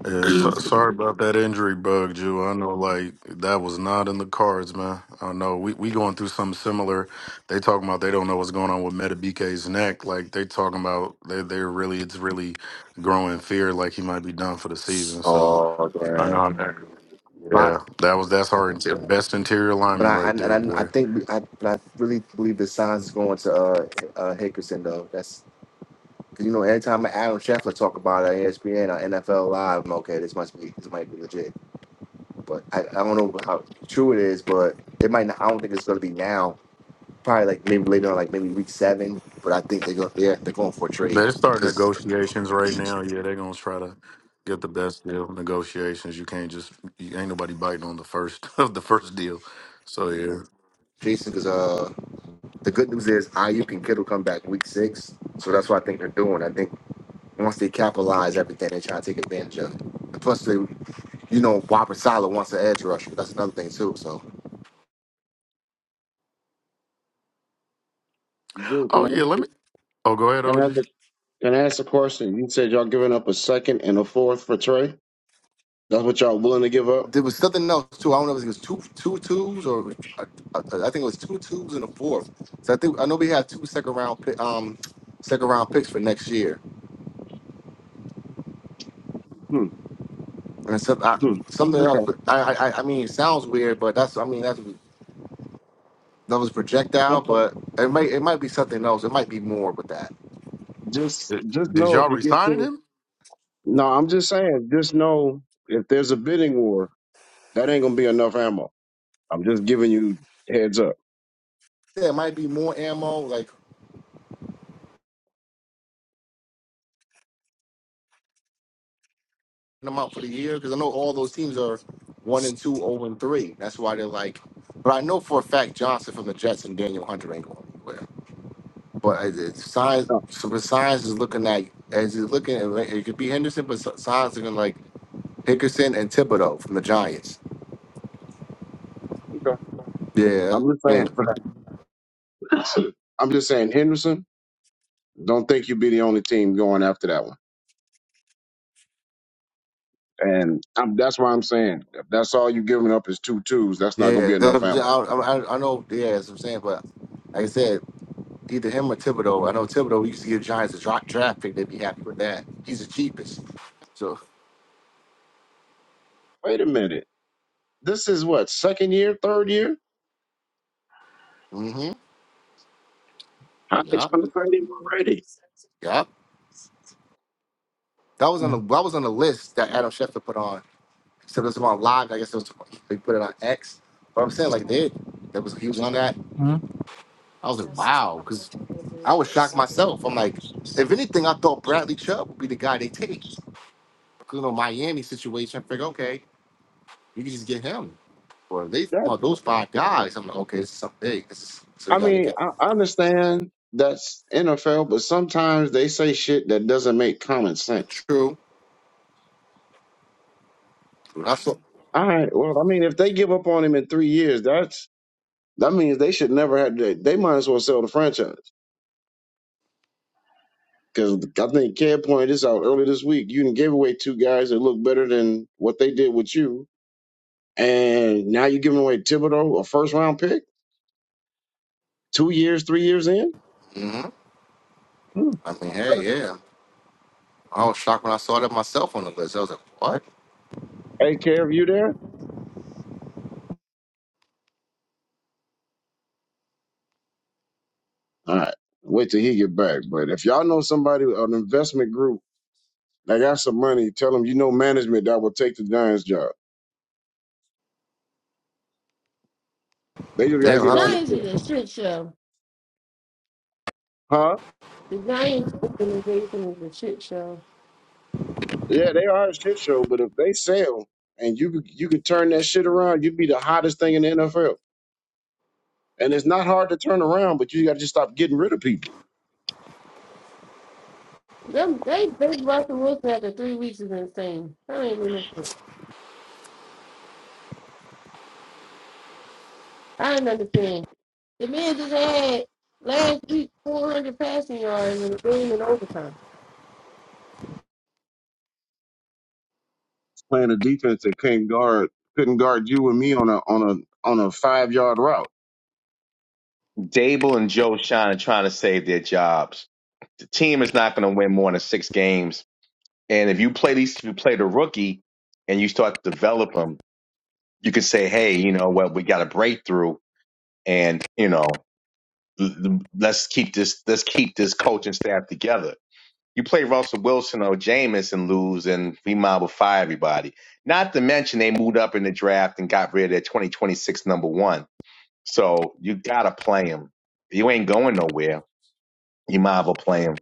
yeah,
[CLEARS THROAT]
so, sorry about that injury bug, Jew. I know, like, that was not in the cards, man. I know. We we going through something similar. They talking about they don't know what's going on with Meta BK's neck. Like, they talking about they, they're really, it's really growing fear like he might be done for the season. So,
Oh
I know how that.
man.
Yeah, that was, that's our inter- best interior
But
lineman
I
right
and,
there,
and I, I
boy.
think we- I but I really believe the signs is going to uh, uh Hickerson though. That's because you know every time Adam Scheffler talk about it on ESPN or NFL Live, I'm like, okay. This must be this might be legit. But I, I don't know how true it is, but it might not. I don't think it's going to be now. Probably like maybe later on, like maybe week seven. But I think they're going they're, they're going for a trade
They're starting
because
negotiations right now. Yeah, they're gonna try to get the best deal. Negotiations. You can't just. You, ain't nobody biting on the first [LAUGHS] of the first deal. So yeah.
Jason because uh the good news is IU can Kittle come back week six, so that's what I think they're doing. I think once they capitalize everything they try to take advantage of. it. And plus, they, you know, Robert Sala wants an edge rusher. That's another thing too. So
Dude, can
Oh
I,
yeah. Let me. Oh, go ahead,
can I ask
OG.
a Can I ask a question? You said y'all giving up a second and a fourth for Trey. That's what y'all willing to give up?
there was something else too. I don't know if it was two two twos or I, I think it was two twos and a fourth. So I think I know we have two second round pick, um second round picks for next year.
Hmm.
And some, I,
Hmm.
something else.
Okay.
But I, I I mean, it sounds weird, but that's I mean that's that was projectile,
Okay.
but it might it might be something else. It might be more with that.
Just
Did,
just
did
know if
y'all
you get
resigning
to
him?
No, I'm just saying, just know if there's a bidding war, that ain't gonna be enough ammo. I'm just giving you heads up.
Yeah, it might be more ammo. Like amount for the year? Because I know all those teams are one and two, zero and three. That's why they're like. But I know for a fact Johnson from the Jets and Daniel Hunter ain't going anywhere. But it- it's signs,
No,
so the signs is looking like as he's looking, At, it could be Henderson, but si- signs are going like Hickerson and Thibodeau from the Giants.
okay.
Yeah,
I'm just saying.
and-
[LAUGHS] I'm just saying, Henderson, don't think you be the only team going after that one. And I'm, that's why I'm saying if that's all you giving up is two twos, that's not gonna be
yeah.
enough
those- I,
ammo.
I, I know. Yeah, that's what I'm saying. But like I said, either him or Thibodeau. I know Thibodeau. We used to give Giants a dra- draft pick. They'd be happy with that. He's the cheapest. So,
Wait a minute. This is what, second year, third year?
mm-hmm.
How they
Yeah.
trying to find him already?
Yep. That was on the
Mm,
that was on the list that Adam Schefter put on. Except it was on live. I guess it was they put it on X. But I'm saying like they that was he was on that.
mm.
I was like, wow, because I was shocked myself. I'm like, if anything, I thought Bradley Chubb would be the guy they take. 'Cause, You know, Miami situation. I figured, okay, you can just get him. Or if they
That
want those five guys. I'm like, okay, this is something big. This is so you
I
gotta look
mean,
at.
I I understand that's NFL, but sometimes they say shit that doesn't make common sense.
True. When I saw.
All right, well, I mean, if they give up on him in three years, that's that means they should never have. They, they might as well sell the franchise because I think Cam pointed this out earlier this week. You done gave away two guys that look better than what they did with you, and now you're giving away Thibodeau, a first round pick, two years, three years in.
hmm
Hmm.
I mean, hey, yeah. I was shocked when I saw that myself on the list. I was like, what?
Hey, care of you there? All right. Wait till he get back. But if y'all know somebody, an investment group that got some money, tell them you know management that will take the Giants job. They just got to
Yeah. When
get
I,
on with
Giants is
it.
a shit show.
Huh?
The Giants organization is a shit show.
Yeah, they are a shit show, but if they sell and you you can turn that shit around, you'd be the hottest thing in the NFL. And it's not hard to turn around, but you got to just stop getting rid of people.
Them, they think Russell Wilson after three weeks is insane. I don't even know. I don't understand. The man just had last week 400 passing yards in the game in overtime.
Playing a defense that can't guard, couldn't guard you and me on a on a on a five yard route.
Dable and Joe Shine are trying to save their jobs. The team is not going to win more than six games. And if you play these, if you play the rookie and you start to develop them, you can say, hey, you know what, we got a breakthrough, and you know, l- l- let's keep this, let's keep this coaching staff together you play Russell Wilson or Jameis and lose, and Fremont will fire everybody. Not to mention they moved up in the draft and got rid of their 2026 number one. So you gotta play him. You ain't going nowhere. You might as well play him.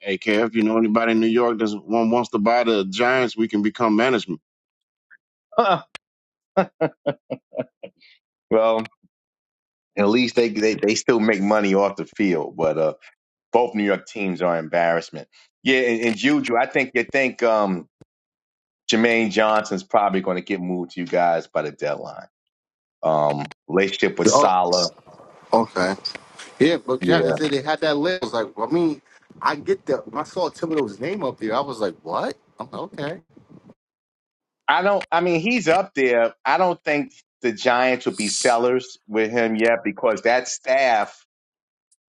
Hey, Kev, you know anybody in New York that wants to buy the Giants? We can become management.
Huh. Well, at least they, they they still make money off the field. But uh, both New York teams are an embarrassment. Yeah, and, and Juju, I think you think um, Jermaine Johnson's probably going to get moved to you guys by the deadline. Um, relationship with
oh,
Salah.
okay. Yeah, but
Yeah.
Jackson said they had that list. I was like, I mean, I get that. When I saw Thibodeau's name up there, I was like, what? I'm like, okay.
I don't. I mean, he's up there. I don't think the Giants would be sellers with him yet because that staff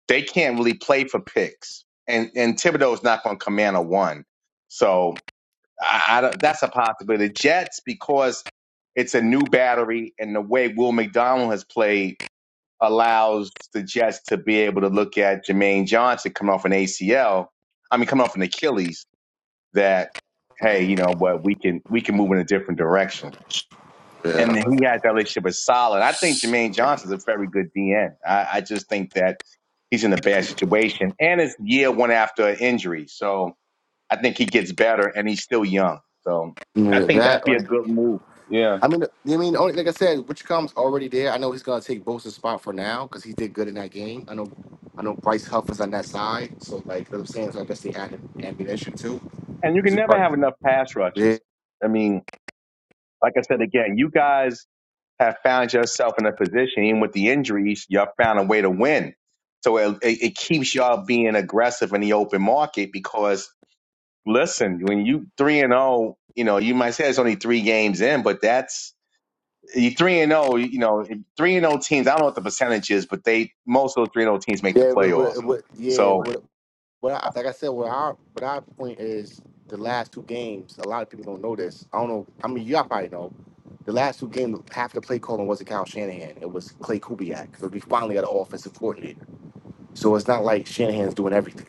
they can't really play for picks, and and Thibodeau's not going to command a one. So I, I don't, that's a possibility. The Jets because it's a new battery, and the way Will McDonald has played allows the Jets to be able to look at Jermaine Johnson coming off an ACL. I mean, coming off an Achilles. That hey, you know what? We can we can move in a different direction and
Yeah.
he had that relationship with Solid. I think Jermaine Johnson's a very good DN. I, I just think that he's in a bad situation, and it's year one after an injury, so I think he gets better, and he's still young. So I
Yeah,
think that'd
that.
be a
one.
good move. Yeah,
I mean, I mean, only like I said, Rich Com's already there. I know he's gonna take Bosa's spot for now because he did good in that game. I know, I know Bryce Huff is on that side, so like what I'm saying, so I guess they added ammunition too.
and you
Is
can
it
never
part-
have enough pass
Yeah,
rushes. I mean, like I said again, you guys have found yourself in a position, even with the injuries, y'all found a way to win. So it, it keeps y'all being aggressive in the open market because listen, when you three and zero, you know, you might say it's only three games in, but that's you three and zero. You know, three and zero teams. I don't know what the percentage is, but they most of those three and zero teams make the
yeah, but, but,
playoffs.
but-
So
yeah. But I, like I said, what our what our point is the last two games. A lot of people don't know this. I don't know. I mean, y'all probably know. The last two games, half the play calling wasn't Kyle Shanahan. It was Clay Kubiak because we finally got an offensive coordinator. So it's not like Shanahan's doing everything.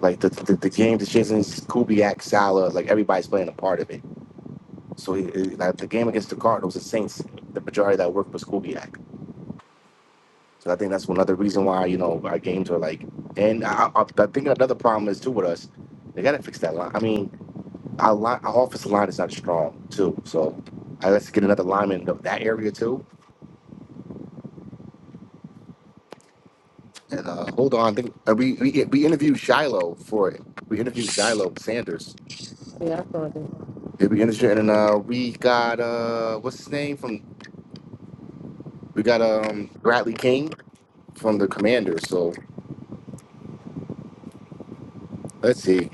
Like the the, the game, the Shanahan's Kubiak, Salah, like everybody's playing a part of it. So he- like the game against the Cardinals, the Saints, the majority of that work was Kubiak. So I think that's another reason why you know our games are like. And I, I, I think another problem is too with us. They gotta fix that line. I mean, Our, line, our offensive line is not strong too, so I let's get another lineman of that area too. And uh, hold on, I think uh, we, we we interviewed Shiloh for it. We interviewed Shiloh Sanders.
Yeah, I saw that.
Yeah, we interviewed, and uh, we got uh, what's his name from? We got um Bradley King from the Commanders. So let's see.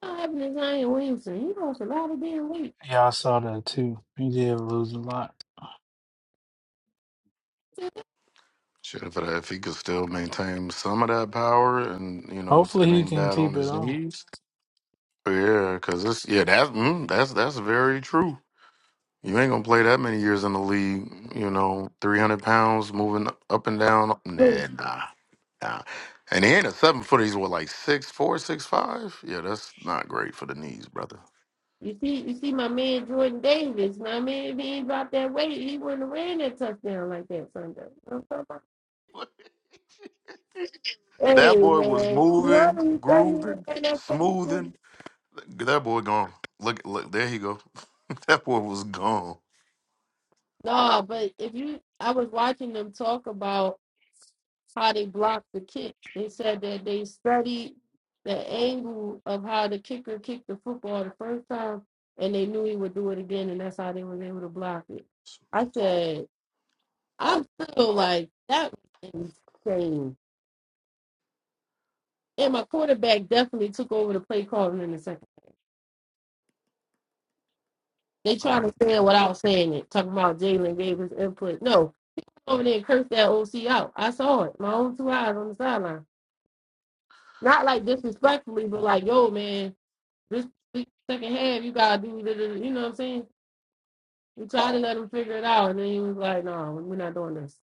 What happened to Zion Williamson? He lost a lot of damn weight.
Yeah, I saw that too. He did lose a lot.
Shit, if, it, if he could still maintain some of that power, and you know, it's,
Hopefully
it
he
ain't
can
bad on
keep it
his
on.
knees. Yeah, cause it's yeah that's mm, that's that's very true. You ain't gonna play that many years in the league, you know. Three hundred pounds moving up and down. Nah,
Who?
nah, nah. And he ain't a seven footer. He's what like six four, six five. Yeah, that's not great for the knees, brother.
You see, you see, my man Jordan Davis. My man, if he ain't dropped that weight, he wouldn't have ran that touchdown like that Sunday. You know what I'm talking about? Hey
That boy was
man, you heard
moving,
what he
grooving,
that fast?
smoothing. That boy gone. Look, look. There he go. [LAUGHS] that boy was gone.
No, but if you, I was watching them talk about how they blocked the kick. They said that they studied the angle of how the kicker kicked the football the first time, and they knew he would do it again, and that's how they were able to block it. I said, I'm still like that was insane. And my quarterback definitely took over the play calling in the second. They
All
trying
right.
to say it without saying it, talking about Jalen gave his input. No, over there and cursed that OC out. I saw it, my own two eyes on the sideline. Not like disrespectfully, but like, yo, man, this second half, you gotta do, the, da- you know what I'm saying? We tried to let him figure it out, and then he was like, no, we're not doing this.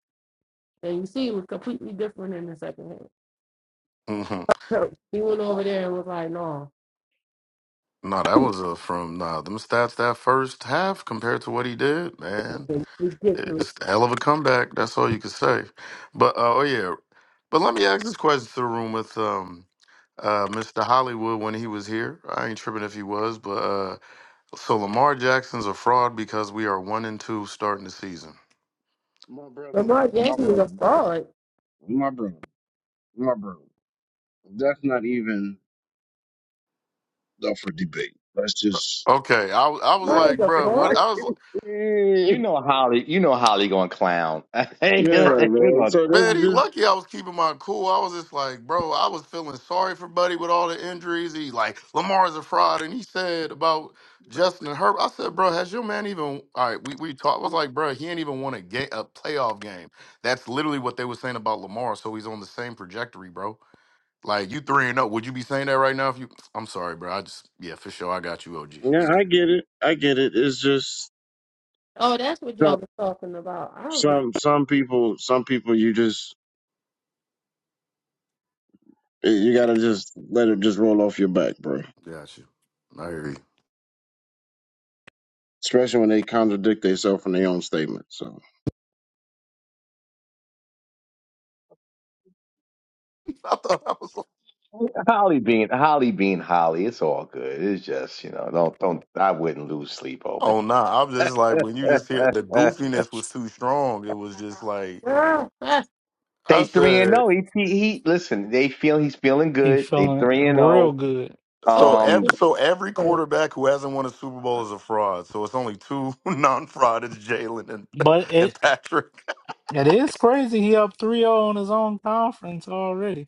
And you see, it was completely different in the second half.
[LAUGHS]
So he went over there and was like, no,
No, that was uh, from nah, them stats that first half compared to what he did, man.
ridiculous.
It's a hell of a comeback. That's all you could say. But uh, oh yeah, but let me ask this question to the room with um, uh, Mr. Hollywood when he was here. I ain't tripping if he was, but uh, so Lamar Jackson's a fraud because we are one and two starting the season.
My brother,
Lamar
my
Jackson was
brother,
a fraud.
my brother, my brother. That's not even up for debate. That's just
Okay, I was- I was
Why is
like,
a
bro, what
fraud?
I was.
[LAUGHS] yeah,
you know Holly, you know Holly going clown. [LAUGHS]
man. So that's
Man, he
just
lucky I was keeping my cool. I was just like, bro, I was feeling sorry for Buddy with all the injuries. He like Lamar's a fraud, and he said about Justin and Herbert. I said, bro, has your man even? All right, we we talked. I was like, bro, he ain't even won a game, a playoff game. That's literally what they were saying about Lamar. So he's on the same trajectory, bro. Like you three and up. Would you be saying that right now? If you, I'm sorry, bro. I just yeah, for sure, I got you, OG.
yeah.
It's good.
I get it. I get it. It's just
Oh, that's what y'all
some
was talking about. I was like,
some some people. Some people you just you gotta just let it just roll off your back, bro.
Got you. I hear you.
Especially when they contradict themselves in their own statement. So
[LAUGHS] I thought I was.
You know, Holly being Holly being Holly. It's all good. It's just you know, don't don't. I wouldn't lose sleep over. it.
Oh nah, I'm just like when you just hear the
[LAUGHS]
goofiness was too strong. It was just like
ah, ah,
they
I
three and
said.
zero. He, he he. Listen, they feel he's feeling
He
good. They
feeling
three and
real
zero.
good.
oh,
So
this
every so every
is-
quarterback who hasn't won a Super Bowl is a fraud. So it's only two [LAUGHS] non-fraud. It's Jalen and
But it
and Patrick. [LAUGHS]
it is crazy. He up three zero on his own conference already.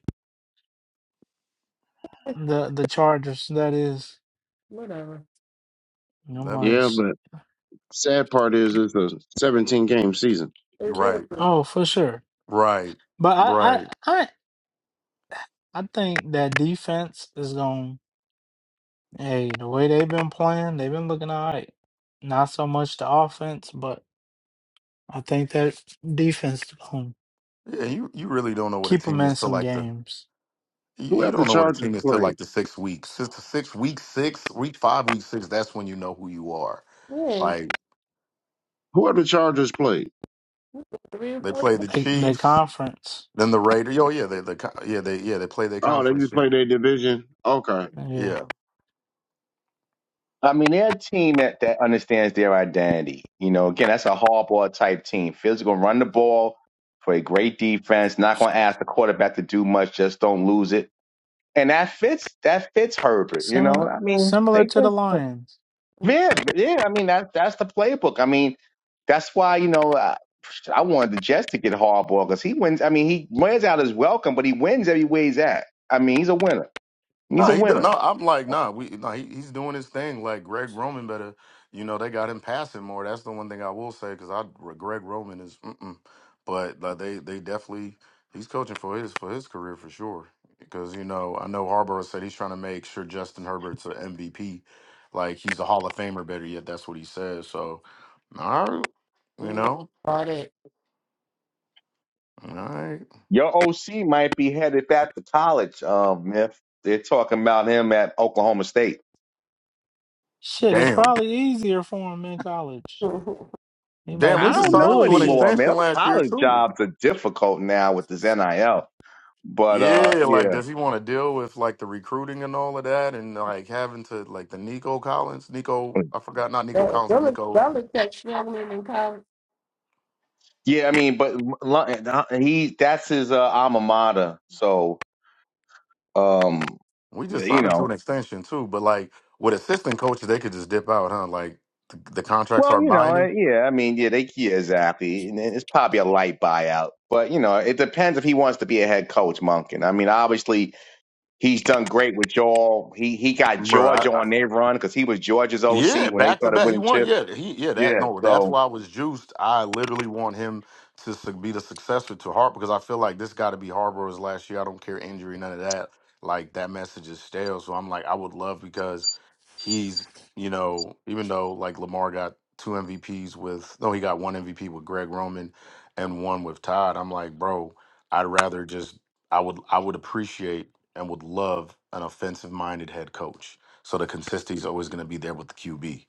The the Chargers, that is.
whatever.
And I'm
That
like,
man,
yeah,
sh-
but sad part is it's a 17 game season.
right,
Exactly.
oh, for sure.
right,
But I I
right.
I, I think that defense is going. Hey, the way they've been playing, they've been looking all right. Not so much the offense, but I think that defense is going
Yeah, you you really don't know what a
keep them
team
in
is till
some
like the
games.
you,
Who
you
have the
don't know what a
Chargers
team is till
played?
like the six weeks.
So
It's the six week six week five week six. That's when you know who you are.
Yeah,
Like
Who have the Chargers played?
three or
they
four.
play the
they they
Chiefs.
conference,
Then the Raiders. Oh yeah, they the co- yeah they yeah they play their
Oh, they
conference.
just
Yeah,
play their division. Okay,
yeah,
yeah.
I mean, they're a team that, that understands their identity. You know, again, that's a hardball type team. Physical, run the ball for a great defense. Not going to ask the quarterback to do much. Just don't lose it. And that fits. That fits Herbert. You know,
similar
I mean,
similar
they
to the
just
Lions.
yeah, yeah. I mean, that that's the playbook. I mean, that's why you know I, I wanted the Jets to get hardball because he wins. I mean, he wears out his welcome, but he wins every way he's at. I mean, he's a winner.
No,
He's a
he do,
winner.
no. I'm like nah. We no. He, he's doing his thing. Like Greg Roman better. You know they got him passing more. That's the one thing I will say because I Greg Roman is. Mm-mm. But like they they definitely he's coaching for his for his career for sure. Because you know I know Harbaugh said he's trying to make sure Justin Herbert's an MVP. Like he's a Hall of Famer. Better yet, that's what he says. So, all right. You
Mm-mm.
know,
All that.
all right.
Your OC might be headed back to college, um, if they're talking about him at Oklahoma State.
Shit, it's
Damn.
probably easier for him in college.
[LAUGHS]
He like,
Damn,
I
we
this
just
don't
some
signed him
know
to an
bullshit.
anymore, man.
extension last year
College
too.
jobs are difficult now with this NIL. But uh,
Yeah, like
yeah,
does he want to deal with like the recruiting and all of that and like having to like the Nico Collins, Nico, I forgot not Nico Collins, but
Bel-
Nico.
Belichick struggling in college.
yeah. I mean, but Lu- he that's his uh, alma mater. So um,
We just
you
signed him to an
know,
extension too, but like with assistant coaches, they could just dip out, huh? Like the, the contracts
well,
are
you know,
binding.
eh, yeah. I mean, yeah, they yeah, exactly. And It's probably a light buyout, but you know, it depends if he wants to be a head coach, Monk. And I mean, obviously, He's done great with y'all. He he got
bro.
Georgia on their run because he was Georgia's OC
Yeah,
when they
back to
started
back. He
winning
won.
chips.
Yeah, he yeah. That
Yeah,
no, that's
so
why I was juiced. I literally want him to su- be the successor to Harper because I feel like this got to be Harper's last year. I don't care injury, none of that. Like that message is stale. So I'm like, I would love because he's you know even though like Lamar got two MVPs with no, he got one MVP with Greg Roman and one with Todd. I'm like, bro, I'd rather just I would I would appreciate and would love an offensive minded head coach so the consistency is always going to be there with the QB.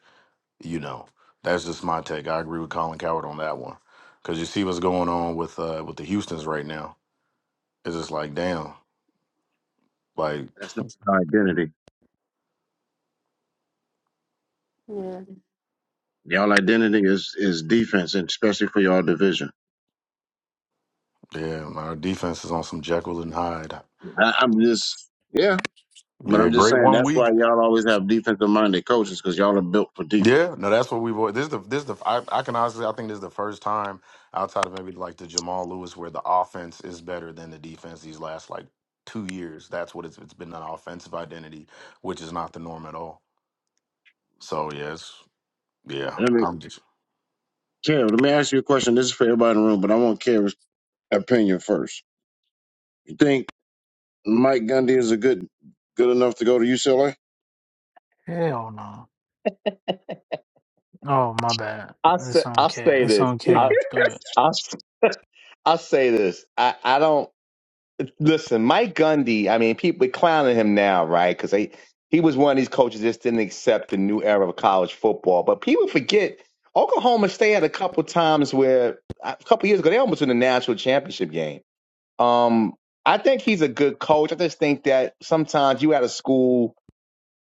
You know, that's just my take. I agree with Colin Coward on that one because you see what's going on with uh, with the Houston's right now. It's just like damn, like
that's not your identity.
Yeah.
Y'all identity is is defense, and especially for y'all division.
yeah, our defense is on some Jekyll and Hyde.
I, I'm just yeah, but
Yeah,
I'm just
great
saying
one
that's
week.
why y'all always have defensive minded coaches because y'all are built for defense.
Yeah, no, that's what we've. al- This is the this is the. I, I can honestly, I think this is the first time outside of maybe like the Jamal Lewis where the offense is better than the defense these last like two years. That's what it's it's been an offensive identity, which is not the norm at all. So yes. Yeah,
Let me,
I'm just.
Kev, let me ask you a question. This is for everybody in the room, but I want Kev's opinion first. You think Mike Gundy is a good good enough to go to UCLA?
Hell no. Oh my bad.
I say
It's on
I
Kev.
say
It's
this.
on
I
[LAUGHS]
Kev. Go ahead.
I I say this. I I don't listen. Mike Gundy. I mean, people are clowning him now, right? Because they he was one of these coaches that just didn't accept the new era of college football. But people forget Oklahoma State had a couple times where a couple years ago they almost won the national championship game. Um, I think he's a good coach. I just think that sometimes you out a school.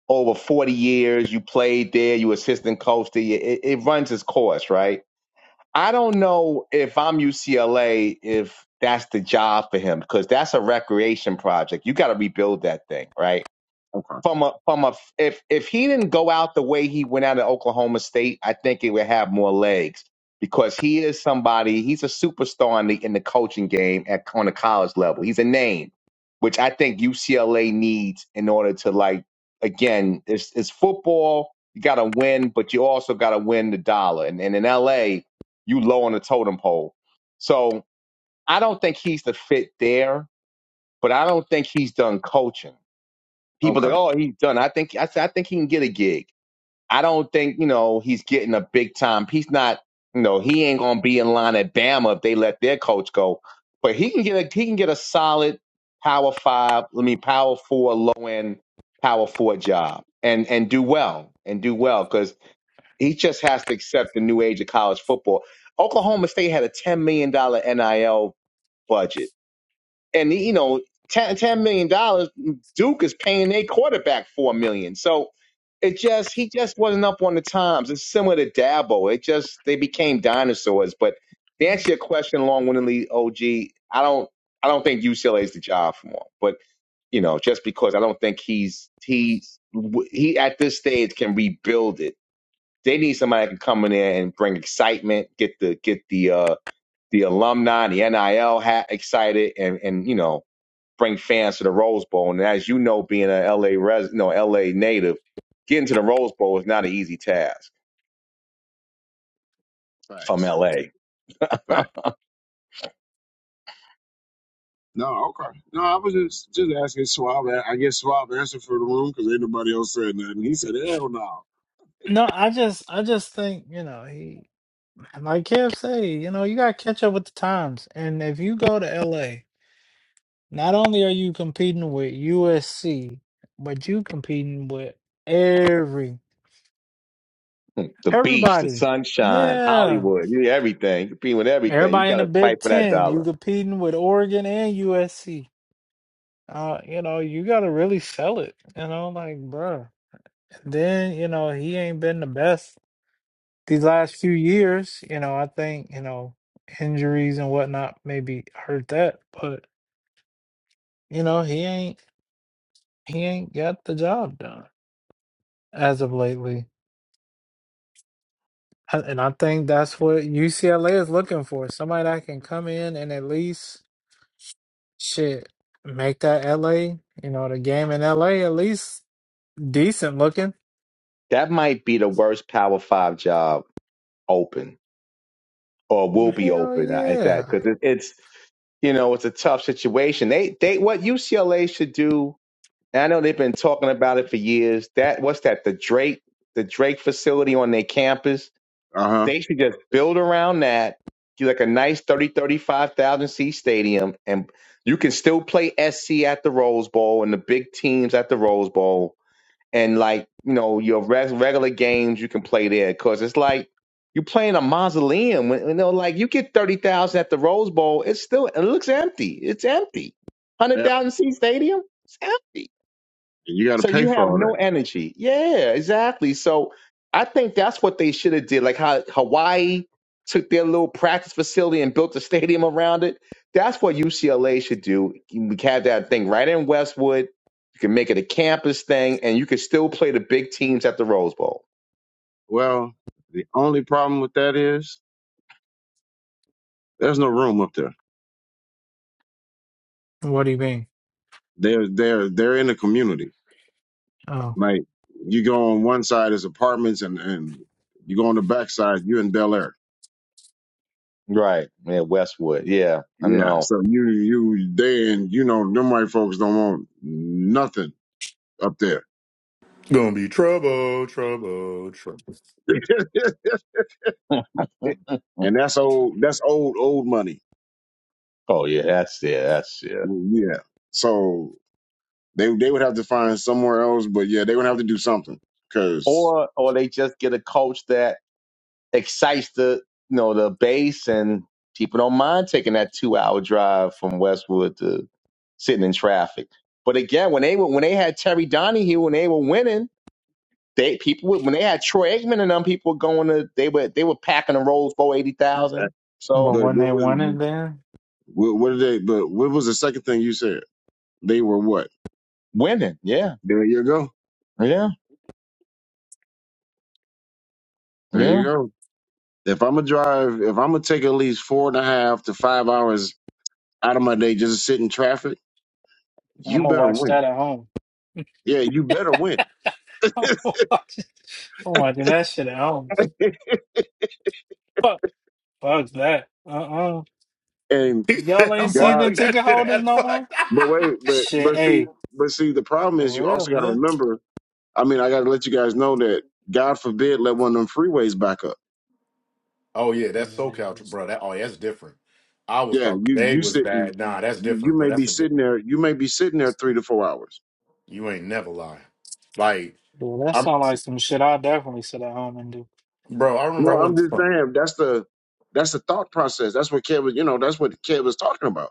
over 40 years. You played there, you assistant coach there. It, it runs its course, right? I don't know if I'm UCLA, if that's the job for him, because that's a recreation project. You got to rebuild that thing, right?
okay,
from a from a if if he didn't go out the way he went out at Oklahoma State, I think it would have more legs because he is somebody. He's a superstar in the in the coaching game at on the college level. He's a name, which I think UCLA needs in order to like again. It's it's football. You got to win, but you also got to win the dollar. And, and in LA, you low on the totem pole. So I don't think he's the fit there, but I don't think he's done coaching people
okay,
that oh he's done. I think I, said, I think he can get a gig. I don't think you know he's getting a big time. He's not you know he ain't gonna be in line at Bama if they let their coach go. But he can get a he can get a solid power five. I mean power four, low end power four job and and do well and do well because he just has to accept the new age of college football. Oklahoma State had a ten million dollar NIL budget and you know, ten, ten ten million dollars, Duke is paying their quarterback four million. So it just he just wasn't up on the times. It's similar to Dabo. It just they became dinosaurs. But to answer your question long windedly, OG, I don't I don't think UCLA is the job for him. But you know, just because I don't think he's he's he at this stage can rebuild it. They need somebody that can come in there and bring excitement, get the get the uh the alumni, the NIL hat excited, and and you know bring fans to the Rose Bowl. And as you know, being an L a LA res, no LA native, getting to the Rose Bowl is not an easy task from
facts,
LA.
facts. No, okay. No, I was just just asking Swab. I guess Swab answered for the room because ain't nobody else said nothing. He said, "Hell no."
No, I just I just think, you know, he like Kev say, you know, you gotta catch up with the times. And if you go to LA, not only are you competing with USC, but you competing with every
The beach, the
everybody.
sunshine,
Yeah.
Hollywood, you- everything. You be with everything. You
Everybody in
got
the
to fight
Big
for that
Ten,
dollar.
you competing with Oregon and USC. Uh, you know, you gotta really sell it, you know, like bruh. And then, you know, he ain't been the best these last few years. You know, I think, you know, injuries and whatnot maybe hurt that, but you know, he ain't he ain't got the job done as of lately. I- And I think that's what UCLA is looking for. Somebody that can come in and at least shit, make that LA, you know, the game in LA at least decent looking.
That might be the worst Power Five job open, or will be
Hell
open at that,
yeah.
because it, it's you know it's a tough situation. They they what UCLA should do. And I know they've been talking about it for years. That what's that? The Drake the Drake facility on their campus
Uh huh.
They should just build around that, do like a nice 30 35,000 seat stadium, and you can still play SC at the Rose Bowl and the big teams at the Rose Bowl. And like, you know, your res- regular games you can play there because it's like you're playing a mausoleum. You know, like you get 30,000 at the Rose Bowl, it's still, it looks empty. It's empty.
Yep.
100,000 seat stadium, it's empty.
And you got to
So
pay
you
for
have
all that.
no energy. Yeah, exactly. So I think that's what they should have did. Like how Hawaii took their little practice facility and built a stadium around it. That's what UCLA should do. We have that thing right in Westwood. You can make it a campus thing, and you can still play the big teams at the Rose Bowl.
Well, the only problem with that is there's no room up there.
What do you mean?
They're they're they're in the community.
Oh,
Like you go on one side is apartments, and and you go on the back side, you in Bel Air.
Right. Yeah, Westwood. Yeah, I
Yeah.
know.
So you you they and you know them white folks don't want nothing up there.
Gonna be trouble, trouble, trouble. [LAUGHS]
[LAUGHS]
[LAUGHS]
and that's old that's old old money
Oh yeah, that's it. That's it.
yeah so they they would have to find somewhere else but yeah they would have to do something because
Or or they just get a coach that excites the you know the base and people don't mind taking that two hour drive from Westwood to sitting in traffic. But again, when they were when they had Terry Donahue when they were winning, they people would, when they had Troy Aikman and them people were going to they were they were packing the rolls for eighty thousand.
but
So
but
when they
what was
won it, then
what, what did they but what was the second thing you said they were what
winning, yeah,
there you go
yeah,
there you
yeah.
go if i'm gonna drive if i'm gonna take at least four and a half to five hours out of my day just to sit in traffic
I'm
you
gonna
better
watch
win
that at home.
yeah you better win
[LAUGHS] I'm watching I'm watching that shit at home.
[LAUGHS]
Fuck, fuck that. Uh uh
and
He
Y'all
said,
ain't
I'm
god
season
watching that
ticket
shit
holders
out of
no
fuck.
more?
[LAUGHS]
but wait but but
Shit,
see
hey,
but see the problem is
for
you
real,
also got to
man.
remember I mean, I got to let you guys know that God forbid let one of them freeways back up.
oh, yeah,
Hey,
that's SoCal, tr- bro. That, oh, yeah, that's different. I was
Yeah,
thought the
you
day
you
was
sitting,
bad. Nah, that's
you, you
different, bro.
may be
That's a, di-
sitting there, you may be sitting there three to four hours.
you ain't never lie. Like,
Dude, that
I'm,
sound like some shit I definitely sit at home and do.
bro, I
You
remember I
know, I'm
went
just saying that's the that's the thought process. That's what Kev was, you know, that's what Kev was talking about.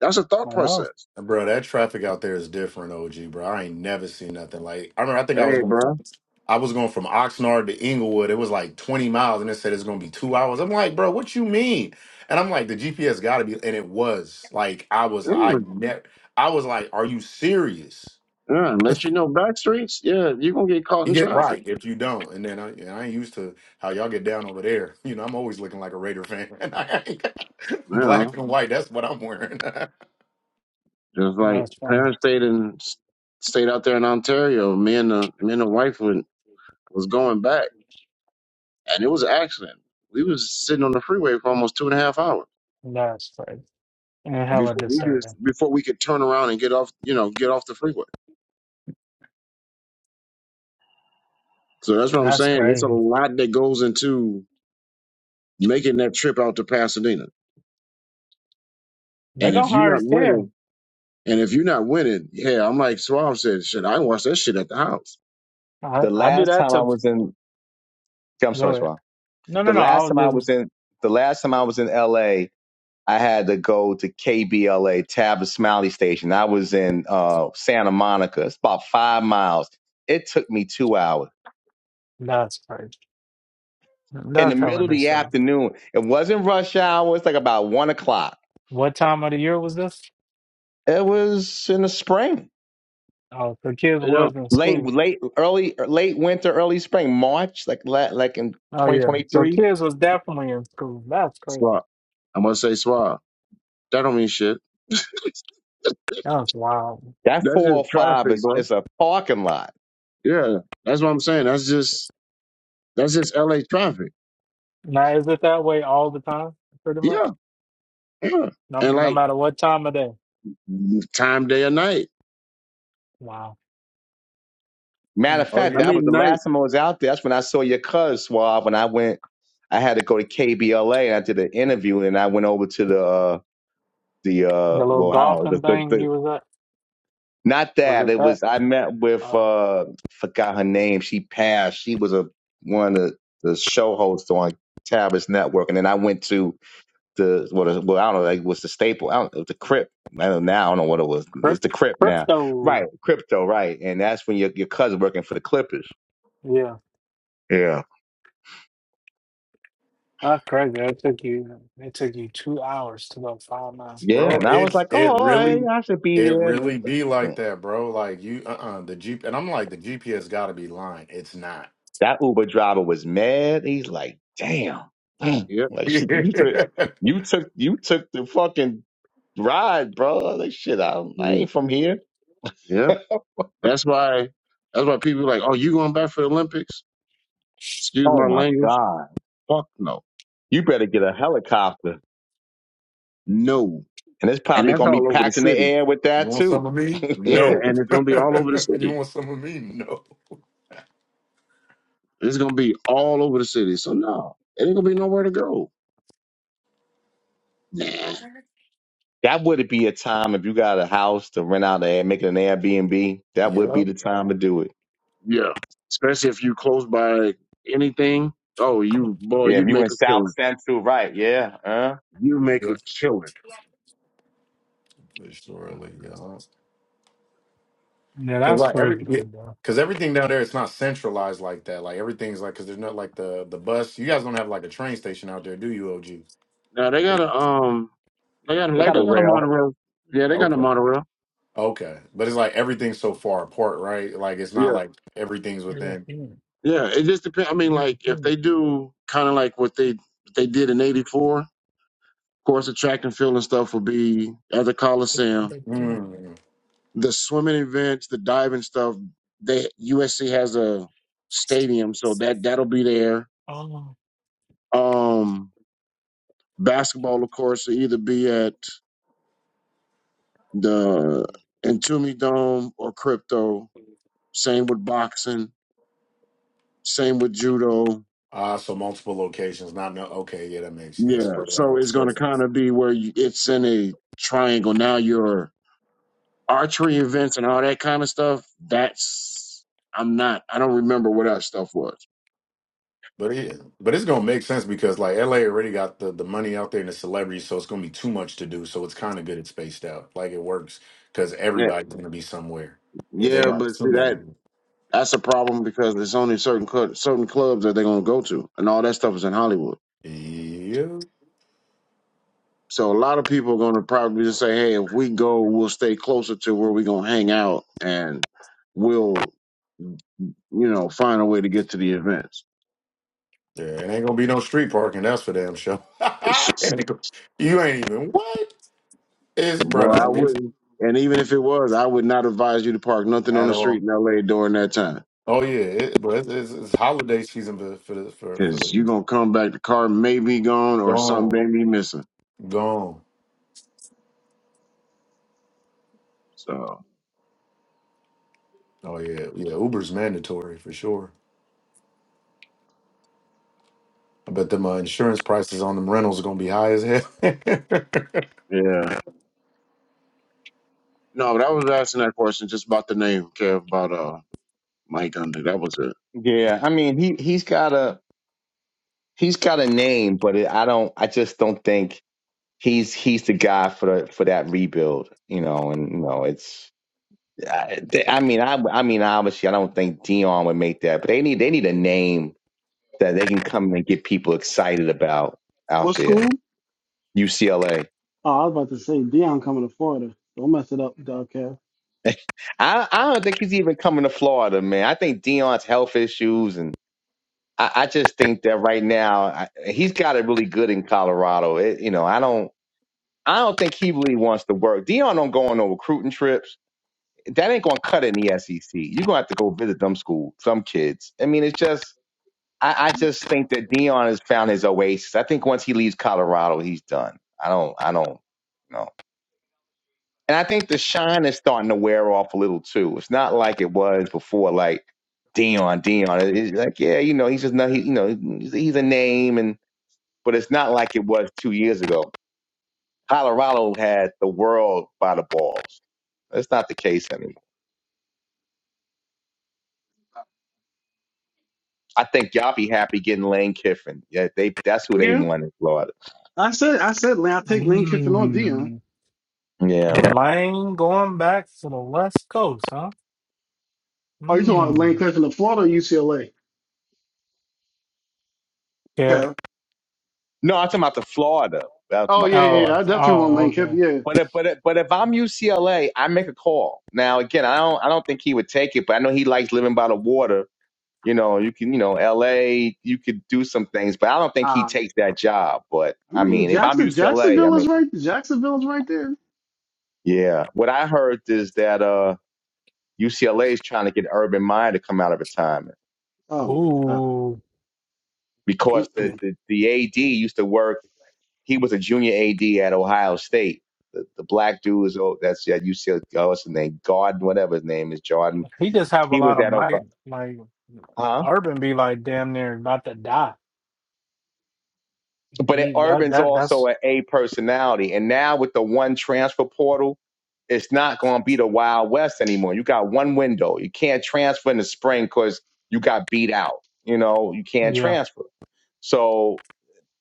That's a thought
I know.
process.
Bro, that traffic out there is different, OG, bro. I ain't never seen nothing like. I remember, I think I was
Hey,
going from,
bro.
I was going from Oxnard to Inglewood. It was like 20 miles, and it said it's going to be two hours. I'm like, bro, what you mean? And I'm like, the GPS got to be, and it was like, I was, I
Mm,
never, I was like, are you serious?
yeah,
[LAUGHS]
unless you know back streets, yeah, you're gonna get caught
You
in
get
traffic.
right if you don't, and then I, and I ain't used to how y'all get down over there. [LAUGHS] You know, I'm always looking like a Raider fan, [LAUGHS] and I ain't,
You
black
know,
and white. That's what I'm wearing.
just like
That's fun.
parents stayed in stayed out there in Ontario. Me and the me and the wife went, was going back. and it was an accident. We was sitting on the freeway for almost two and a half hours
That's crazy. And hella
before we just
disturbing.
before we could turn around and get off, you know, get off the freeway. So that's what I'm
That's
saying. It's a
crazy.
lot that goes into making that trip out to Pasadena.
They
And if
gonna
you're
hire
not
care.
winning, and if you're not winning, yeah, I'm like Swab said, shit, I can watch that shit at the house.
I,
The
I do
last
that
time I
to
was in, I'm
do
sorry,
it.
Swab.
No,
The
no, no. I
last
was
time I
just,
was in, the last time I was in L.A. I had to go to KBLA Tabitha Smiley Station. I was in uh, Santa Monica. It's about five miles. It took me two hours
that's crazy.
in the
That's how
middle of
it is,
the
sir.
afternoon. It wasn't rush hour. It's like about one o'clock.
What time of the year was this?
It was in the spring,
Oh, so kids
You know,
was in
late,
school.
late, early, late winter, early spring, March, like la- like in
Oh yeah, so
2023.
kids was definitely in school. That's crazy.
Swab. i must say Swab. That don't mean shit.
That's wild.
That
That's just
405
traffic,
is
bro.
is a parking lot.
Yeah, that's what I'm saying. That's just that's just LA traffic.
Now is it that way all the time, pretty much?
Yeah, yeah.
No,
And
no
like
matter what time of day.
time, day, or night.
Wow,
Matter of
that's
[LAUGHS]
fact,
I
crazy.
that was
mean,
the
night.
last time I was out there. That's when I saw your cuz Suave. When I went, I had to go to KBLA and I did an interview, and I went over to the uh, the
The
uh,
little
well, I don't know,
golfing
the, the,
thing
the
you was at,
not
was
that
it
it
that?
was. I met with
Uh,
uh, forgot her name. She passed. She was a one of the, the show hosts on Tabas Network, and then I went to the what? Well, the- well, I don't know. Like, it was the staple? I don't, it was the Crip. I don't now. I don't know what it was. It's
crypt,
the Crip now, right?
crypto.
Crypto, right? And that's when your your cousin working for the Clippers.
Yeah,
Yeah.
that's crazy. That took you. It took you two hours to go five miles.
Yeah,
Bro,
and I was
it's
like,
it
oh, all right,
really
yeah, I should be
it
there. And
really
it's like,
be like
mm.
that, bro. Like you uh-uh the Jeep and I'm like the GPS gotta be lying. It's not.
that Uber driver was mad. He's like, damn, mm.
Yep.
[LAUGHS]
like
you
shit, you took, you took, you took the fucking ride, bro. Like shit, I, I ain't from here. [LAUGHS]
Yeah. That's why. That's why people like, oh, you going back for the Olympics? Excuse
Oh
my
my
language.
god,
Fuck no.
you better get a helicopter,
No.
and it's
And
probably
that's
gonna be
all over the
packed in the
city.
air with that
want
too.
some of
[LAUGHS]
me?
Yeah,
that
No.
and it's
[LAUGHS]
gonna be all over the
you
city.
want some of me? No.
It's gonna be all over the city. So no, it ain't gonna be nowhere to go. Nah.
would be a time if you got a house to rent out, and make it an Airbnb. That would
Yeah.
be the time to do it.
Yeah. Especially if you close by anything. Oh,
Come
you boy,
Yeah, if
you'd
you in
make a
South
killing.
Central, right? Yeah, uh,
You make a
Yeah.
killing.
For
on.
Surely, yeah.
Yeah,
Cause
that's
like every
crazy,
yeah,
bro.
cause everything down there it's not centralized like that. Like everything's like cause there's not like the the bus. You guys don't have like a train station out there, do you, OG?
Now they got a um, they got a,
they
like
got a
they got a
rail.
monorail. Yeah, they got a
Okay.
monorail.
Okay. But it's like everything's so far apart, right? Like it's
Yeah.
not like everything's within
Yeah.
Yeah, it just depends. I mean,
Little
like if
finger.
they do kind of like what they what they did in '84, of course, the track and field and stuff will be at the
Yeah,
Coliseum.
little finger.
Mm.
The swimming events, the diving stuff, they USC has a stadium, so that that'll be there.
Oh,
Um, basketball, of course, will either be at the Entombed Dome or Crypto. Same with boxing. Same with judo.
Ah, so multiple locations. Not no. Okay, yeah, that makes yeah.
Yeah,
Spread it
so
out.
it's going
Spread
to
it out.
kind of be where you, it's in a triangle. Now you're archery events and all that kind of stuff, that's I'm not. I don't remember what that stuff was.
But yeah, but it's gonna make sense because like LA already got the the money out there and the celebrities, so it's gonna be too much to do. So it's kind of good it's spaced out. Like it works because
Yeah,
everybody's gonna be somewhere. If they
yeah,
got
but
too
see
many,
that that's a problem because there's only certain cl- certain clubs that they're gonna go to, and all that stuff is in Hollywood.
yeah,
So a lot of people are gonna probably just say, "Hey, if we go, we'll stay closer to where we're gonna hang out, and we'll you know find a way to get to the events."
there ain't gonna be no street parking. That's for damn sure. [LAUGHS] And it go- you ain't even what is
And boy, I
bruh it's
wouldn't. And even if it was, I would not advise you to park nothing on
at
the
all.
street in L.A. during that time
Oh yeah, it, but it's, it's, it's holiday season for for the, for for
Cause you
the
gonna come back, the car may be gone or
gone.
something may be missing.
Gone.
So
Oh yeah, yeah. Uber's mandatory for sure. I bet them uh, insurance prices on them rentals are gonna be high as hell. [LAUGHS]
yeah. No, but I was asking that question just about the name, Kev, about uh Mike Under. That was it.
Yeah, I mean he he's got a he's got a name, but it, I don't I just don't think he's he's the guy for the, for that rebuild, you know. And you know it's I, they- I mean I I mean obviously I don't think Dion would make that, but they need they need a name that they can come and get people excited about out
What
there.
school?
UCLA.
Oh, I was about to say Dion coming to Florida. Don't mess it up, dog. Cal.
I I don't think he's even coming to Florida, man. I think Dion's health issues and. I I just think that right now I, he's got it really good in Colorado. It, you know, I don't. I don't think he really wants to work. Dion don't go on no recruiting trips. That ain't gonna cut it in the SEC. You're gonna have to go visit them school, some kids. I mean, it's just I, I just think that Dion has found his oasis. I think once he leaves Colorado, he's done. I don't I don't know. And I think the shine is starting to wear off a little too. It's not like it was before, like Dion, Dion. It- It's like, yeah, you know, he's just not he, you know, he's he's a name and but it's not like it was two years ago. Colorado had the world by the balls. That's not the case anymore. I think y'all be happy getting Lane Kiffin. Yeah, they that's who they
Yeah.
want in Florida.
I said I said Lane- I take Lane Kiffin or Dion.
mm.
Yeah.
Lane going back to the West Coast, huh?
Oh, you talking about
Hmm.
Lane Kiffin of Florida or UCLA?
If
Kev.
No, I'm talking about the Florida. I'm talking
Oh
about the
yeah, yeah,
Florida.
yeah.
oh
I definitely want
oh
Lane Kiffin.
okay.
Yeah.
But if, but if, but if I'm UCLA, I make a call. Now again, I don't I don't think he would take it, but I know he likes living by the water. You know, you can you know LA, you could do some things, but I don't think he
Um,
takes that job. But
I
I
mean
mean, if I'm
Jackson,
UCLA, I
Jacksonville is
make it.
right. Jacksonville is right there.
yeah. What I heard is that uh UCLA is trying to get Urban Meyer to come out of retirement
Oh my God.
Ooh,
because the, the, the AD used to work. He was a junior AD at Ohio State. The, the black dude is oh, that's at UCLA. Oh, what's his name? Garden, whatever his name is, Jordan.
he just have a
He was
lot of
at
might.
Oklahoma.
Like
Huh?
Urban be like damn near about to die.
But
He that
Urban's
that
also
that's
an A personality, and now with the one transfer portal, it's not going to be the Wild West anymore. You got one window. You can't transfer in the spring because you got beat out. You know, you can't
yeah.
transfer. So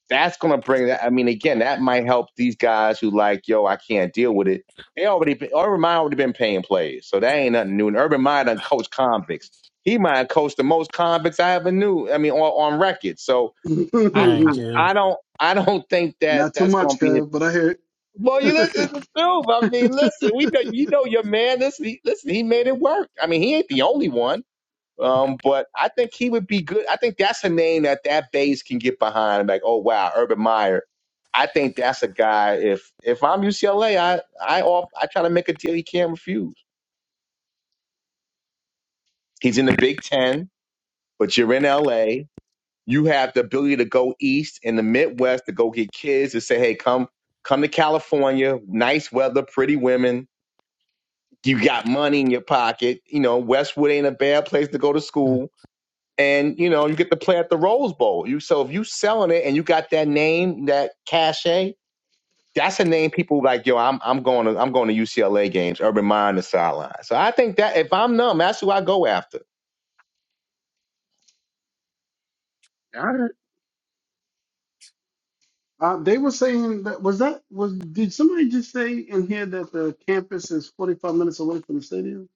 that's gonna bring that. I mean, again, that might help these guys who like, yo, I can't deal with it. They already, Urban Meyer already been paying plays, so that ain't nothing new. And Urban Meyer done coached convicts. He might have coached the most convicts I ever knew. I mean, on, on record. So I,
Dang,
I,
Mm-mm.
Kev.
I don't, I don't think
[LAUGHS]
that
Not too
that's gonna
much,
be. Him.
Kev, but I hear it.
Well, you listen to the truth. I mean, listen, we know you know your man. Listen, he, listen, he made it work. I mean, he ain't the only one. Um, but I think he would be good. I think that's a name that that base can get behind. Like, oh wow, Urban Meyer. I think that's a guy. If if I'm UCLA, I I off, I try to make a deal he can't refuse. He's in the Big Ten, but you're in LA. You have the ability to go east in the Midwest to go get kids to say, hey, come come to California. Nice weather, pretty women. You got money in your pocket. You know, Westwood ain't a bad place to go to school and you know you get to play at the Rose Bowl. You so if you selling it and you got that name, that cachet, that's a name people like. Yo, I'm I'm going to I'm going to UCLA games. Urban Mind the sideline. So I think that if I'm numb, that's who I go after.
All right.
Uh, they were saying that was that was did somebody just say in here that the campus is 45 minutes away from the stadium?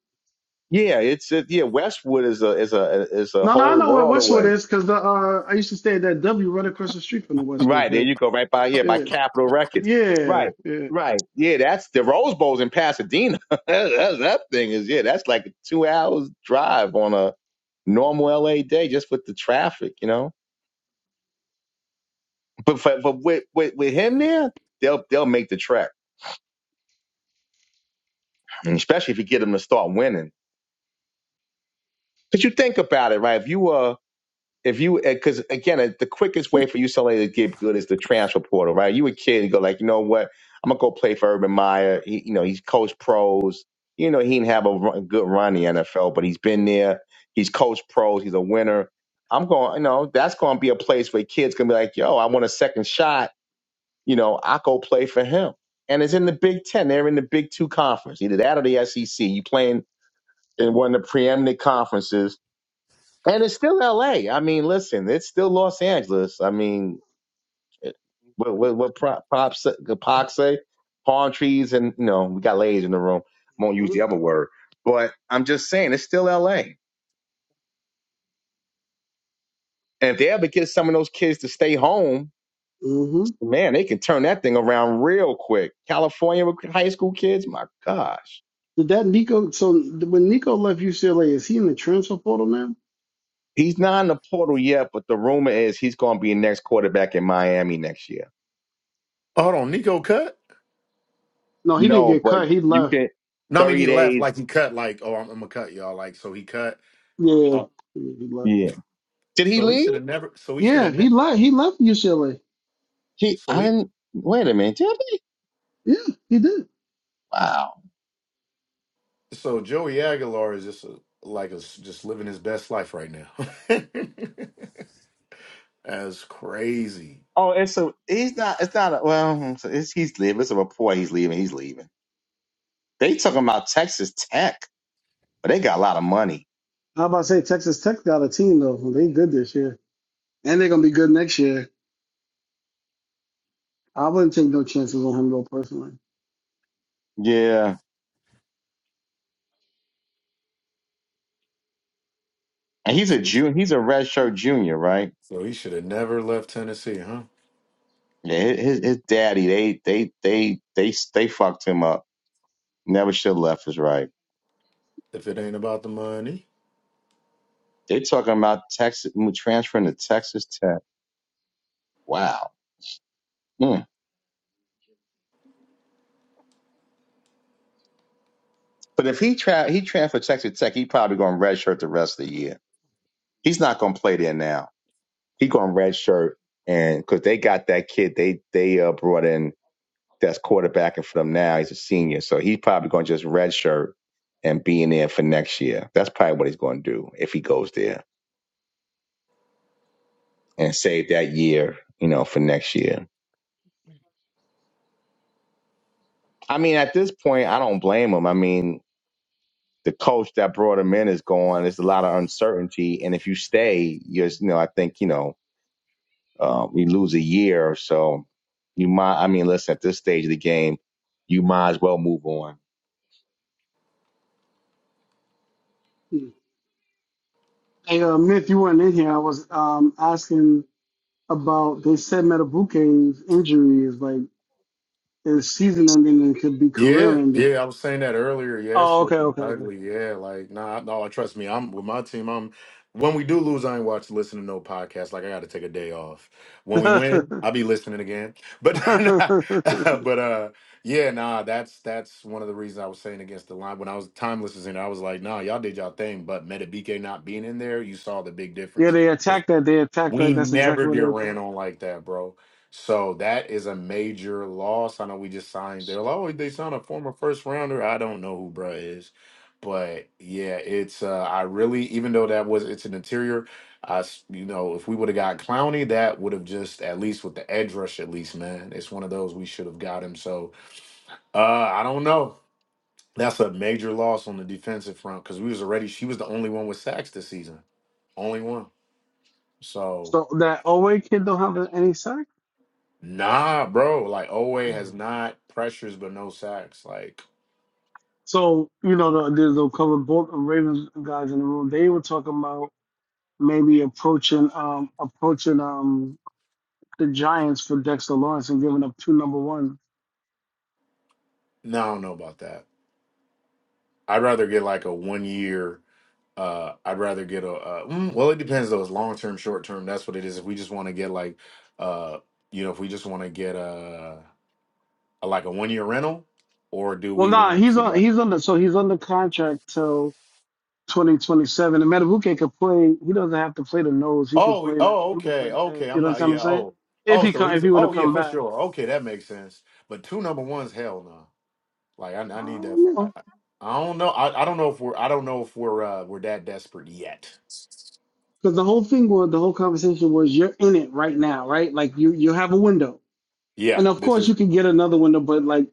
Yeah, it's a, yeah. Westwood is a is a is a
No, no, I
whole
know where
world
Westwood
away.
is because the uh, I used to stay at that W right across the street from the Westwood,
Right there,
but
you go right by yeah by
yeah,
Capitol Records.
yeah,
Right,
yeah.
right. Yeah, that's the Rose Bowl's in Pasadena. [LAUGHS] that's, that's- that thing is yeah. That's like a two hours drive on a normal LA day just with the traffic. You know. But for, but with, with with him there, they'll they'll make the track, and especially if you get them to start winning. Because you think about it, right? If you uh if you because again, uh, the quickest way for UCLA to get good is the transfer portal, right? You a kid, and go like, you know what? I'm gonna go play for Urban Meyer. He, you know, he's coached pros. You know, he didn't have a run, good run in the NFL, but he's been there. He's coached pros. He's a winner. I'm going, you know, that's going to be a place where kids can be like, yo, I want a second shot you know, I go play for him. And it's in the Big Ten. They're in the Big Two conference, either that or the SEC. You playing in one of the preeminent conferences, and it's still LA. I mean, listen, it's still Los Angeles. I mean, eh, what what, what pro- props Pac say? Palm trees, and you know, we got ladies in the room. I won't use the other word, but I'm just saying it's still LA. And if they ever get some of those kids to stay home,
Mm-hmm.
man, they can turn that thing around real quick. California with high school kids, my gosh
Did that Nico? So when Nico left UCLA, is he in the transfer portal now?
He's not in the portal yet, but the rumor is he's going to be next quarterback in Miami next year.
Hold on, Nico cut?
No, he didn't
No,
get
but
cut. He
you
left.
can
No, I mean
thirty
he left
days.
like he cut. Like oh, I'm, I'm gonna cut y'all. Like so he cut.
Yeah, yeah,
Oh,
yeah, he left.
Yeah. Did he
so he should
leave?
have never. So he should
Yeah,
have
he
never.
left. He left UCLA.
He
So
I
he.
didn't, wait a minute. Did he?
Yeah, he did.
Wow.
So Joey Aguilar is just a, like a, s- just living his best life right now. [LAUGHS] That's crazy.
Oh, it's a he's not. It's not. A, well, it's, he's leaving. It's a report. He's leaving. He's leaving. They talking about Texas Tech, but they got a lot of money.
How about to say Texas Tech got a team though? They good this year, and they're gonna be good next year. I wouldn't take no chances on him though personally.
Yeah, and he's a
So
junior. He's a redshirt junior, right?
so he should have never left Tennessee, huh?
Yeah, his his daddy. They they they they they fucked him up. Never should have left. Is right.
If it ain't about the money.
They talking about Texas transferring to Texas Tech. Wow. Mm. But if he tra- he transferred to Texas Tech, he probably going to redshirt the rest of the year. He's not going to play there now. He going to redshirt, and because they got that kid they they uh, brought in that's quarterbacking for them now. He's a senior, so he's probably going to just redshirt and be in there for next year. That's probably what he's going to do if he goes there and save that year, you know, for next year. I mean, at this point, I don't blame him. I mean, the coach that brought him in is gone. There's a lot of uncertainty, and if you stay, you're you know I think you know um, you lose a year, or so you might. I mean, listen, at this stage of the game, you might as well move on.
Hmm. Hey, uh, Myth, you weren't in here. I was um asking about. They said Metabuke's injury is like is season ending and could be career
Yeah,
ending.
yeah, I was saying that earlier. Yeah, it's
Oh, okay,
looking
okay,
ugly. Yeah, like nah, no, trust me. I'm with my team. I'm when we do lose, I ain't watch listen to no podcast. Like I got to take a day off. When we
okay. [LAUGHS]
win, I'll be listening again. But
[LAUGHS]
[LAUGHS] but uh, yeah, nah, that's that's one of the reasons I was saying against the line when I was timeless was in there. I was like, nah, y'all did y'all thing, but Meta not being in there, you saw the big
yeah,
difference.
they attacked that. They attacked right.
We
That's
never
exactly what
get
they
ran
attacked.
on like that, bro. So that is a major loss. I know we just signed. They're like, oh, they signed a former first rounder. I don't know who bruh is, but yeah, it's. Uh, I really, even though that was, it's an interior. I, s- you know, if we would have got Clowney, that would have just at least with the edge rush, at least, man, it's one of those we should have got him. So uh, I don't know. That's a major loss on the defensive front because we was already. She was the only one with sacks this season. Only one. So.
So that Owe kid don't have any sack.
Nah, bro. Like Owe has
Mm.
not pressures but no sacks. Like,
So you know the the, the cover both of Ravens guys in the room. They were talking about maybe approaching um approaching um the Giants for Dexter Lawrence and giving up two number ones.
no, I don't know about that. I'd rather get like a one year. Uh, I'd rather get a. Uh, mm, well, it depends though. It's long term, short term. That's what it is. If we just want to get like, uh, you know, if we just want to get a, a like a one year rental, or do
Well,
we
nah,
want
he's
to
on
like?
he's on the so he's under contract till 2027. And Matabuke could play. He doesn't have to play the nose. He could
Oh,
play
we-
the.
oh,
He could play
okay,
the. edge.
okay.
You
I'm
know what
not.
I'm
Yeah.
saying?
Oh,
If
oh.
he
So
come, if
he's.
he were to
Oh, yeah,
come
for
back,
sure. Okay, that makes sense. But two number ones, hell no. Like I,
I
I need that.
don't
I,
know.
I I don't know. I, I don't know if we're. I don't know if we're uh, we're that desperate yet.
Because the whole thing was the whole conversation was you're in it right now, right? Like you you have a window,
Yeah,
and of
this
course
is.
you can get another window, but like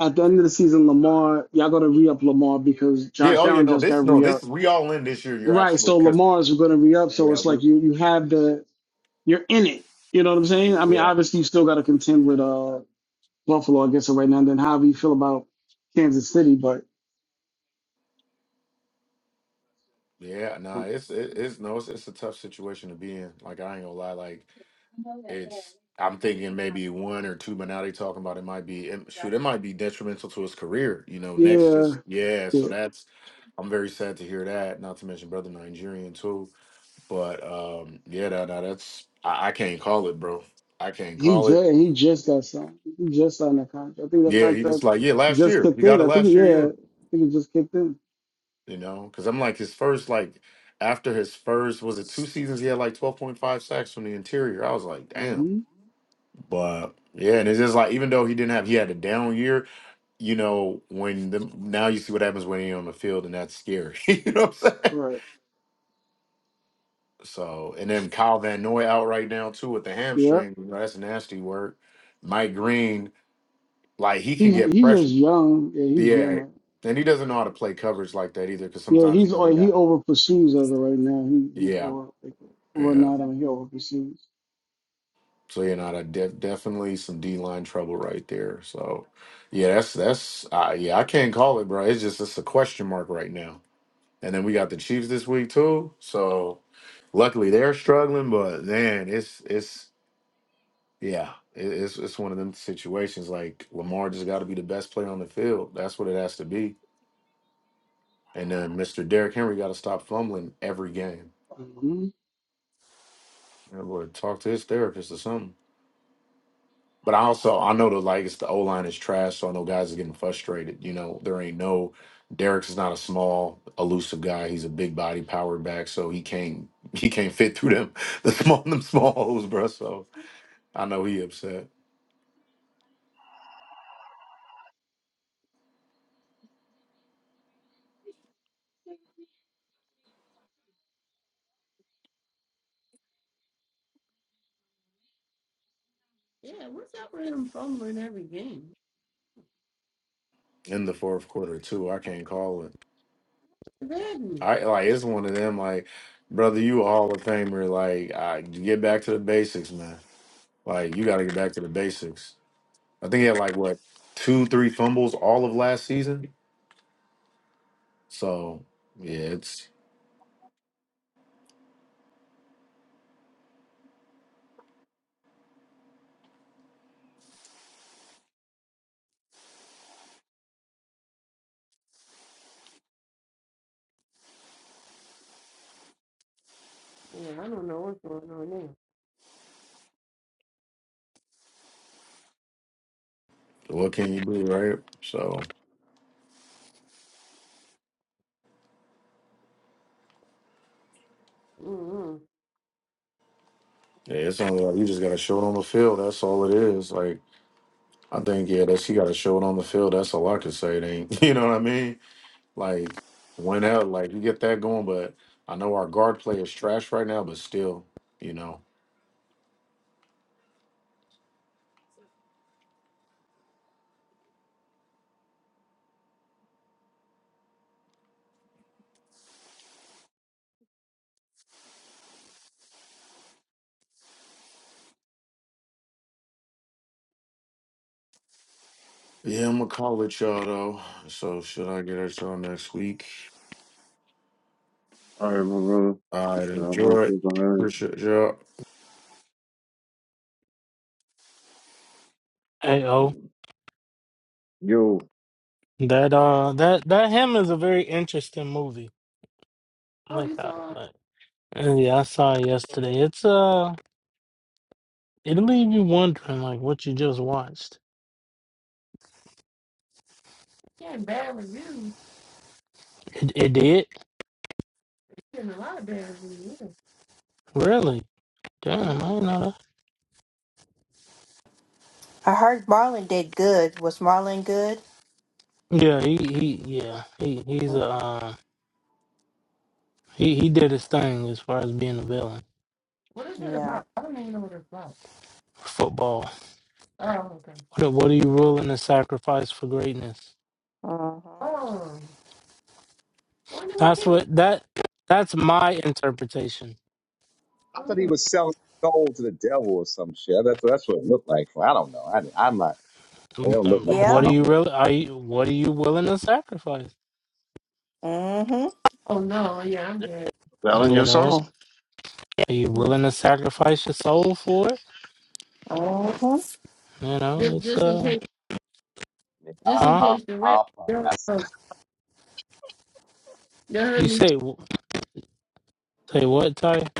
at the end of the season, Lamar, y'all got to re up Lamar because
Yeah.
Josh
Oh yeah.
Allen
No.
just
This.
got
No.
re
This.
up.
We all in this year. You're
Right,
absolute.
so
Because
Lamar's gonna re up, so
yeah.
it's
We.
like you you have the you're in it. You know what I'm saying? I mean,
Yeah.
obviously you still gotta contend with uh Buffalo, I guess, right now. And then however you feel about Kansas City, but
Yeah. Nah.
um,
It's. It, it's no. It's, it's a tough situation to be in. Like I ain't gonna lie. Like it's. I'm thinking maybe one or two But now they talking about it might be it- shoot. It might be detrimental to his career. You know. Next.
yeah,
Just yeah. So
yeah,
that's. I'm very sad to hear that. Not to mention brother Nigerian too. But um, yeah, that no, that's I, I can't call it, bro. I can't
he
call it.
just he just got signed. He just signed that contract. I think that
Yeah, he
contract
just like, yeah, last
just
year. He
kicked
got
in.
it
I think it,
last year, yeah.
yeah, I think it just kicked in.
You know, because I'm like his first, like after his first, was it two seasons? He had like 12.5 sacks from the interior. I was like, damn.
hmm
But yeah, and it's just like even though he didn't have, he had a down year. You know, when the now you see what happens when you're on the field, and that's scary. [LAUGHS] you know what I'm saying?
Right.
So, and then Kyle Van Noy out right now too with the
Yep.
hamstring. You know, that's nasty work. Mike Green. Like he can
He's
get
he's just
pressure.
young. Yeah, he's young.
Yeah.
Right?
And he doesn't know how to play coverage like that either because
Yeah,
sometimes, you
he's
know, they
o- he
got.
over pursues as of right now. He he's
Yeah.
over like, running
Yeah.
out. I mean, he over pursues.
So, you know, that def- definitely some D line trouble right there. So, yeah, that's, that's, uh, yeah, I can't call it, bro. It's just, it's a question mark right now. And then we got the Chiefs this week too. So, luckily they're struggling, but man, it's, it's, yeah, it, it's, it's one of them situations. Like Lamar just got to be the best player on the field. That's what it has to be. And then Mr. Derrick Henry got to stop fumbling every game. Yeah, Lord, talk to his therapist or something. But I also I know the like it's the O line is trash, so I know guys are getting frustrated. You know, there ain't no Derek's not a small, elusive guy. He's a big body power back, so he can't [LAUGHS] he can't fit through them [LAUGHS] the small them small holes, bro. So I know he upset
Yeah, what's up with him fumbling every game?
in the fourth quarter too. I can't call it.
What's happening?
I like it's one of them like, brother, you a Hall of Famer. Like, I, get back to the basics, man. Like, you got to get back to the basics. I think he had like what two, three fumbles all of last season. So yeah, it's
Yeah, I don't know what's going on there.
what can you do, right? So
Mm-hmm.
yeah, it's only like you just gotta show it on the field. That's all it is. Like I think yeah, that's he gotta show it on the field. That's all I can say. It ain't [LAUGHS] you know what I mean? Like when out, like you get that going. But I know our guard play is trash right now, but still, you know. Yeah, I'm gonna call it y'all though. So should I get at y'all next week?
All right, my brother.
All right,
Yeah, I'm gonna
enjoy it.
keep on hearing.
Appreciate y'all.
Hey, oh,
Yo,
that uh, that that him is a very interesting movie. Oh
Oh,
my
you
God,
saw
but yeah, I saw it yesterday. It's uh. It'll leave you wondering, like, what you just watched.
he had bad reviews.
It, it did?
He's getting a lot of bad reviews. yeah.
Really? Damn, I
Mm-hmm.
didn't know
I heard Marlon did good. Was Marlon good?
that. Yeah, he, he yeah, he, he's a,
Mm-hmm.
uh, he, he did his thing as far as being a villain.
What is it
Yeah.
about? I don't even know what it's about.
for Football.
Oh, okay.
What, are- what are you ruling a sacrifice for greatness?
Mm-hmm.
Oh, wonder why
That's
people.
what, that, that's my interpretation.
I
Oh,
thought he was selling his soul to the devil or some shit. That's that's what it looked like. I don't know. I, I'm not. It
Um,
don't look like
um,
Yeah.
What
something.
are you really, are you, what are you willing to sacrifice?
Mm-hmm.
oh no, yeah, I'm dead.
selling
You
your
know,
soul.
are you
Mm.
willing to sacrifice your soul for it?
Mm-hmm.
You know,
Just,
it's,
just in
uh,
case, just in
huh?
case the rapture does come. You heard
You
me?
say, Say what, Ty?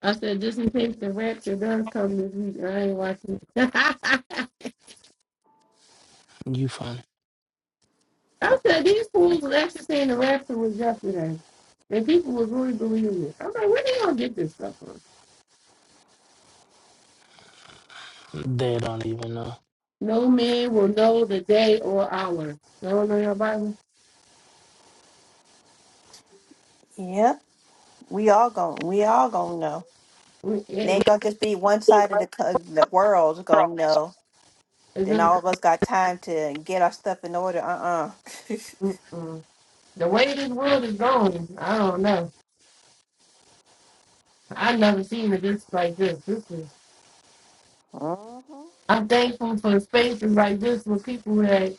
I said, just in case the rapture does come this week, I ain't watching. it. [LAUGHS]
You funny.
I said these fools were actually saying the rapture was yesterday, and people was really believing it. I'm like, where they gonna get this stuff from?
They don't even know.
No man will know the day or hour. You don't know your Bible.
Yep. We all gon' we all gonna know.
We,
It
it, we,
ain't gonna just be one side of the co- the world's gonna know.
it
Then
just,
all of us got time to get our stuff in order. Uh
mm-mm. the way this world is going, I don't know. I've never seen it this like this. This is.
uh-uh. uh [LAUGHS]
I'm thankful for spaces like this with people that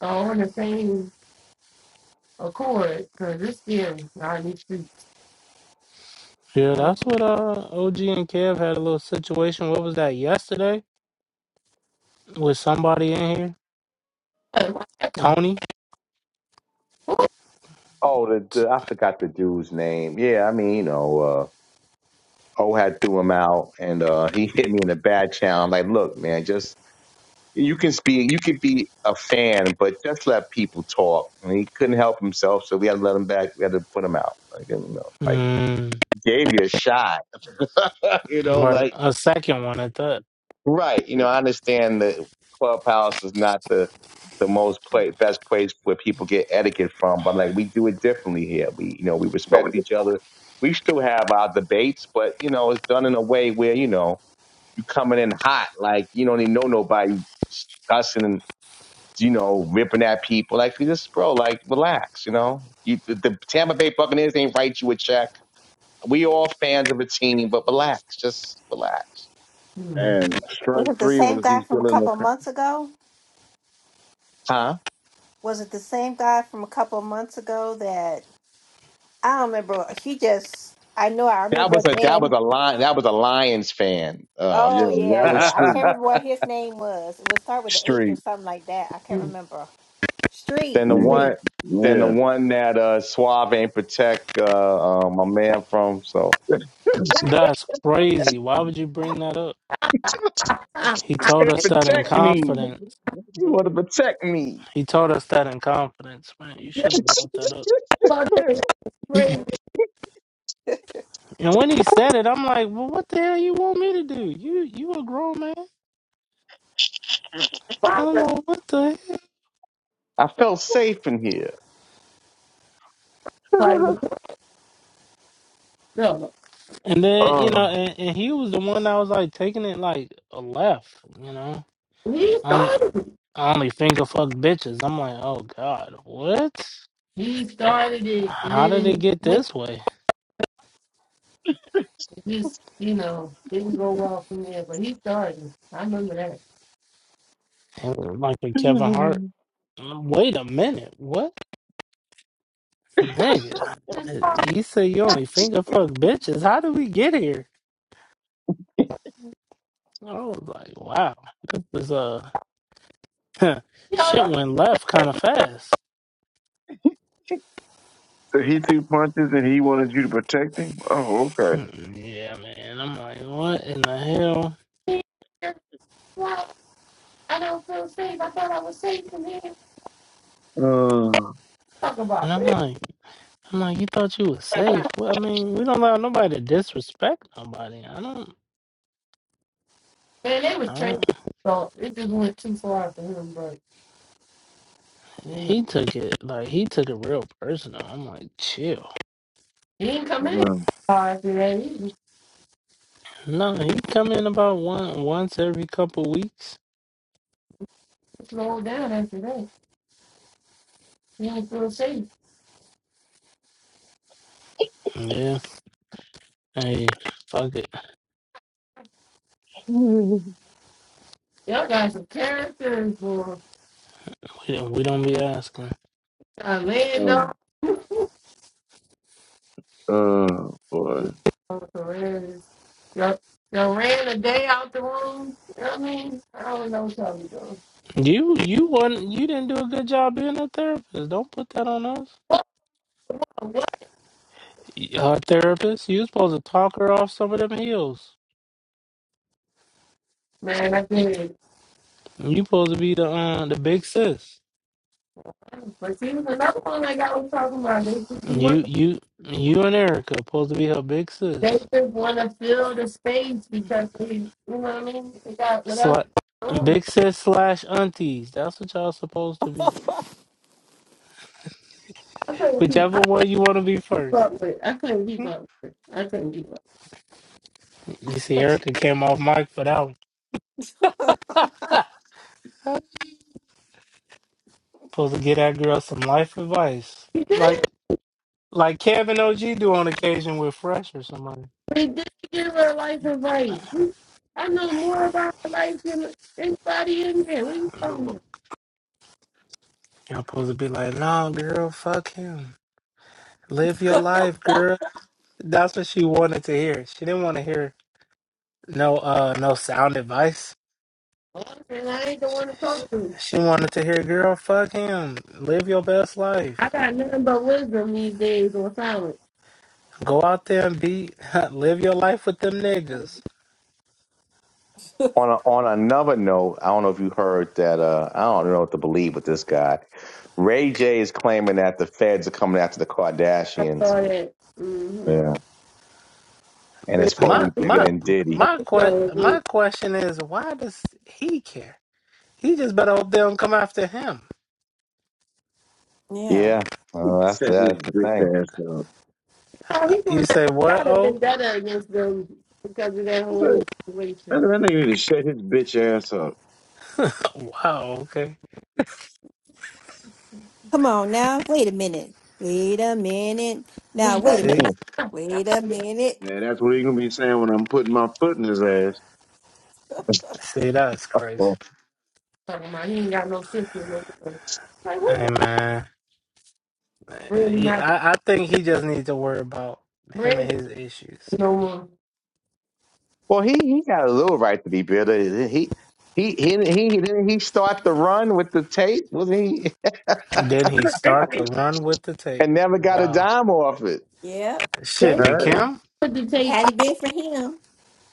are on the same accord, 'cause it's scary out in these streets.
Yeah, that's
Mhm.
what uh OG and Kev had a little situation. What was that yesterday with somebody in here?
uh, What happened?
Tony?
Oh, the, the I forgot the dude's name. Yeah, I mean, you know, uh, O had threw him out, and uh, [LAUGHS] he hit me in the bad channel. I'm like, look, man, just you can speak you can be a fan but just let people talk and he couldn't help himself so we had to let him back we had to put him out like you know like
Mm,
gave you a shot [LAUGHS] you know
right,
like
a second one at that.
right you
Yeah.
know i understand that clubhouse is not the the most play, best place where people get etiquette from but like we do it differently here we you know we
But we-
respect each other we still have our debates but you know it's done in a way where you know you coming in hot like you don't even know nobody cussing and you know, ripping at people. Like, you just, bro, like, relax, you know? You, the, the Tampa Bay Buccaneers ain't write you a check. We all fans of a team, but relax, just relax.
Hmm.
And
Was
strike
it the
three
same
was he
guy from a
still in the?
couple of
co-
months ago?
Huh?
Was it the same guy from a couple of months ago that I don't remember? He just, I know I
That
remember
was
at the
a that was
end.
a lion that was a Lions fan. Uh,
Yeah,
Oh,
[LAUGHS]
yeah,
that was
yeah. I can't
street.
remember
then
what his name was. It would start with an H or
Street.
something like that. I can't
Hmm.
remember. Street,
the
Yeah.
street.
one then the
Yeah.
one that uh Suave ain't protect uh, uh my man from. So
That's crazy. Why would you bring that up? He told
hey,
us that in
protect
[LAUGHS]
me.
confidence.
You want to protect me?
He told us that in confidence, man. You
Yeah,
should have brought that up. [CLEARS THROAT] And when he said it, I'm like, "Well, what the hell you want me to do? You you a grown man."
I
I'm
was
like, "What the hell?"
I felt safe in here.
like, what the?
And then you
Oh.
know, and, and he was the one that was like taking it like a left. You know,
He
I only,
started it.
I only finger fuck bitches. I'm like, oh god, what?
He started it, and
How
then
did
it
it get
went
this way?
it just, you know, didn't go well from there. But he started it. I remember that.
And like a Kevin Hart.
so
Wait a minute, what, nigga?
Just, oh,
You say you only finger fuck bitches. How did we get here? I was like, wow, this is uh, [LAUGHS]
y'all
shit
don't
went left kind of fast.
he threw punches and he wanted you to protect him. Oh,
[LAUGHS] Hmm, yeah, man. I'm like, what in the hell?
be here. Why? I don't feel safe. I thought I was safe in here.
okay.
Talk about
And I'm
it.
like. I'm like, you thought you was safe. Well, I mean, we don't allow nobody to disrespect nobody. I don't.
Man, they was
I
trained.
don't.
So it just went too far for him, but, you know,
He took it like he took it real personal. I'm like, chill.
he didn't come in
Um,
far after that. He just
No, he come in about one once every couple weeks.
slowed down after that. He didn't feel safe.
Yeah. Hey, fuck it.
[LAUGHS]
Y'all got some characters for
We don't, we don't be asking.
Orlando.
um,
[LAUGHS]
oh boy,
Perez. Y'all, y'all ran the day out the room. You know what I mean? I don't know what y'all something though.
You you wasn't you didn't do a good job being a therapist. Don't put that on us.
What?
Our therapist, you supposed to talk her off some of them heels.
Man, I did.
You supposed to be the uh, the big sis.
But see, was another one like I was talking about. They they
You
want
you you and Erica supposed to be her big
they
sis.
just want to fill the space because they, you know what I mean? They got whatever.
Sli-
Oh,
big sis slash aunties. That's what y'all supposed to be.
I couldn't keep. I
Whichever one you want to be first.
up with. I couldn't keep up with. I couldn't keep up.
You see, Erica came off mic for that one. Ha! supposed to get that girl some life advice.
He
Like
did.
like Kevin OG do on occasion with Fresh or somebody.
He did give her life advice. I know more about her life than anybody in here. What are you talking about?
Y'all supposed to be like, no, girl, fuck him. Live
[LAUGHS]
your life, girl. That's what she wanted to hear. She didn't want to hear no uh no sound advice.
And I ain't the one to
She,
talk to.
she wanted to hear, girl, fuck him. Live your best
I
life.
got nothing but wisdom these days on silence.
Go out there and be, [LAUGHS] live your life with them niggas.
on a, on another note, I don't know if you heard that. Uh, I don't know what to believe with this guy. Ray J is claiming that the feds are coming after the
I
Kardashians.
saw that. Mm-hmm.
Yeah, and
So
it's
he
supposed
got
to
a
My
be bigger
picture of
my
than Diddy.
my que-
himself again.
my question is, why does he care? He just better hope they don't come after him.
yeah.
Yeah, uh, that's
shut
the,
his
that's the thing.
bitch ass up.
Oh, he's
You
going to
say what?
got a
Oh,
vendetta against them because of that whole
Shut- That, that
situation.
nigga need to shut his bitch ass up.
[LAUGHS] wow. Okay.
Come on now. Wait a minute. Wait a minute. Now, wait a
[LAUGHS]
minute.
See,
[LAUGHS]
Wait a minute.
Yeah, that's what he gonna be saying when I'm putting my foot in his ass.
see, that's crazy.
Hmm.
Talking about he ain't got no sister. No brother. like, what the
Hey man,
Brandon
Yeah,
not
I I think he just needs to worry about him
Brandon
and his issues.
no more.
well, he he got a little right to be bitter. He. He he he didn't he start the run with the tape, wasn't he?
And then he
[LAUGHS]
start to run with the
[LAUGHS]
tape.
And never got a
Wow.
dime off it.
Yeah.
Shit,
They
did
Hey,
Kim?
put the tape.
Had it been for him,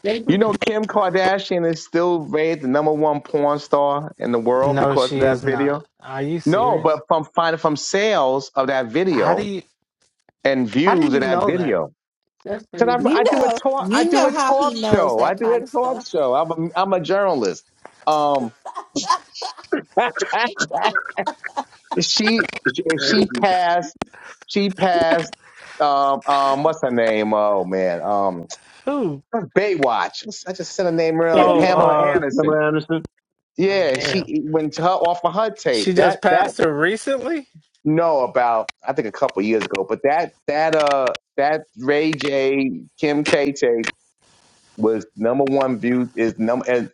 They
You
put the tape.
know, Kim Kardashian is still rated the number one porn star in the world
No,
because
she
of that
is not.
video.
Are you
No,
serious?
but from finding from sales of that
How do
video
you
and
how do
views of
you
that
know that?
video.
That's
Cause
crazy.
I,
you
I do a
know,
talk, I
you
do
know
a
how he
talk
knows
show. I
that
do a
kind of
talk
stuff.
show. I'm a, I'm a journalist. Um, [LAUGHS] she, she passed, she passed, um, um, what's her name? Oh man, um,
Who?
Baywatch. I just said her name earlier.
Oh,
Family,
Pamela
uh
Anderson.
remember Anderson?
oh,
Yeah,
damn.
she when her off of her
She
tape.
just
That that
passed her recently?
No, about I think a couple years ago. But that that uh that Ray J Kim K tape was number one viewed is number and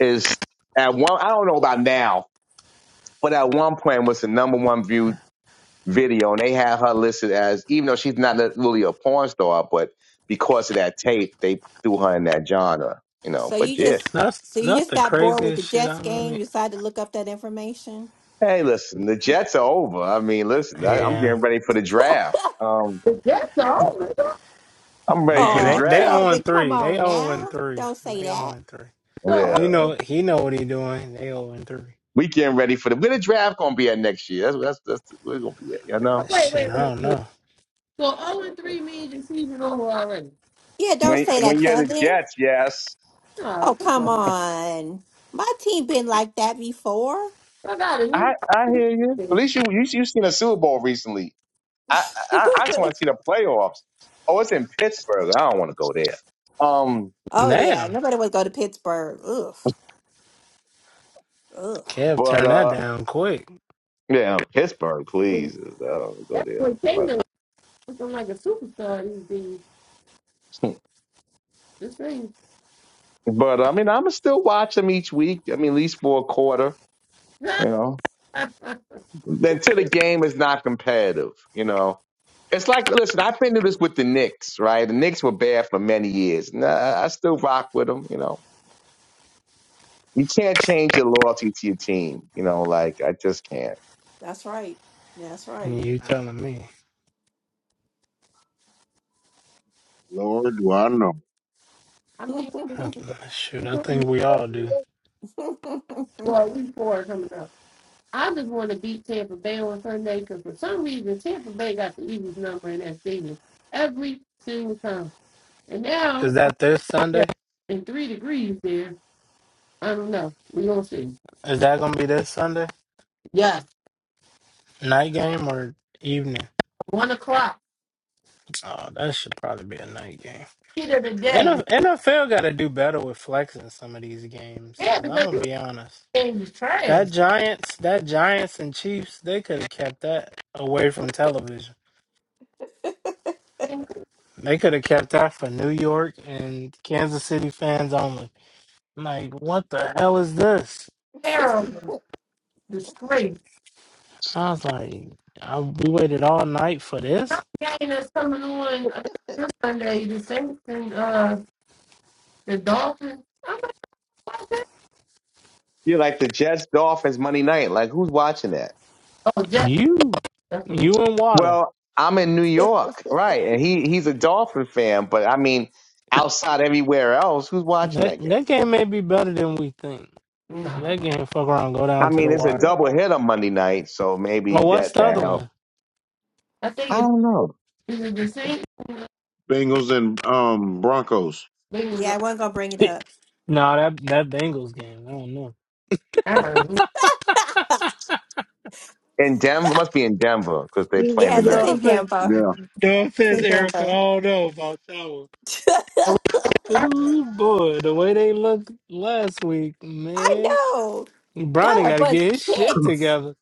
is at one I don't know about now, but at one point was the number one viewed video and they had her listed as even though she's not really a porn star, but because of that tape they threw her in that genre, you know.
So
But
you
yeah.
just
That's
so you
that's
just
the
got bored with the
craziest shit
Jets
I don't
game,
need.
you decided to look up that information.
Hey listen, the Jets are over. I mean listen, I, I'm
Yeah.
getting ready for the draft. Um
that's all. So,
I'm ready for
Yeah,
the
Oh,
they they
draft.
Kevin,
own
come
three. They
on
own
now.
three.
Don't say
They
that.
own three.
oh,
Yeah.
You know he know what he doing. They own three.
We getting ready for the where the draft gonna be at next year. That's that's that's where it's gonna be at. You know.
wait,
Shit,
wait, wait.
I don't know.
So 0 and 3 means your season over already.
Yeah, don't
When
say that,
when you're the
Kevin.
Jets, yes.
Oh,
Oh,
come
come
on.
on. My team been like that before.
I got a new
I I hear you. At
person.
least you you you seen a Super Bowl recently. I
[LAUGHS]
I, I just want to see the playoffs. Oh, it's in Pittsburgh. I don't want to go there. Um,
oh yeah,
Damn.
nobody would go to Pittsburgh. Ugh. Ugh.
Kev
but
turned that
uh,
down quick.
yeah, Pittsburgh, please. I don't wanna go
That boy
there.
Taylor looking like a superstar these days.
But
This thing.
[LAUGHS] but I mean, I'm still watch them each week. I mean, at least for a quarter. You
[LAUGHS]
know.
I
until the game is not competitive, you know. It's like, listen, I've been through this with the Knicks, right? The Knicks were bad for many years. Nah, I still rock with them, you know. You can't change your loyalty to your team, you know. Like I just can't.
That's right. That's right.
You telling me.
Lord, do I know?
[LAUGHS] yeah.
mean,
I- Shoot, I think we all do.
well, we four coming up. I just want to beat Tampa Bay on Sunday because for some reason Tampa Bay got the Eagles number in that stadium every single time. And
Is
now,
that this
yeah,
Sunday?
in three degrees there. I don't know. We're going to see.
Is that gonna be this Sunday
Yes,
night game or evening?
one o'clock.
Oh, that should probably be a night game.
Heat of the day.
NF- NFL got to do better with flexing some of these games.
Yeah,
Cause I'm
because
gonna
this
be honest,
game is trash.
that Giants, that Giants and Chiefs, they could have kept that away from television.
It's
They could have kept that for New York and Kansas City fans only. I'm Like, what the hell is this?
terrible. disgrace.
I was like, I, we waited all night for this.
Not game that's coming on uh, this Sunday, the Saints and uh, the Dolphins. I'm like, what's that?
You're like the Jets, Dolphins, Monday night. Like who's watching that?
Oh, Jack.
You,
That's what.
you and Water.
Well, I'm in New York, right? And he he's a Dolphin fan, but I mean, outside everywhere else, who's watching
That
that game?
that game may be better than we think.
No,
That game fuck around, go
I
down to
mean,
the
it's a
wire.
double hit on Monday night, so maybe
Oh, what's
that
the
that
other
helped.
one?
I think
I
it's
don't know.
is the Saints. and the
Bengals and um Broncos.
Yeah, I wasn't gonna bring
[LAUGHS]
it up.
no, that that Bengals game. I don't know.
I don't know.
[LAUGHS]
[LAUGHS]
in Denver. Must be in Denver because they playing
yes, it's
tonight.
no
in
offense,
Denver.
Yeah,
no
It's
offense,
in
Erica. I
Denver.
don't know about that one.
Oh,
[LAUGHS]
Ooh boy, the way they looked last week,
I
man.
know. Got
Brownie
our
got to
butts
get his shit
kicked,
together.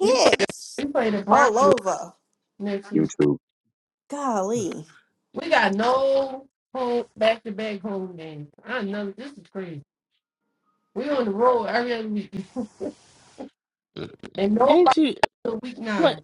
We play, we play the
all
Broncos
over.
next
in
week.
YouTube
Golly,
We got no home back to back home games. I know this is crazy. We on the road every other week, [LAUGHS] and nobody
Ain't you?
till week
What?
nine.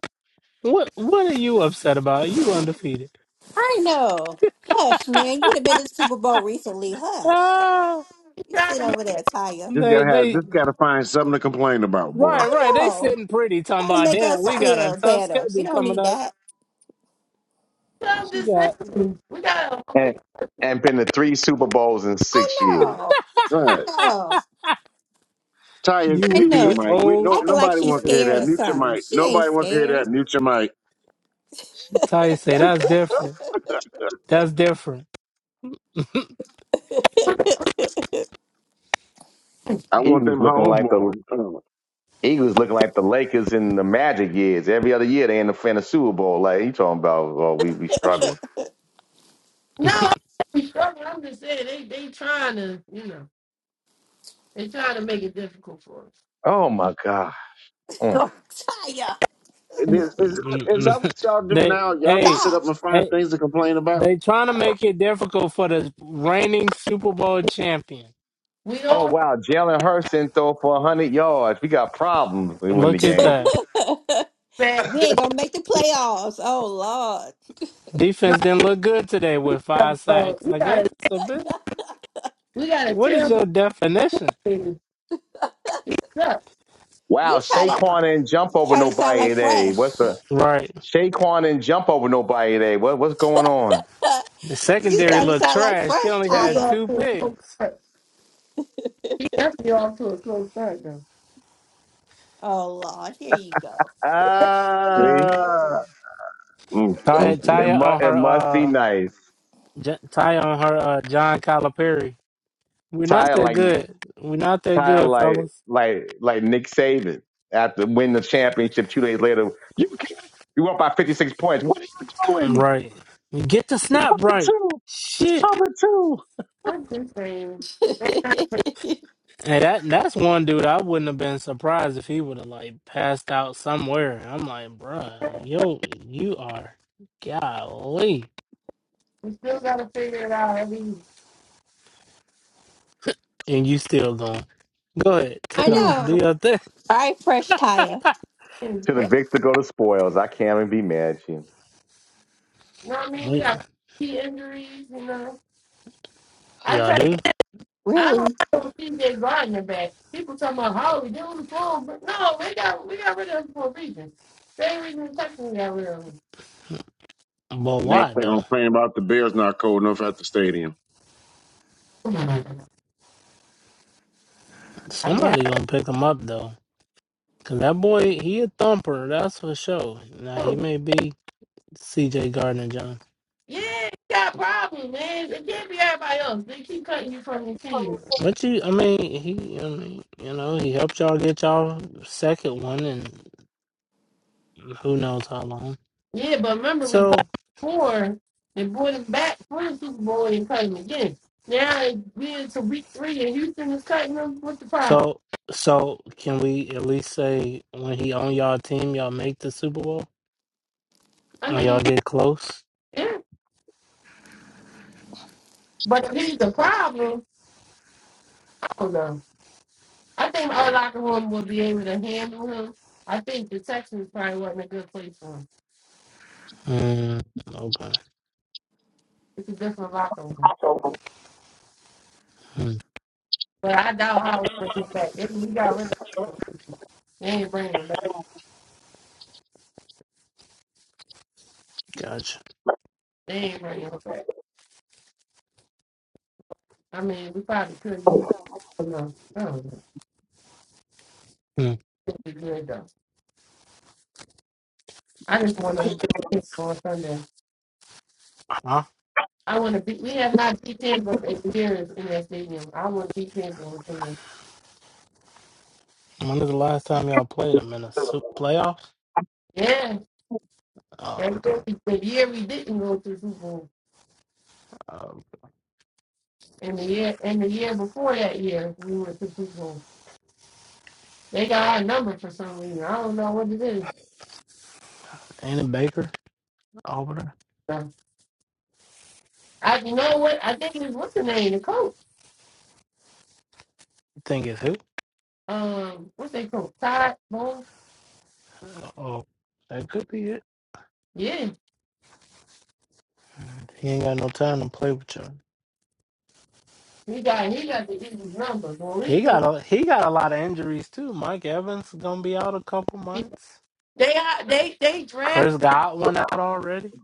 What? What are you upset about? You undefeated.
I know. Hush, man. You'd have been to Super Bowl recently. Hush.
Ah,
We
You
trying
sit
to make
over there, Taya.
just
they
gotta
they
have, just gotta find something to complain about, boy.
Right, right.
I
They
know.
sitting pretty, talking
Trying to
about
make
damn,
us
we got a
feel
tough
better. We
schedule
don't
coming
need
up.
that.
up
She
this
got
season. We got
and and been to three Super Bowls in
I
six years.
know.
All
I
right,
[LAUGHS]
know.
Taya,
you
I
will
mute your
be
know. And
mic. We no,
old.
Acting like
nobody
she's
wants to hear
scared
that.
or
Mute your
something.
mic.
She ain't
Nobody wants to hear
scared.
that. Mute your mic.
Ty say that's
[LAUGHS]
different.
[LAUGHS]
That's different. [LAUGHS]
I want
Eagles
them
looking
home
like the
more.
Eagles looking like the Lakers in the Magic years. Every other year they in the fin of Super Bowl. Like you talking about? Oh, we we struggling.
No, I'm not struggling. I'm just saying they they trying to, you know, they trying to make it difficult for
Oh my God. Mm.
Oh, Taya,
us.
Is, is, is that what
Mm-mm.
y'all do
they
now? Y'all just
hey,
sit
stop.
up and find
hey
things to complain about?
they trying to make it difficult for the reigning Super Bowl champion.
We
Oh
don't have
wow, Jalen Hurts didn't throw for hundred yards. We got problems. We win the
Look at
game.
that.
[LAUGHS]
bad.
We ain't gonna make the playoffs. Oh Lord.
No,
Defense didn't look good today with
no,
five
uh,
sacks.
we
Like
got a
ain't this a bit?
we got a
What is
terrible
your definition?
thing. He's up.
You
Wow,
try
Uh,
to
Saquon didn't jump
you
over
try to sound
nobody
like
today.
Fresh.
What's the
Right.
Saquon didn't jump over nobody today? What what's going on?
[LAUGHS]
The
you
secondary
started to
looked
sound like
trash. They
Fresh,
only
This is
had
Taya.
off
two
to a slow
picks.
start. He definitely off to a slow start though.
Oh Lord, here you go.
See?
Ah.
Mm, mm,
Taya,
It
mm.
Taya
must
on
it
her,
must be
uh,
nice.
J- Taya on her, uh, John Calipari. We're not
Tired
that
like
good. We're not that
tired
good,
like
fellas.
like like Nick Saban after win the championship two days later. You can't- you up by fifty six points. What are you doing?
Right. Get the
It's
snap
cover
right.
two. It's
Shit.
cover two.
I'm just saying
[LAUGHS]
And that that's one dude I wouldn't have been surprised if he would have like passed out somewhere. I'm like, bruh, yo, you are golly.
we still gotta figure it out. I mean,
And you still going. Go ahead, take
I
off.
Ooh.
Do
know.
your thing.
All right, Fresh Taya.
you
To the
know
victor go the spoils. I can't even be mad at you.
what I mean? We got key injuries, you know. I try.
Y'all do?
I don't
Really?
know what TJ Gardner back. People talking about Holly, give him the phone, but no, we got we got rid of him for a reason. Same reason Texas got rid of him.
But
Next
why
thing I'm
though?
complaining about, the Bears not cold enough at the stadium.
Come on. I mean, I
Somebody gonna pick him up though, cause that boy he a thumper. That's for sure. Now
don't
he
know.
may be C.J. Gardner John,
yeah, you got problems, man. It can't be everybody else. They keep cutting you from your team.
but you, I mean, he, I mean, you know, he helped y'all get y'all second one, and who knows how long.
Yeah, but remember we cut
So,
him before they brought him back for the Super Bowl and cut him again. Now we into week three and Houston is cutting him. What's the problem?
so, so, can we at least say when he on y'all team, y'all make the Super Bowl
I
or y'all
mean,
get close?
yeah, but if he's a problem, I don't know. I think our locker room will be able to handle him. I think the Texans probably wasn't a good place for him.
Mm, okay,
It's a different locker room.
mm,
But I doubt how we bring him back. If we got rid of him, they ain't bringing him back.
gotcha.
They ain't bringing him back. I mean, we probably could use I I don't know.
Mm,
It'd be good though. I just want to beat him on Sunday.
huh?
I want to beat. We have not beat Tampa in years in that stadium. I want to beat Tampa on Sunday.
When was the last time y'all played him in a super playoffs?
Yeah,
Oh,
that
okay.
was the year we didn't go to the Super Bowl.
Oh,
And the year and the year before that year, we went to Super Bowl. They got our number for some reason. I don't know what it is.
Ain't it Baker, Auburn.
So I you know what I think it was what's the name? The coach.
You think it's who?
Um what's they coach? Todd Bowles?
Oh, that could be it.
Yeah.
He ain't got no time to play with y'all.
He got he got the Eagles number. But we
He got
think
a he got a lot of injuries too. Mike Evans is gonna be out a couple months.
they are- they they draft
Chris got one out already.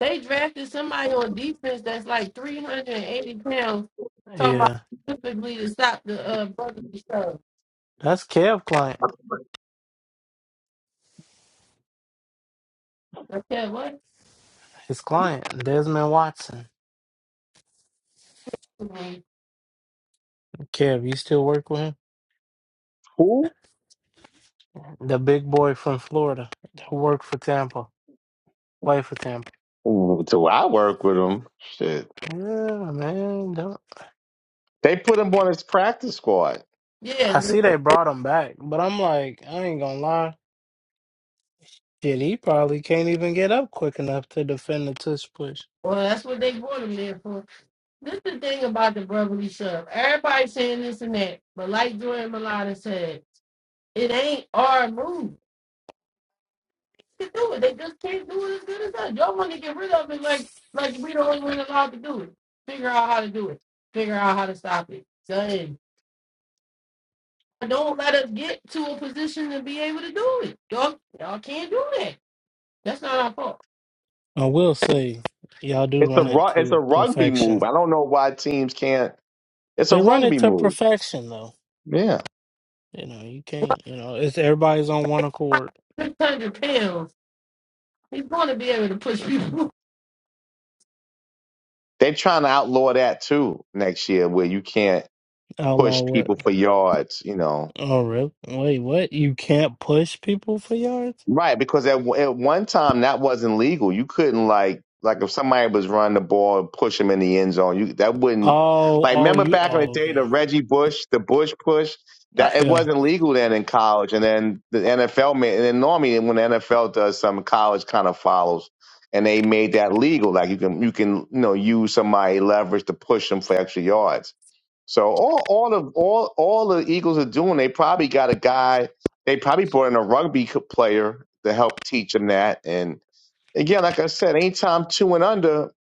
they drafted somebody on defense that's like three hundred and eighty pounds talking about
Yeah,
specifically to stop the uh brotherly stuff.
that's Kev client.
I said what?
His client Desmond Watson. Kev, you still work with him?
Who?
The big boy from Florida who worked for Tampa, played for Tampa.
Ooh, so I work with him. Shit.
Yeah, man. don't-
They put him on his practice squad.
I
Yeah,
see they brought him back, but I'm like, I ain't gonna lie. Shit, he probably can't even get up quick enough to defend the tush push.
well that's what they brought him there for. This is the thing about the brotherly shove. Everybody saying this and that, but like Jordan Malata said, it ain't our move to do it. They just can't do it as good as us. Y'all want to get rid of it like like we the only one allowed to do it. Figure out how to do it. Figure out how to stop it. Done. Don't let us get to a position to be able to do it. Y'all, y'all can't do that. That's not our fault.
I will say, y'all do
It's a
run it
ru- it's a
to
rugby move. I
perfection.
don't know why teams can't. It's a
They run it
rugby
to
move.
perfection, though.
Yeah.
You know, you can't. You know, it's everybody's on one accord.
Six hundred pounds. He's going to be able to push people.
They're trying to outlaw that too next year, where you can't
Outlaw
push
what?
people for yards. You know,
Oh, really? Wait, what? You can't push people for yards?
right? Because at at one time that wasn't legal. You couldn't like like if somebody was running the ball and push him in the end zone, you that wouldn't
Oh,
like.
oh,
Remember
you.
back in the
Oh,
day, the
okay.
Reggie Bush, the Bush push. That it
Yeah,
wasn't legal then in college, and then the NFL made, and then normally when the NFL does something, college kind of follows, and they made that legal. Like you can you can you know use somebody leverage to push them for extra yards So all all of all all the Eagles are doing, they probably got a guy. They probably brought in a rugby co- player to help teach them that. And again, like I said, anytime two and under,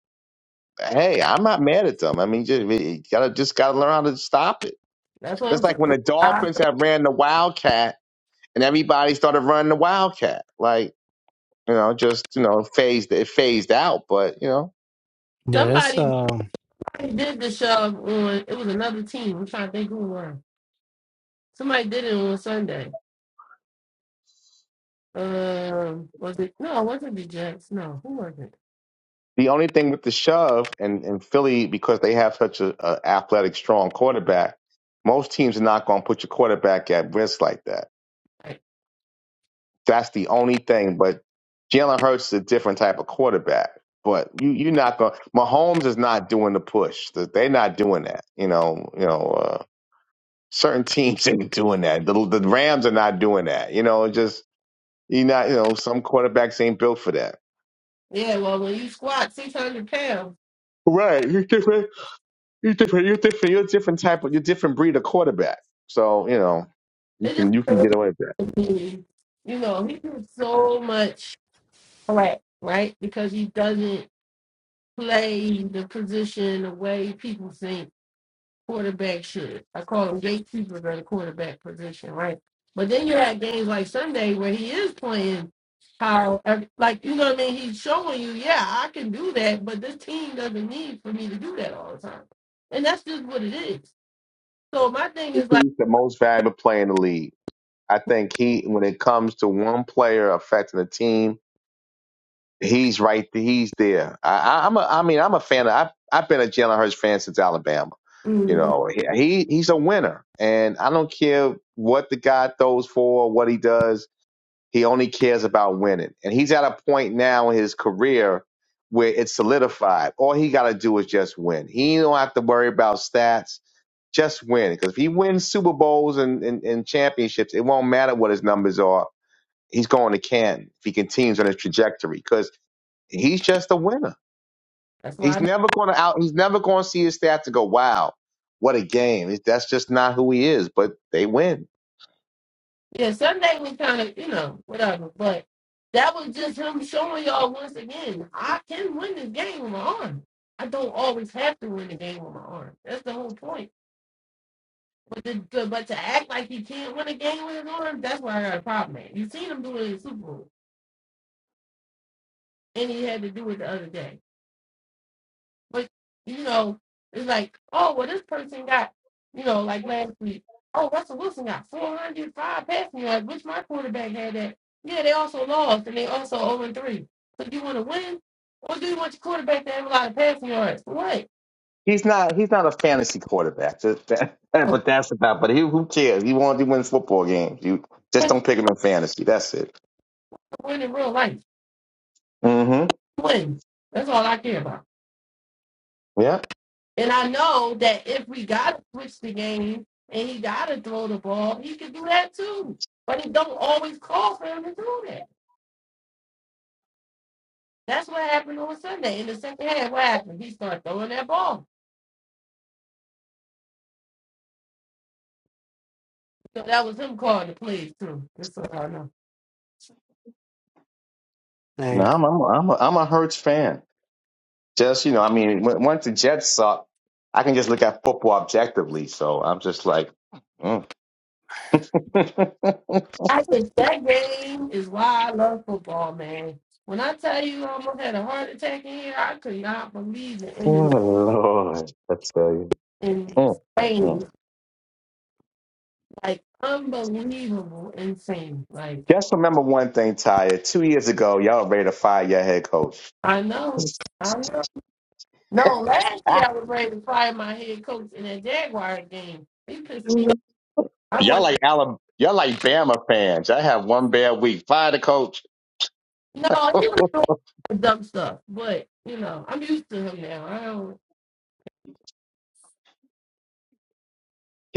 hey, I'm not mad at them. I mean, just you gotta just gotta learn how to stop it.
[LAUGHS] That's what I'm
That's
saying.
like when the
I-
Dolphins have ran the Wildcat, and everybody started running the Wildcat. Like you know, just you know, phased it phased out. But you know.
yeah. That's
Somebody
um.
They did the show on it was another team. I'm trying to think who it was. Somebody did it on Sunday. Um, was it no, it wasn't the Jets. No, who was it?
The only thing with the shove and, and Philly, because they have such a, a athletic, strong quarterback, most teams are not going to put your quarterback at risk like that.
Like,
That's the only thing. But Jalen Hurts is a different type of quarterback. But you, you're not going. Mahomes is not doing the push. They're not doing that. You know. You know. Uh, certain [LAUGHS] teams ain't doing that. The, the Rams are not doing that. You know. Just you not. You know. Some quarterbacks ain't built for that.
yeah, well when you squat six hundred pounds,
Right. [LAUGHS] You're different. You're different. You're a different type of. You're a different breed of quarterback. So you know, you
it
can you
just
can get away with that.
[LAUGHS] you know, he does so much crap, right? Because he doesn't play the position the way people think quarterback shit. I call them gatekeepers at the quarterback position, right? But then you had games like Sunday where he is playing how, like, you know what I mean? He's showing you, yeah, I can do that, but this team doesn't need for me to do that all the time. And that's just what it is. So my thing is like,
He's the most valuable player in the league. I think he, when it comes to one player affecting the team, he's right. th- He's there. I, I, I'm a. I mean, I'm a fan. Of, I've I've been a Jalen Hurts fan since Alabama. You
mm,
know, he he- he's a winner, and I don't care what the guy throws for, what he does He only cares about winning. And he's at a point now in his career where it's solidified. All he got to do is just win. He don't have to worry about stats. Just win. Because if he wins Super Bowls and, and, and championships, it won't matter what his numbers are. He's going to Canton if he continues on his trajectory because he's just a winner.
that's why,
He's
I,
never going to out. He's never going to see his stats and go, "Wow, what a game!" That's just not who he is. But they win.
yeah, Sunday was kind of, you know, whatever. But that was just him showing y'all once again, I can win this game with my arm. I don't always have to win the game with my arm. That's the whole point But to, but to act like he can't win a game with his arm, that's where I got a problem at. You seen him do it in the Super Bowl, and he had to do it the other day. But you know, it's like, oh well, this person got, you know, like last week. Oh, Russell Wilson got 405 passing yards, which my quarterback had that. Yeah, they also lost, and they also 0 and 3. So do you want to win, or do you want your quarterback to have a lot of passing yards? What?
He's not. He's not a fantasy quarterback. Just that, [LAUGHS]
Oh,
but that's about. But he, who cares? He wants to win football games. You just don't pick him in fantasy. That's it.
win in real life.
Mm-hmm.
Win. That's all I care about.
Yeah.
And I know that if we gotta switch the game and he gotta throw the ball, he can do that too. But he don't always call for him to do that. That's what happened on Sunday. In the second half, what happened? He started throwing that ball. So that was him calling the plays too. That's all I know.
Dang.
No, I'm. I'm. I'm a, I'm a Hurts fan. Just you know, I mean, when, once the Jets suck, I can just look at football objectively. So I'm just like, mm. [LAUGHS] oh
I think that game is why I love football, man. When I tell you I almost had a heart attack in here, I could not believe the end
Lord, I tell you.
in
Mm, mm, mm.
Spain. Like unbelievable insane. Like
Just remember one thing, Tyre. Two years ago, y'all ready to fire your head coach.
I know. I know. No, last year I was ready to fire my head coach in that Jaguar game. He pissed
[LAUGHS]
me off. I
Y'all
was
like Alabama. Y'all like Bama fans. I have one bad week. Fire the coach.
no,
[LAUGHS]
he was doing dumb stuff, but you know, I'm used to him now. I don't.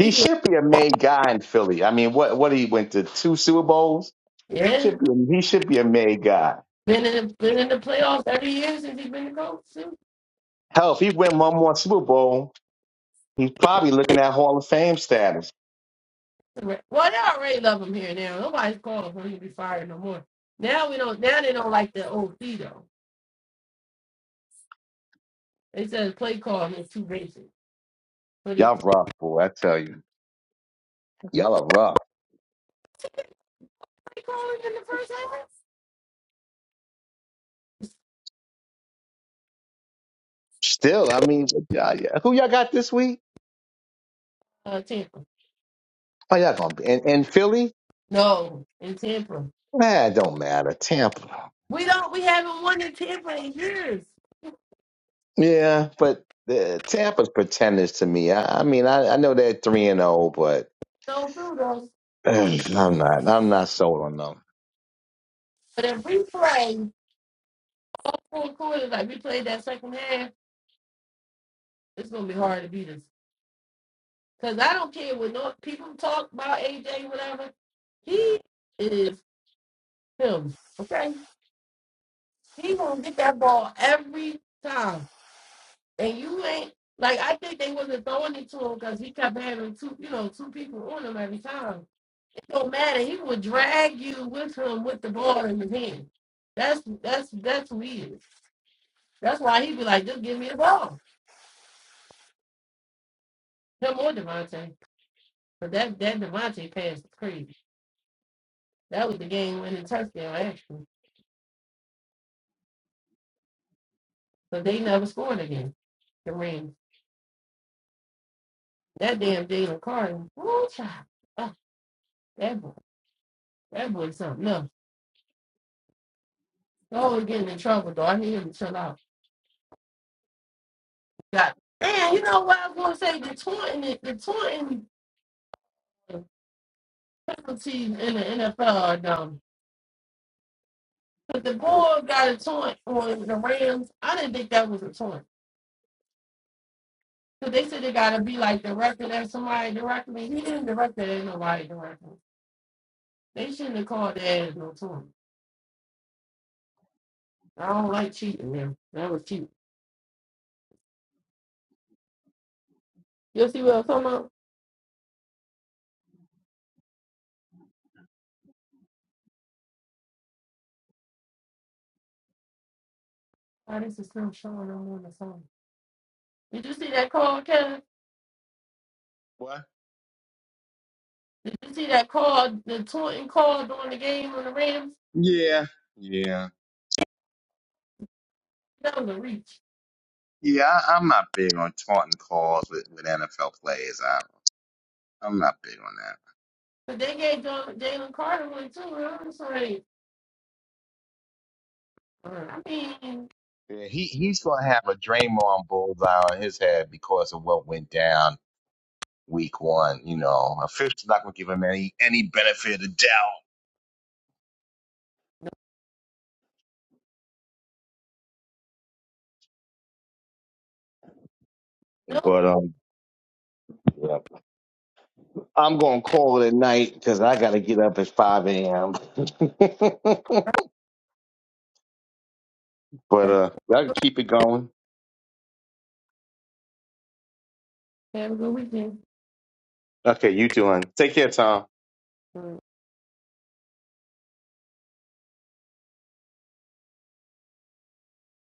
He been
should be a main guy in Philly. I mean, what what he went to two Super Bowls.
yeah,
Should be he should be a main guy.
been in the, been in the playoffs every year since he has been the coach. too.
Hell, if he win one more Super Bowl, he's probably looking at Hall of Fame status.
Well, they already love him here now. Nobody's calling for him to be fired no more. Now we don't. Now they don't like the OC though. They said his play calling is too racist. But his
Y'all
play
rough, boy. I tell you, y'all are rough.
calling in the first half,
Still, I mean, y'all, yeah. who y'all got this week?
uh, Tampa.
Oh, y'all gonna be in and Philly?
No, in Tampa.
Nah, it don't matter. Tampa.
We don't. We haven't won in ten play years.
Yeah, but uh, Tampa's pretenders to me. I, I mean, I, I know they're three and zero, but
So through those,
[CLEARS THROAT] I'm not. I'm not sold on them.
but if we play full quarters like we played that second half, it's gonna be hard to beat us. Cause I don't care what no people talk about AJ whatever. He is him. Okay, he gonna get that ball every time, and you ain't like I think they wasn't throwing it to him because he kept having two, you know, two people on him every time. no matter, he would drag you with him with the ball in his hand. That's that's that's who he is. That's why he'd be like, just give me the ball. Him or Devontae. But that that Devontae pass is crazy. That was the game winning touchdown actually. So they never scored again. The ring. That damn Jalen Carter. Woo, child. Oh, that boy. That boy's something. No. Oh, getting in trouble though. I need him to chill out. Got and you know what I was gonna say, the taunting the taunting penalties in the NFL are dumb But the board got a taunt on the Rams. I didn't think that was a taunt. Because they said it got to be like directed at somebody directly. He didn't direct it at nobody directly. They shouldn't have called that as no taunt. I don't like cheating them. That was cheating. You see what I'm talking about? Oh, this is him showing them on the phone. Did you see that call, Kevin?
What?
Did you see that call, the taunting call during the game on the Rams?
Yeah, yeah,
That was a reach.
yeah. I, I'm not big on taunting calls with, with NFL players. I, I'm not big on that.
But they gave Ja, Jalen Carter one too. I'm like, uh, I mean,
Yeah, he he's gonna have a Draymond bullseye on his head because of what went down week one. You know, officials not gonna give him any any benefit of the doubt.
no.
But um, yeah. I'm gonna call it a night because I gotta get up at five a.m. [LAUGHS] but uh, I can keep it going.
Have a good weekend. Uh,